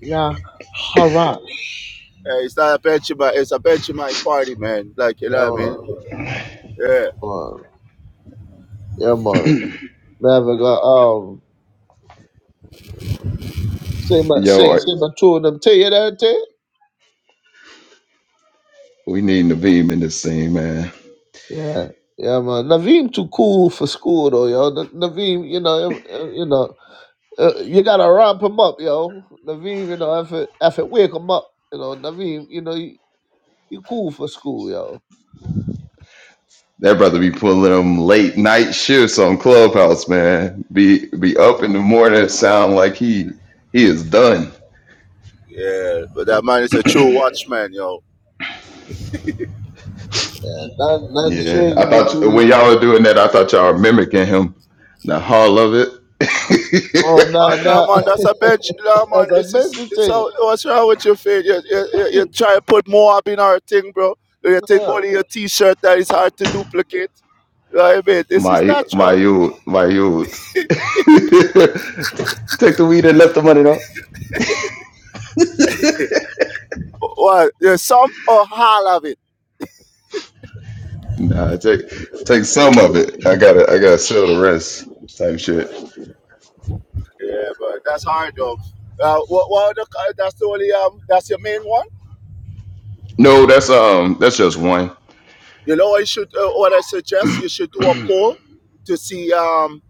S4: Yeah, harash.
S7: uh, it's not a Benjamin, it's a Benjamin party, man. Like, you
S4: Yeah,
S7: know what I
S4: man.
S7: mean? Yeah.
S4: man. Yeah, man. Never got, um, say
S8: (laughs)
S4: my,
S8: Yo,
S4: say,
S8: are-
S4: say my two of them. Tell you that, tell you?
S8: we need Naveem in this scene, man.
S4: Yeah. Yeah, man. Naveem too cool for school, though, yo. Na- Naveem, you know, him- him, you know. Uh, you gotta ramp him up, yo. Naveem, you know, if it, if it wake him up, you know, Naveem, you know, you, you cool for school, yo.
S8: That brother be pulling them late night shifts on Clubhouse, man. Be be up in
S4: Oh,
S8: the morning, sound like he he is done.
S7: Yeah. But that man is a true watchman, yo.
S4: yeah, not not
S8: Yeah, I
S4: shaking
S8: thought
S4: between.
S8: when y'all were doing that, I thought y'all were mimicking him. The hall of it.
S4: Oh, nah,
S7: Oh, no,
S4: nah.
S7: man, that's a bench. No,
S4: (laughs)
S7: man,
S4: That's a
S7: this is
S4: major
S7: this
S4: thing.
S7: how what's wrong with your face? You, you, you, you try to put more up in our thing, bro. You take
S4: Yeah.
S7: only your t-shirt that is hard to duplicate. You know what I mean?
S8: (laughs)
S7: This is
S8: my my
S7: natural.
S8: youth, my youth. (laughs) take the weed and left the money though.
S7: Well, there's some or half of it.
S8: Nah, take take some of it. I gotta I gotta sell the rest. Type shit.
S7: Yeah, but that's hard though. Uh, what, what the, that's the only um, that's your main one.
S8: No, that's um that's just one.
S7: You know, I should uh, what I suggest you should do a poll to see um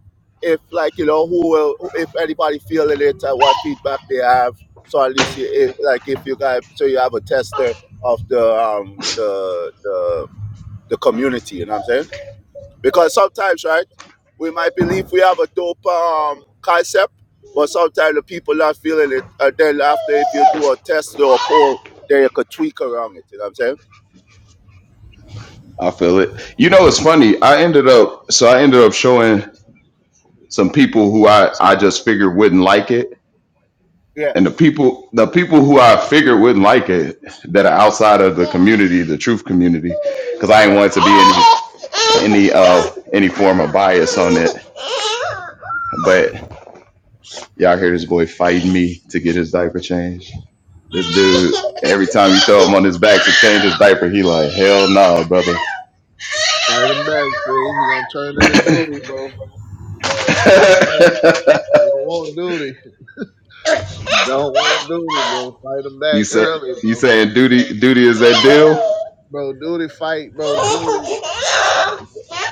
S7: if like you know who will who- if anybody feeling it and what feedback they have. So at least you, if, like if you guys so you have a tester of the um the the the community. You know what I'm saying? Because sometimes right we might believe we have a dope um concept, but sometimes the people not feeling it. And then after if you do a test or a poll, then you could tweak around it. You know what I'm saying?
S8: I feel it. You know, it's funny. I ended up so I ended up showing some people who I I just figured wouldn't like it
S7: Yeah.
S8: and the people the people who I figured wouldn't like it that are outside of the community, the truth community, because I
S7: Yeah.
S8: ain't want it to be any any uh any form of bias on it. But y'all hear this boy fighting me to get his diaper changed. This dude, every time you throw him on his back to change his diaper, he like, hell no, brother.
S4: Fight him back, see? He gonna turn into duty, bro. Fight him back.
S8: (laughs)
S4: You don't want duty. You don't want duty, bro. Fight him
S8: you
S4: back
S8: say
S4: early,
S8: you
S4: bro.
S8: saying duty duty is that deal?
S4: Bro, duty fight, bro. Duty.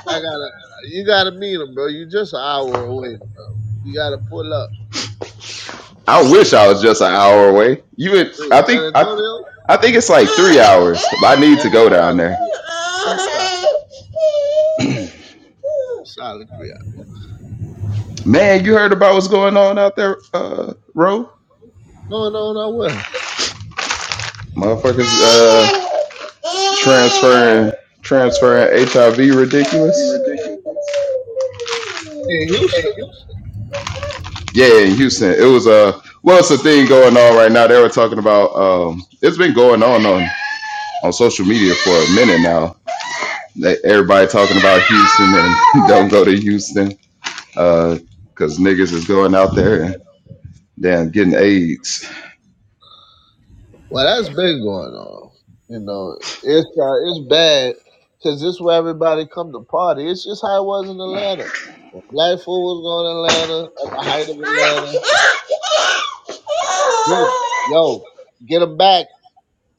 S4: I gotta. You gotta meet him, bro. You just an hour away, bro. You gotta pull up.
S8: I wish I was just an hour away. You would, I
S4: in San
S8: think I
S4: Antonio?
S8: I think it's like three hours. I need to
S4: There's a
S8: go down
S4: silent
S8: there.
S4: three hours. There's
S8: (laughs)
S4: a silent three hours.
S8: Man, you heard about what's going on out there, uh Ro?
S4: Going on out where?
S8: Motherfuckers uh transferring transferring HIV ridiculous.
S4: In Houston?
S8: Yeah, in Houston. It was uh well it's a thing going on right now. They were talking about um it's been going on on, on social media for a minute now. They- Everybody talking about Houston and (laughs) don't go to Houston because niggas is going out there and damn getting AIDS.
S4: Well, that's been going on. You know, it's uh, it's bad because this is where everybody come to party. It's just how it was in Atlanta. When Black food was going to Atlanta at the height of
S8: (laughs)
S4: Atlanta. Get 'em. yo, get 'em back.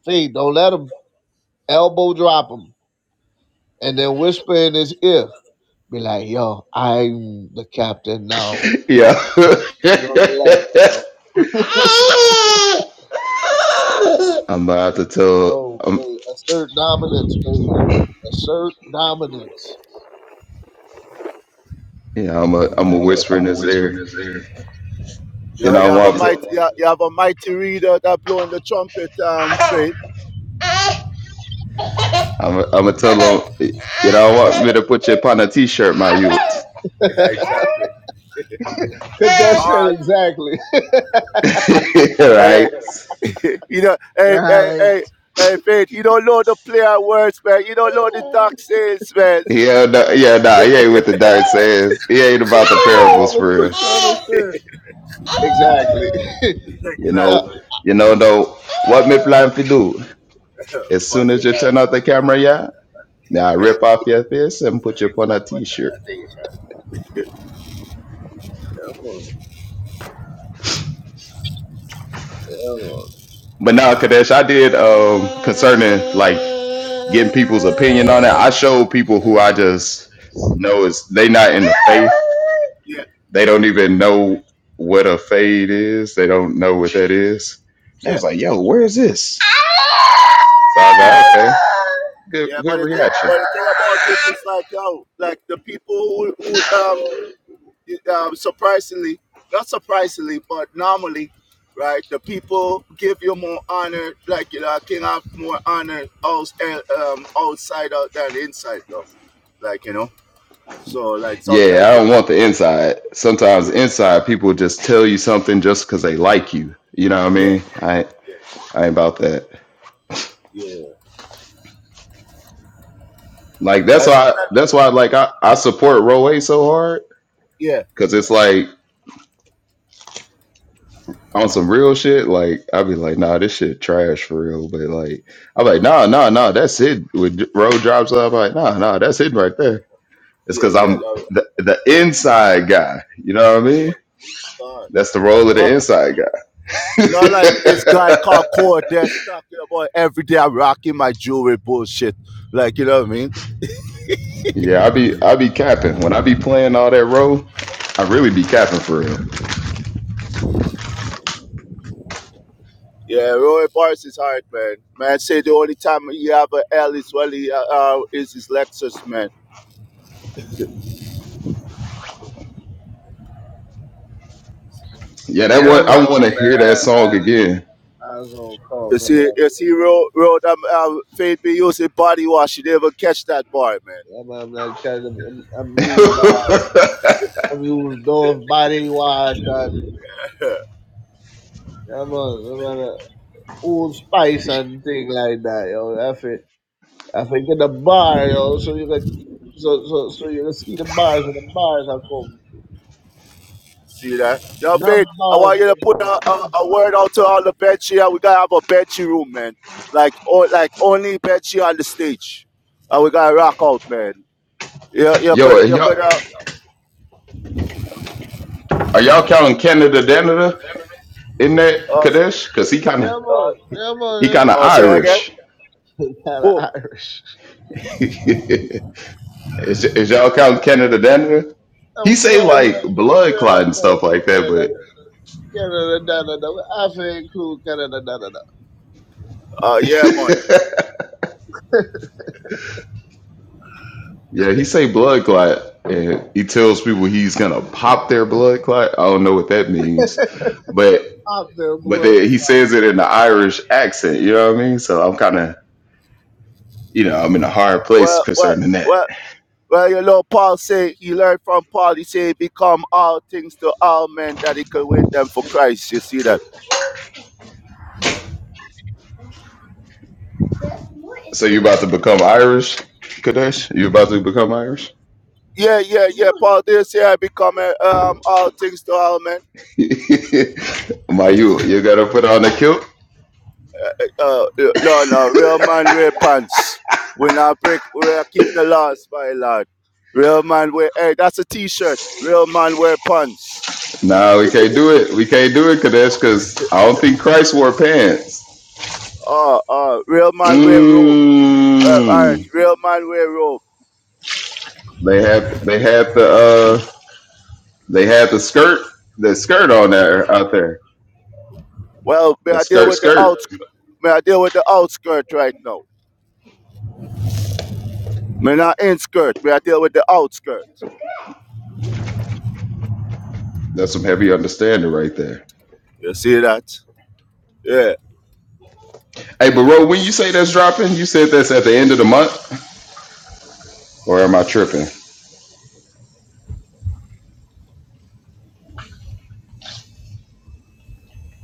S4: Feed, don't let 'em elbow drop 'em, and then whisper in his ear, be like, "Yo, I'm the captain now."
S8: Yeah. (laughs)
S4: You know, relax, bro.
S8: I'm about to tell.
S4: No,
S8: I'm
S4: they assert dominance, dude. Assert dominance.
S8: yeah. I'm a I'm a whisper in his ear. You
S7: Yeah,
S8: know
S7: you
S8: I
S7: have a
S8: want to.
S7: mighty, you have you have a mighty reader that blowing the trumpet, um, faith.
S8: I'm a, I'm gonna tell him. You know I want me to put you upon a t-shirt, my youth.
S7: yeah, exactly. (laughs)
S4: Could
S8: (laughs)
S4: that
S7: All right,
S4: shit exactly. (laughs)
S8: (laughs)
S7: hey,
S8: right?
S7: (laughs) you know, hey, hey,
S4: Right.
S7: hey, hey, faith. You don't know the player words, man. You don't know the dark sales, man.
S8: Yeah, no, yeah, nah, he ain't with the dirt says. He ain't about the
S4: They don't
S8: parables
S4: want to
S8: for
S4: put you on a
S8: real.
S4: shirt. Exactly. (laughs) yeah,
S8: You
S4: yeah,
S8: know,
S7: exactly.
S8: you know,
S7: (laughs)
S8: though, what me plan to do? As soon
S7: but yeah,
S8: as you
S7: I-
S8: turn off the camera, yeah, now I
S7: (laughs)
S8: rip off your face and put you
S7: it's
S8: upon a
S7: not what
S8: t-shirt.
S7: I think. uh,
S4: man. Yeah, man.
S8: But now, Kadesh, I did um concerning like getting people's opinion on it. I showed people who I just know is they not in the faith.
S7: Yeah, Uh,
S8: They don't even know what a fade is. They don't know what that is. And I
S7: Yeah.
S8: was like, yo, where is this? So I was like, okay,
S7: yeah,
S8: good,
S7: but
S8: good
S7: the thing,
S8: reaction.
S7: but the thing about it is like, yo, like the people who, who um uh, surprisingly, not surprisingly, but normally, right, the people give you more honor, like, you know, King have more honor outs- eh, um, outside out than inside, though. Like, you know, so, like,
S8: Yeah,
S7: sometimes,
S8: I don't want the inside. Sometimes
S7: yeah,
S8: inside people just tell you something just because they like you. You know what I
S7: yeah,
S8: mean? I
S7: yeah, yeah,
S8: I ain't about that.
S7: yeah.
S8: Like that's
S7: And
S8: why
S7: sometimes,
S8: that's why like I I support Roe A so hard
S7: yeah,
S8: because it's like on some real shit, like I'd be like, nah, this shit trash for real. But like, I'm like, nah, nah, nah, that's it. With road drops up, I'm like, nah, nah, that's it right there. It's
S7: yeah,
S8: because
S7: yeah,
S8: I'm
S7: no,
S8: the the inside guy. You know what I
S7: yeah,
S8: mean?
S7: God.
S8: That's the role of the
S7: Not,
S8: inside guy.
S7: not like this guy
S8: (laughs)
S7: called Core Dash talking about every day I'm rocking my jewelry bullshit. Like, you know what I mean?
S8: yeah, I be I be capping when I be playing all that role. I really be capping for real.
S7: Yeah, Roy Barnes is hard, man. Man, say the only time he have a L is when he, uh, uh, is his Lexus, man.
S8: Yeah, that
S4: Yeah,
S8: one I
S4: man,
S8: want
S4: my
S8: to
S4: bad.
S8: hear
S4: I,
S8: that
S4: I,
S8: song again.
S4: I was on call,
S7: You
S4: my
S7: see,
S4: bad.
S7: you see, road, road, um, um, Faith be using body wash. You never catch that bar, man.
S4: Yeah, man, I'm not trying to, I'm, I'm used,
S8: (laughs)
S4: uh, I'm used North Body Wash and, yeah, man, I'm on a Old Spice and thing like that, yo. That's it. I think in the bar, yo, so you can so so so you can see the bars when the bars are coming.
S7: See that? Now,
S4: Not
S7: Faith, I
S4: bars,
S7: want you
S4: but
S7: to put
S4: them,
S7: a,
S4: not
S7: a, a word
S4: bars.
S7: out to all the benchy. We gotta have a benchy room, man. Like, or like only benchy on the stage, and we gotta rock out, man. You, you
S8: Yo,
S7: could,
S8: are
S7: you
S8: y'all
S7: could, uh,
S8: are y'all counting Canada, Canada in that
S7: uh,
S8: Kadesh? Cause he kind of
S4: Yeah
S7: uh,
S4: man, yeah man,
S8: He
S4: yeah,
S8: kind of
S7: uh say
S4: we're
S7: that
S4: gonna
S7: again.
S8: Irish.
S4: go. (laughs) They Kinda
S7: Oh,
S4: Irish.
S8: (laughs) is, is y'all count Canada Denver? He
S4: Of
S8: say
S4: course,
S8: like
S4: man.
S8: blood
S4: we're
S8: clot
S4: gonna
S8: and
S4: go
S8: stuff
S4: to
S8: like that, but
S4: Canada, Canada, da da da. We have to include Canada, da da da.
S7: Uh, yeah, man.
S8: yeah, he say blood clot, and he tells people he's gonna pop their blood clot. I don't know what that means,
S4: We're
S8: but
S4: out there,
S8: but they,
S4: blood.
S8: he says it in the Irish accent. You know what I mean? So I'm kind of you know I'm in a hard place
S7: Well, well,
S8: concerning that.
S7: well. Well, you know, Paul say he learned from Paul. He say, "Become all things to all men that he could win them for Christ." You see that?
S8: So you about to become Irish, Kadesh? You about to become Irish?
S7: Yeah, yeah, yeah. Paul did say, "I become uh, um, all things to all men."
S8: (laughs) My you you gotta put on a kilt.
S7: Uh, uh, no, no, real man wear pants. We not break. We keep the laws, my lord. Real man wear. Hey, that's a T-shirt. Real man wear pants.
S8: No, we can't do it. We can't do it, Kadesh, because I don't think Christ wore pants.
S7: Uh, uh, real man wear robe. Uh, all right,
S8: Mmm.
S7: real man wear robe.
S8: They have they had the uh they had the skirt the skirt on there out there.
S7: Well, may
S8: That
S7: I deal
S8: skirt
S7: with the
S8: skirt.
S7: outskirts? May I deal with the outskirt right now? Me not inskirt, me I deal with the outskirt.
S8: That's some heavy understanding right there.
S7: You see that? Yeah.
S8: Hey, but Ro, when you say that's dropping, you said that's at the end of the month, or am I tripping?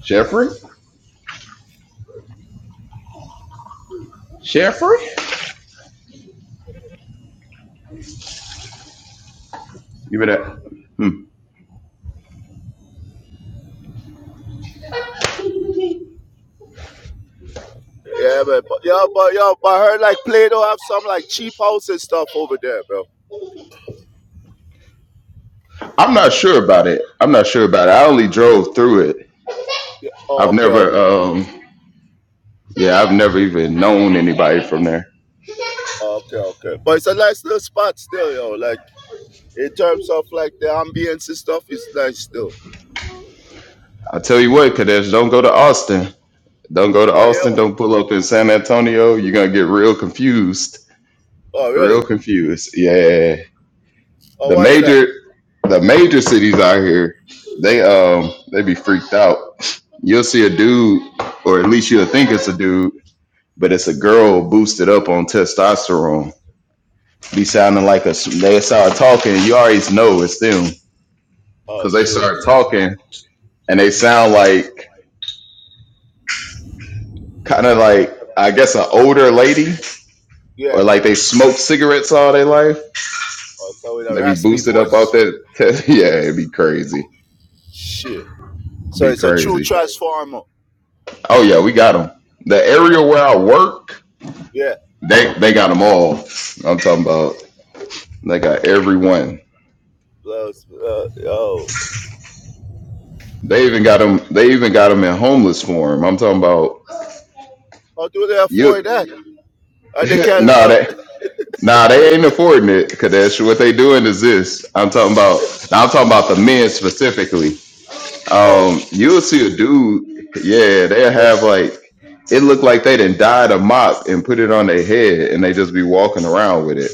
S8: Jeffrey? Jeffrey? Give it that. Hmm.
S7: Yeah, man. But, yo, but yo, but I heard like Play-Doh have some like cheap house and stuff over there, bro.
S8: I'm not sure about it. I'm not sure about it. I only drove through it.
S7: Yeah. Oh,
S8: I've
S7: okay,
S8: never.
S7: okay.
S8: Um, Yeah, I've never even known anybody from there.
S7: Okay, okay. But it's a nice little spot still, yo. Like in terms of like the ambience and stuff, it's nice still.
S8: I tell you what, Kadesh, don't go to Austin. Don't go to
S7: Oh yeah?
S8: Austin. Don't pull up in San Antonio. You're gonna get real confused.
S7: Oh
S8: Real
S7: really?
S8: confused. Yeah.
S7: Oh
S8: The
S7: why is that?
S8: major the major cities out here, they um they be freaked out. You'll see a dude, or at least you'll think it's a dude, but it's a girl boosted up on testosterone. Be sounding like a they start talking, you always know it's them.
S7: Oh
S8: Cause they
S7: sure.
S8: start talking and they sound like kind of like I guess an older lady,
S7: Yeah.
S8: or like they smoked cigarettes all their life.
S7: Oh, so with a
S8: They be
S7: raspy
S8: boosted up out
S7: voice.
S8: there. (laughs) yeah, it'd be crazy.
S7: Shit. So
S8: Be
S7: it's a true
S8: crazy.
S7: transformer.
S8: Oh yeah, we got them. The area
S7: Oh,
S8: where I work,
S7: yeah.
S8: they they got them all. I'm talking about they got everyone.
S7: Uh, uh, yo.
S8: They even got them. They even got them in homeless form. I'm talking about
S7: How do they afford
S8: you.
S7: that? Uh, they
S8: (laughs)
S7: can.
S8: nah,
S7: Uh,
S8: they nah they ain't affording it. Cause that's what they doing is this. I'm talking about. I'm talking about the men specifically.
S7: (laughs) oh,
S8: Um, you'll see a dude, yeah, they'll
S7: okay.
S8: have like it looked like they done dyed a mop and put it on their head and they just be walking around with it.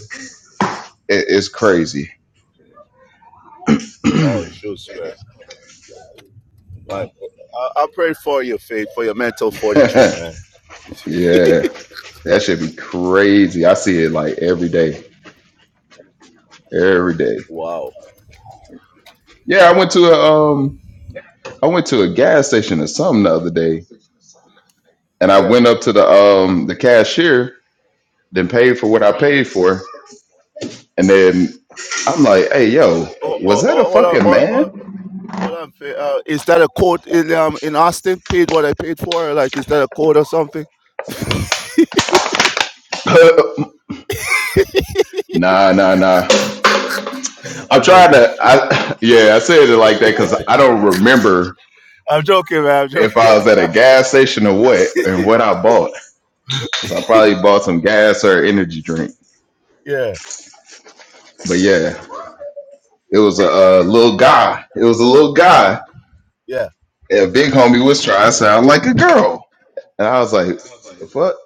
S8: it it's crazy.
S7: oh, shoot, man. man. I, I pray for your faith, for your mental
S8: (laughs)
S7: fortitude,
S8: yeah.
S7: man.
S8: That should be crazy. I see it like every day. Every day.
S7: Wow.
S8: Yeah, I went to a um I went to a gas station or something the other day and I
S7: Yeah.
S8: went up to the um the cashier, then paid for what I paid for, and then I'm like, hey yo,
S7: Oh,
S8: was
S7: oh,
S8: that a
S7: oh, hold on,
S8: fucking
S7: hold
S8: man?
S7: on. Hold on, Faith. uh, is that a quote in um in Austin? Paid what I paid for? Like, is that a quote or something?
S8: (laughs) Nah, nah, nah. I'm
S7: I'm
S8: trying
S7: joking.
S8: to. I yeah, I said it like that because I don't remember
S7: I'm joking, man. I'm
S8: if
S7: joking.
S8: I was at a gas station or what and what I bought. 'Cause I probably bought some gas or energy drink.
S7: (laughs) yeah,
S8: But yeah, it was a, uh little guy. It was a little guy.
S7: yeah,
S8: And big homie was trying to sound like a girl, and I was like, "The fuck?"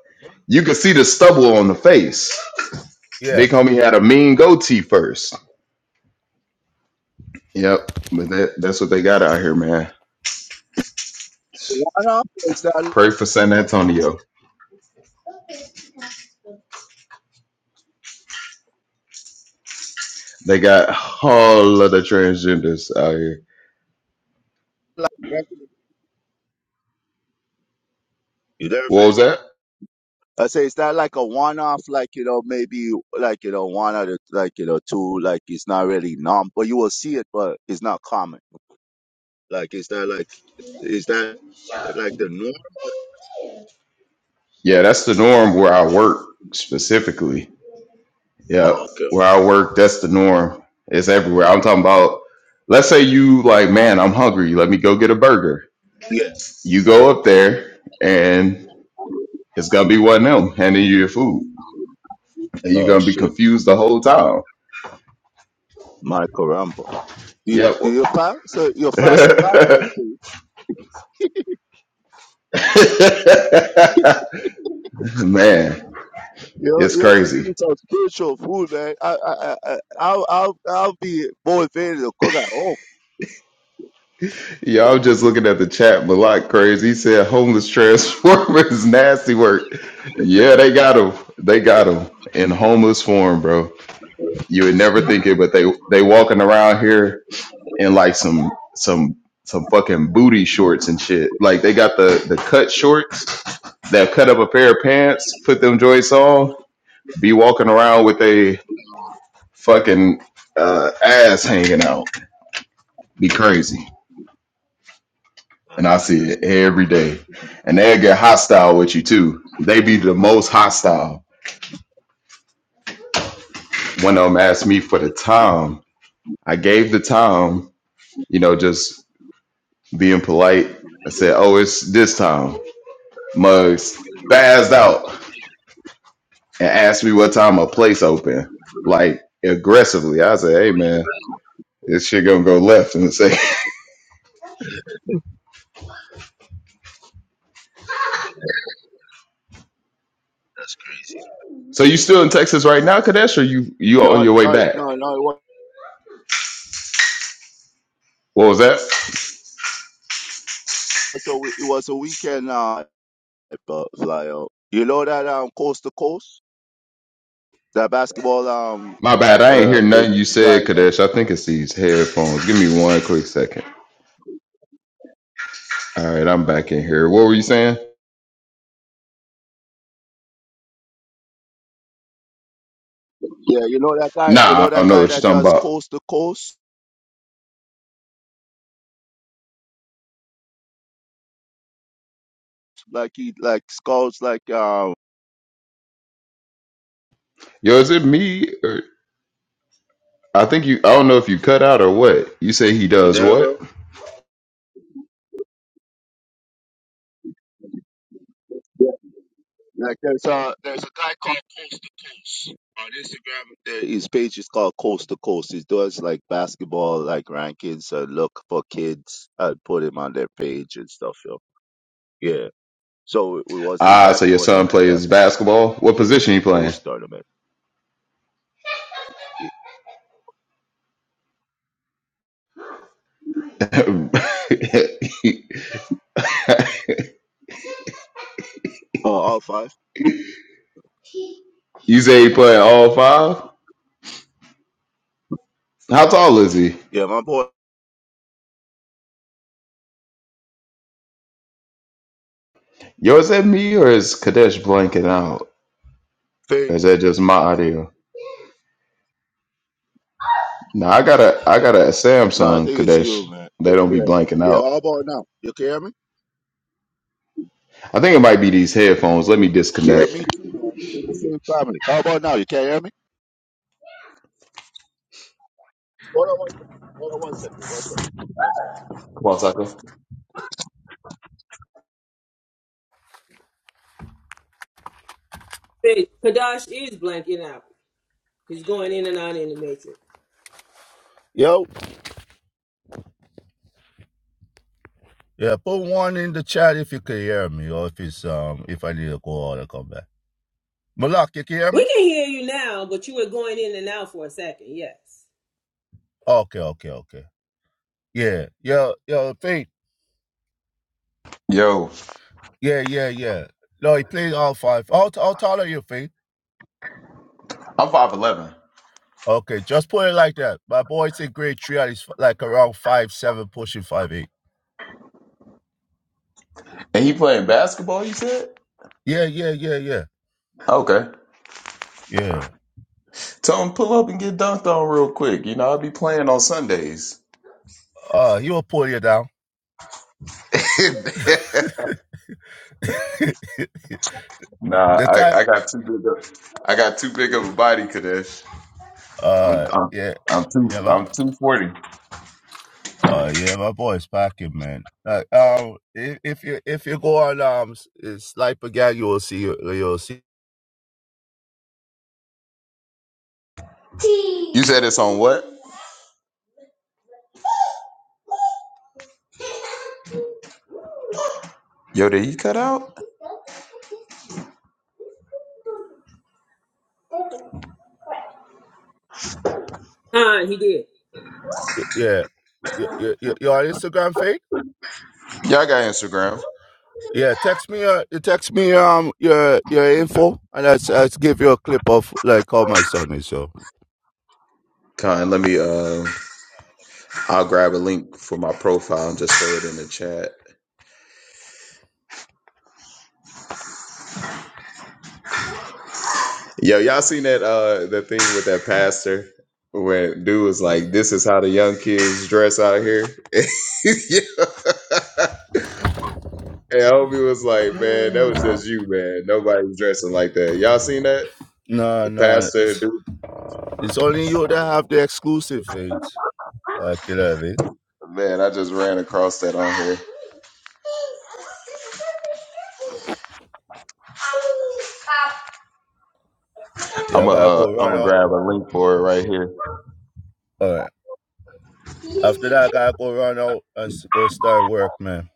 S8: You could see the stubble on the face.
S7: yeah.
S8: Big homie had a mean goatee first. Yep, but that, that's what they got out here, man.
S7: What up? Is that
S8: Pray for San Antonio. They got a whole lot of transgenders out here.
S7: like, You there,
S8: What
S7: Faith?
S8: was that?
S7: I say, it's not like a one-off, like, you know, maybe like, you know, one out of like, you know, two, like it's not really norm, but you will see it, but it's not common. Like, is that like, is that like the norm?
S8: Yeah, that's the norm where I work specifically. Yeah,
S7: Oh, okay.
S8: Where I work, that's the norm. It's everywhere. I'm talking about let's say you like, man, I'm hungry. Let me go get a burger.
S7: Yeah.
S8: You go up there and it's gonna be one of them handing you your food. And you're
S7: Oh,
S8: gonna be
S7: shit.
S8: confused the whole time.
S7: My caramba. Do you,
S8: Yep.
S7: do you fast? So you fast a lot then,
S8: (laughs)
S7: too.
S8: man,
S7: You'll,
S8: it's
S7: you'll be
S8: crazy.
S7: eating some spiritual food, man. I, I, I, I- I'll, I'll, I'll be motivated to cook at home.
S8: Yeah, I was just looking at the chat. Malak crazy. He said homeless transformers (laughs) nasty work. Yeah, they got them. They got them in homeless form, bro. You would never think it, but they they walking around here in like some some some fucking booty shorts and shit. Like they got the the cut shorts that cut up a pair of pants, put them joints on, be walking around with a fucking uh, ass hanging out. Be crazy. and I see it every day. And they'll get hostile with you too. They be the most hostile. One of them asked me for the time. I gave the time, you know, just being polite. I said, Oh, it's this time. Mugs spazzed out and asked me what time a place open. Like aggressively. I said, Hey man, this shit gonna go left and say (laughs) So you still in Texas right now, Kadesh, or you you on
S7: No,
S8: your way
S7: no,
S8: back?
S7: no, no. It was,
S8: What was that?
S7: so it was a weekend, Uh, But fly out. You know that um coast to coast, that basketball um
S8: My bad. I ain't
S7: uh
S8: hear
S7: uh,
S8: nothing you
S7: guy
S8: said,
S7: that
S8: Kadesh. I think it's these headphones. Give me one quick second. All right, I'm back in here. What were you saying?
S7: yeah, you know that guy. You know
S8: Nah, I
S7: that
S8: don't know
S7: guy
S8: what you're
S7: that
S8: talking
S7: does
S8: about.
S7: coast to coast, like he like scouts like um.
S8: Yo, is it me? Or I think you. I don't know if you cut out or what. You say he
S7: You
S8: does
S7: there, bro?
S8: what?
S7: Yeah. Like there's a there's a guy called Coast to Coast on Instagram. There- His page is called Coast to Coast. He does like basketball like rankings. So look for kids and put him on their page and stuff. Yo. Yeah. So we was in
S8: Ah,
S7: that
S8: so your son
S7: tournament, that
S8: plays basketball. What position
S7: Coast
S8: he
S7: to
S8: playing?
S7: Coast tournament.
S8: (laughs)
S7: Oh, all five.
S8: you say he playing all five. How tall is he?
S7: Yeah, my boy
S8: Yo, is that me or is Kadesh blanking out?
S7: Fade.
S8: Or is that just my audio? Now I got a I got a
S7: No, I
S8: Samsung
S7: think it's you,
S8: Kadesh.
S7: man.
S8: They don't be
S7: Yeah,
S8: blanking
S7: yeah.
S8: out.
S7: How about now? You can hear me?
S8: I think it might be these headphones. Let me
S7: You hear
S8: disconnect.
S7: me? The same family. How about now? You can hear me? Hold on one second. Hold on one second. One second. One second.
S3: Stage. Kadash is blanking out. He's going in and out in the matrix.
S7: Yo. Yeah, put one in the chat if you can hear me, or if it's um, if I need to go out and come back. Malak, you can hear me?
S3: We can hear you now, but you were going in and out for a second. Yes.
S7: Okay, okay, okay. Yeah, Yo, yo, Fade.
S8: Yo,
S7: Yeah, yeah, yeah. No, he played all five. How, how tall are you, Fade?
S8: I'm five eleven,
S7: Okay, just put it like that. My boy's in grade three and he's like around five seven, pushing five eight.
S8: and he playing basketball. You said
S7: Yeah, yeah, yeah, yeah.
S8: okay.
S7: Yeah.
S8: Tell him pull up and get dunked on real quick. You know I'll be playing on Sundays.
S7: Uh he will pull you down.
S8: (laughs)
S7: (laughs)
S8: Nah,
S7: the
S8: I,
S7: time
S8: I got too big of I got too big of a body, Kadesh. I'm
S7: uh
S8: I'm
S7: yeah.
S8: I'm too
S7: Yeah, my,
S8: I'm two forty.
S7: uh yeah, my boy's packing, man. Like um if, if you if you go on um it's like again, you will see you'll see
S8: You said it's on what? Yo, did he cut out?
S3: Fine, he did.
S7: yeah. you you you you on Instagram Faith?
S8: Yeah, I got Instagram.
S7: Yeah, text me uh you text me um your your info and I s- I s- give you a clip of like how my son is so.
S8: Con, let me uh I'll grab a link for my profile and just throw it in the chat. Yo, y'all seen that uh that thing with that pastor where dude was like, This is how the young kids dress out here. (laughs) yeah. And homie was like, Man, that was just you, man. Nobody's dressing like that. Y'all seen that?
S7: No,
S8: The
S7: no,
S8: pastor
S7: it's
S8: dude
S7: it's only you that have the exclusive feed. Like you know what I mean?
S8: Man, I just ran across that on here.
S7: Yeah,
S8: I'm
S7: I
S8: going
S7: gotta
S8: uh,
S7: go
S8: I'm
S7: run
S8: gonna
S7: out.
S8: grab a link for it right here.
S7: All right. After that, I gotta go run out and s- go start work, man.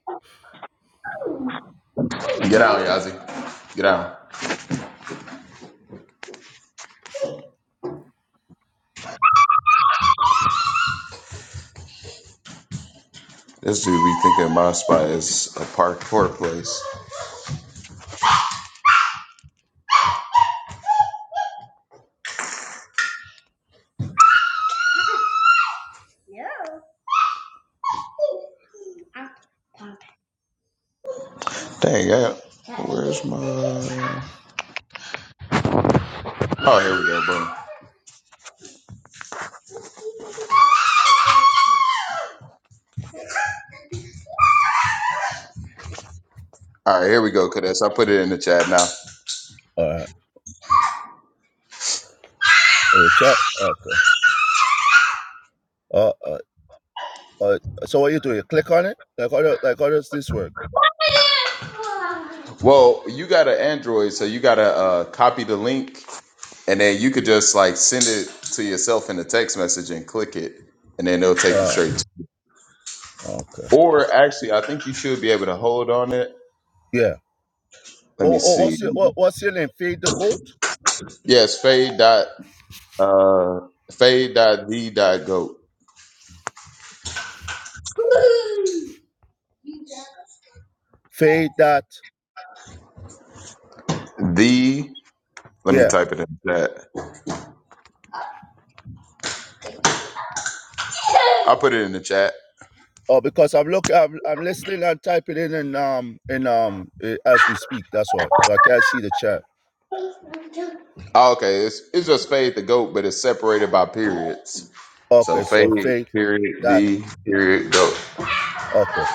S8: Get out, Yazzie. Get out. This dude be thinking my spot is a park tour place. Dang, yeah. Where's my? Oh, here we go. Boom. All right, here we go, cadets. I put it in the chat now.
S7: All right. Uh, chat. Okay. Uh, uh, uh, so what you do? You click on it? Like how does like how does this work?
S8: Well, you got an Android, so you gotta uh, copy the link, and then you could just like send it to yourself in a text message and click it, and then it'll take you
S7: Uh,
S8: straight
S7: okay.
S8: Or actually, I think you should be able to hold on it.
S7: Yeah.
S8: Let me
S7: What,
S8: see.
S7: what's your what, what's your name? Fade the goat.
S8: Yes, fade dot uh fade dot the dot goat.
S7: Fade that.
S8: The let me
S7: Yeah.
S8: type it in the chat. I'll put it in the chat.
S7: Oh, because I'm looking, I'm, I'm listening and typing in and um in um eh, as we speak. That's why. So I can't see the chat.
S8: Oh, okay, it's it's just fade the goat, but it's separated by periods. So
S7: Okay.
S8: fade
S7: So fade
S8: period
S7: that.
S8: the
S7: Yeah.
S8: period goat.
S7: Okay.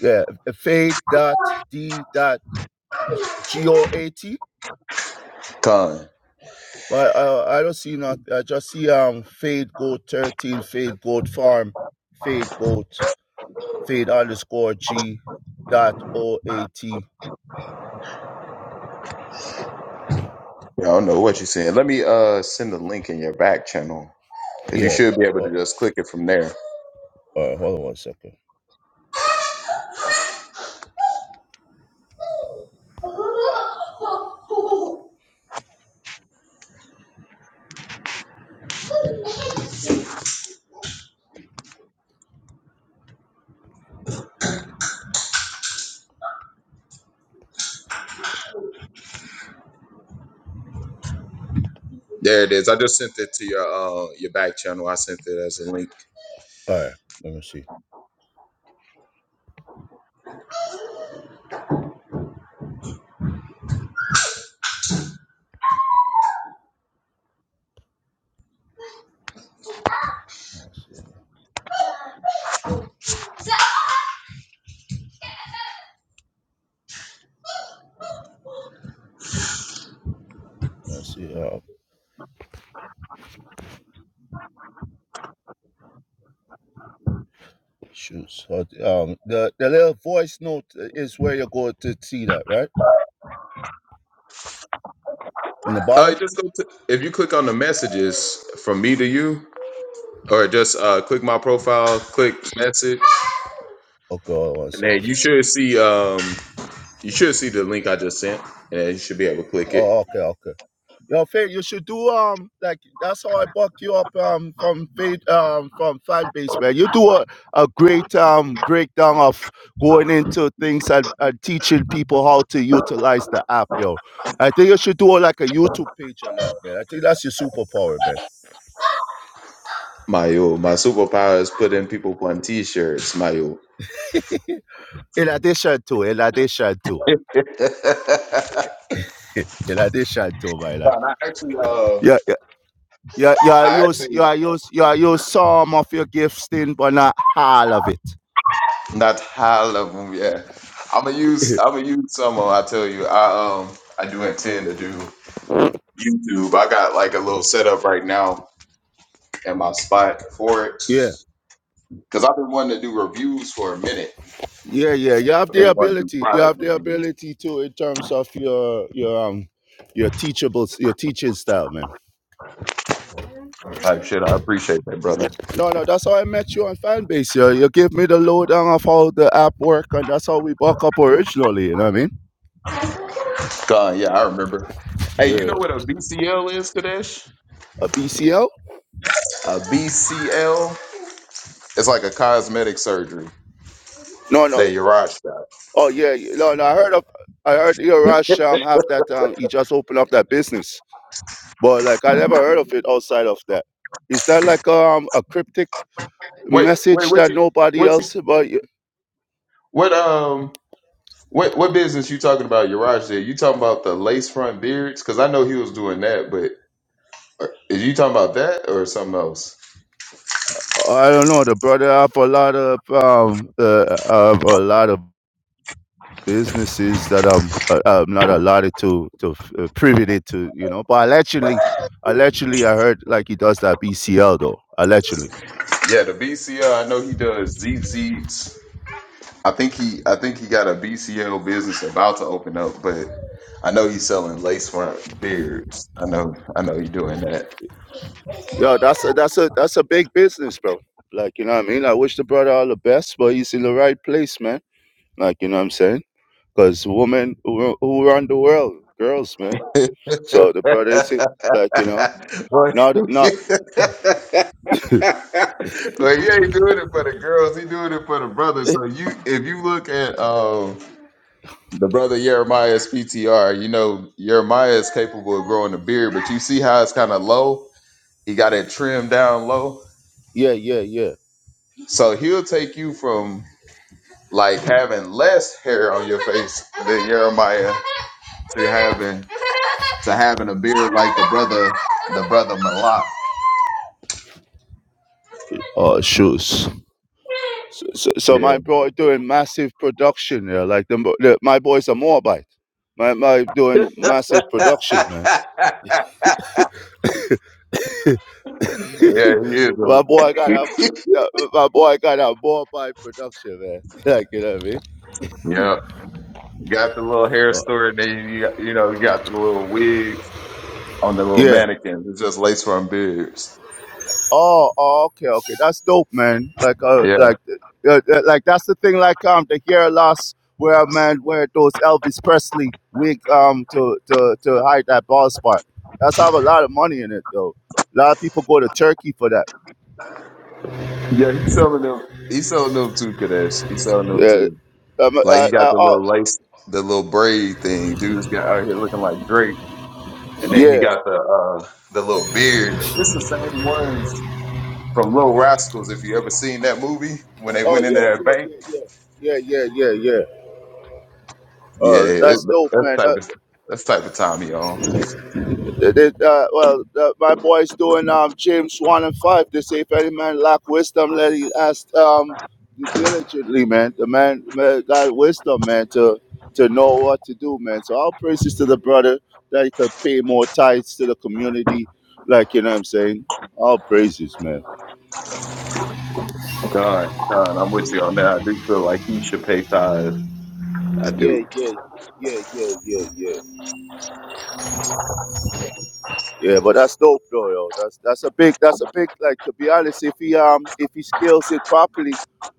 S7: Yeah. eh, Fade that d that g o a t.
S8: Ton.
S7: But uh, I don't see nothing. I just see um fade goat thirteen fade goat farm fade goat fade underscore g dot o a t.
S8: I don't know
S7: Uh,
S8: what you're saying. Let me uh send the link in your back channel because you
S7: Yeah.
S8: should be able
S7: Uh,
S8: to just click it from there.
S7: All right, hold on one second.
S8: There it is. I just sent it to your uh, your back channel. I sent it as a link.
S7: All right, let me see. Let's see. Let's see. Uh, shoots. Uh, Um, the the little voice note is where you're going to see that, right? In the
S8: Uh,
S7: bottom.
S8: just go to, if you click on the messages from me to you, or just uh, click my profile, click message,
S7: Okay, hold on one
S8: and then
S7: second.
S8: you should see um you should see the link I just sent, and you should be able to click it.
S7: Oh, okay, okay. You know, Fade, you should do um like that's how I buck you up um from Fade um from Fat Base, man. You do a, a great um breakdown of going into things and, and teaching people how to utilize the app, yo. I think you should do like a YouTube page on that, man. I think that's your superpower, man.
S8: Mayo, my superpower is putting people on t-shirts. Mayo.
S7: In addition to, in addition to,
S8: (laughs)
S7: in addition to, my lad,
S8: Yo,
S7: you, you, you,
S8: I
S7: you use,
S8: actually
S7: you use, you use some of your gifts in, but not all of it.
S8: not all of them. Yeah, I'm gonna use I'm gonna use some. uh, I tell you, I um I do intend to do. YouTube. I got like a little setup right now in my spot for it
S7: Yeah,
S8: because I've been wanting to do reviews for a minute.
S7: yeah, yeah. You have
S8: I've
S7: the
S8: been wanting to do
S7: ability. You
S8: product
S7: have the
S8: reviews
S7: ability to, in terms of your, your, um, your teachable, your teaching style, man.
S8: type shit. I appreciate that, brother.
S7: No, no, that's how I met you on Fanbase. You, you give me the lowdown of how the app work, and that's how we buck up originally. You know what I mean?
S8: God, yeah, I remember. Hey, you
S7: Yeah.
S8: know what a BCL is, Kadesh?
S7: A BCL?
S8: A BCL? It's like a cosmetic surgery
S7: No, no.
S8: that your Raj got.
S7: Oh yeah, yeah. no, no. I heard of, I heard your Rush um have that um he just opened up that business, but like I never heard of it outside of that. Is that like um a cryptic
S8: Wait, wait,
S7: message
S8: what
S7: that
S8: you,
S7: nobody
S8: what you,
S7: else but you-
S8: what um. What what business you talking about, Yaraj? Did you talking about the lace front beards? Because I know he was doing that, but is you talking about that or something else?
S7: I don't know. The brother have a lot of um uh, have a lot of businesses that um uh, I'm not allotted to to f- uh, privy to you know, but allegedly. Allegedly, I heard like he does that BCL though. Allegedly.
S8: Yeah, the BCL. I know he does ZZs. I think he I think he got a BCL business about to open up, but I know he's selling lace front beards. I know I know he's doing that.
S7: Yo, that's a that's a that's a big business, bro. Like, you know what I mean? I wish the brother all the best, but he's in the right place, man. Like, you know what I'm saying? Because women who, who run the world, girls, man.
S8: (laughs) but,
S7: So the brother is it,
S8: (laughs)
S7: like, you know, not not
S8: but he ain't doing it for the girls, he doing it for the
S7: (laughs) (clears throat)
S8: brothers. So you if you look at um the brother Jeremiah's PTR, you know Jeremiah is capable of growing a beard, but you see how it's kind of low. He got it trimmed down low.
S7: yeah, yeah, yeah.
S8: So he'll take you from like having less hair on your face than Jeremiah to having to having a beard like the brother the brother Malak.
S7: Oh, shoes. So, so, so
S8: Yeah.
S7: my boy doing massive production there. Like the, the my boy's a Moabite. My my doing massive
S8: (laughs)
S7: production, man. (laughs) (laughs)
S8: yeah,
S7: my boy got
S8: he
S7: a
S8: is. A,
S7: that- my boy got a ball by production, man. (laughs) Like you know what I mean?
S8: (laughs) yeah, got the little hair
S7: Uh,
S8: story. Then you got, you know you got the little wigs on the little
S7: yeah.
S8: mannequins. It's just lace front beards.
S7: Oh, oh, okay, okay. That's dope, man. Like, uh,
S8: Yeah,
S7: like, uh, uh, like that's the thing. Like, um, the hair loss where man wear those Elvis Presley wig, um, to to to hide that bald spot. That's have a lot of money in it, though. A lot of people go to Turkey for that.
S8: yeah. He's selling them. He's selling them too, Kadesh. He's selling them
S7: Yeah.
S8: too.
S7: Um, uh,
S8: Like
S7: uh,
S8: he got the
S7: oh,
S8: little lace, the little braid thing. Dude's got out here looking like Drake, and then he
S7: yeah.
S8: got the uh the little beard. It's the same ones from Little Rascals. If you ever seen that movie when they
S7: Oh,
S8: went into
S7: yeah,
S8: that
S7: yeah,
S8: bank,
S7: yeah, yeah, yeah, yeah, yeah, yeah.
S8: yeah,
S7: Uh,
S8: it,
S7: that's dope,
S8: that's
S7: man.
S8: type
S7: That.
S8: of that's type of time he on.
S7: They- they, uh, well, uh, my boy's doing um, James 1 and 5. They say, if any man lack wisdom, let he ask um, diligently, man. The man, man got wisdom, man, to, to know what to do, man. So all praises to the brother that he could pay more tithes to the community. Like, you know what I'm saying? All praises, man.
S8: Done, done. I'm with you on that. I do feel like he should pay tithes. I
S7: Yeah,
S8: do.
S7: yeah, yeah, yeah, yeah, yeah, Yeah, but that's dope though, yo. That's that's a big that's a big like to be honest, if he um if he scales it properly,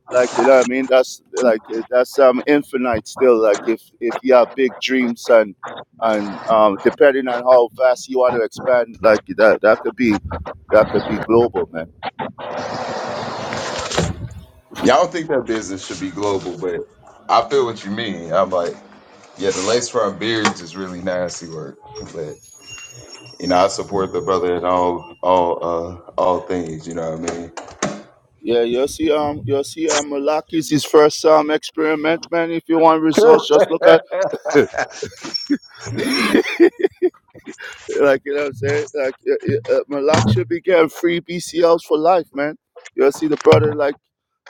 S7: like you know what I mean, that's like uh, that's um infinite still. Like if if you have big dreams and and um depending on how fast you want to expand, like that that could be that could be global, man.
S8: Y'all don't think that business should be global, but I feel what you mean. I'm like, yeah, the lace front beards is really nasty work, but. You know, I support the brother in all all uh all things, you know what I mean?
S7: Yeah, you'll see um you'll see um Malaki's his first um experiment, man. If you want results, just look at
S8: (laughs)
S7: (laughs) Like, you know what I'm saying? Like, uh, uh, Malak should be getting free BCLs for life, man. You'll see the brother, like,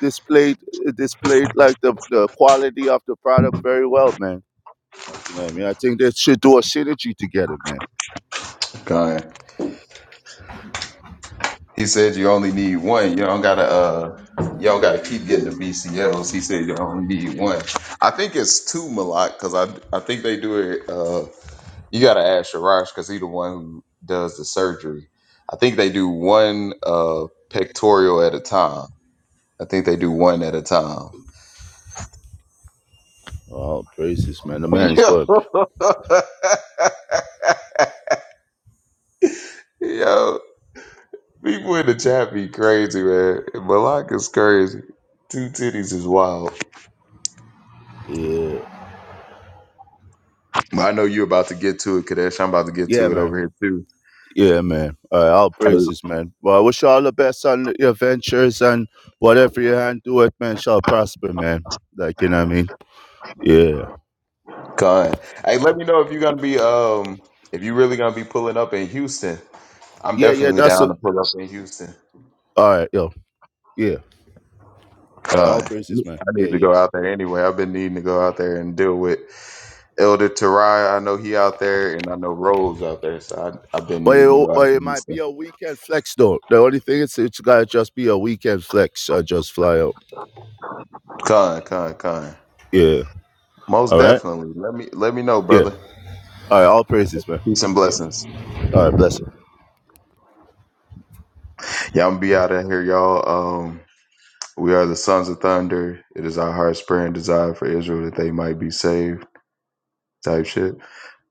S7: displayed, uh, displayed, like, the, the quality of the product very well, man. Like, you know what I mean? I think they should do a synergy together, man.
S8: Kind. He said you only need one. You don't gotta uh you don't gotta keep getting the BCLs. He said you only need one. I think it's two Malak because I I think they do it uh you gotta ask Sharash because he the one who does the surgery. I think they do one uh pectoral at a time. I think they do one at a time.
S7: All praises, man. The man is good.
S8: (laughs) Yo, (laughs) People in the chat be crazy, man. Malak is crazy. Two titties is wild.
S7: Yeah.
S8: But I know you're about to get to it, Kadesh. I'm about to get
S7: Yeah,
S8: to it
S7: man.
S8: over here too.
S7: Yeah, man. All right, all
S8: Hey,
S7: praises, man. Well, I wish you all the best on your ventures and whatever your hand do it, man, shall prosper, man. Like, you know what I mean? Yeah.
S8: Con. Hey, let me know if you're gonna be um if you really gonna be pulling up in Houston. I'm
S7: Yeah, yeah,
S8: definitely
S7: that's a,
S8: down to pull up in Houston.
S7: all right, yo. Yeah. All, right,
S8: Con.
S7: all praises, man.
S8: I
S7: Yeah,
S8: need to
S7: yeah.
S8: go out there anyway. I've been needing to go out there and deal with Elder Tarai. I know he out there and I know Rose out there, so I I've been
S7: But
S8: needing to
S7: it,
S8: go
S7: but
S8: out to
S7: it might be
S8: Houston.
S7: a weekend flex, though. The only thing is, it's gotta just be a weekend flex. I just fly out.
S8: Con, con, con.
S7: Yeah.
S8: Most
S7: All right.
S8: definitely. Let me let me know,
S7: Yeah.
S8: brother.
S7: All right. All praises, man.
S8: Peace and
S7: Yeah.
S8: blessings.
S7: All right. Bless.
S8: Yeah, I'm gonna be out of here, y'all. Um, we are the sons of thunder. It is our heart's prayer and desire for Israel that they might be saved, type shit.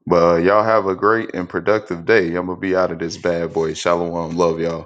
S8: But uh, y'all have a great and productive day. I'm gonna be out of this bad boy. Shalom, love y'all.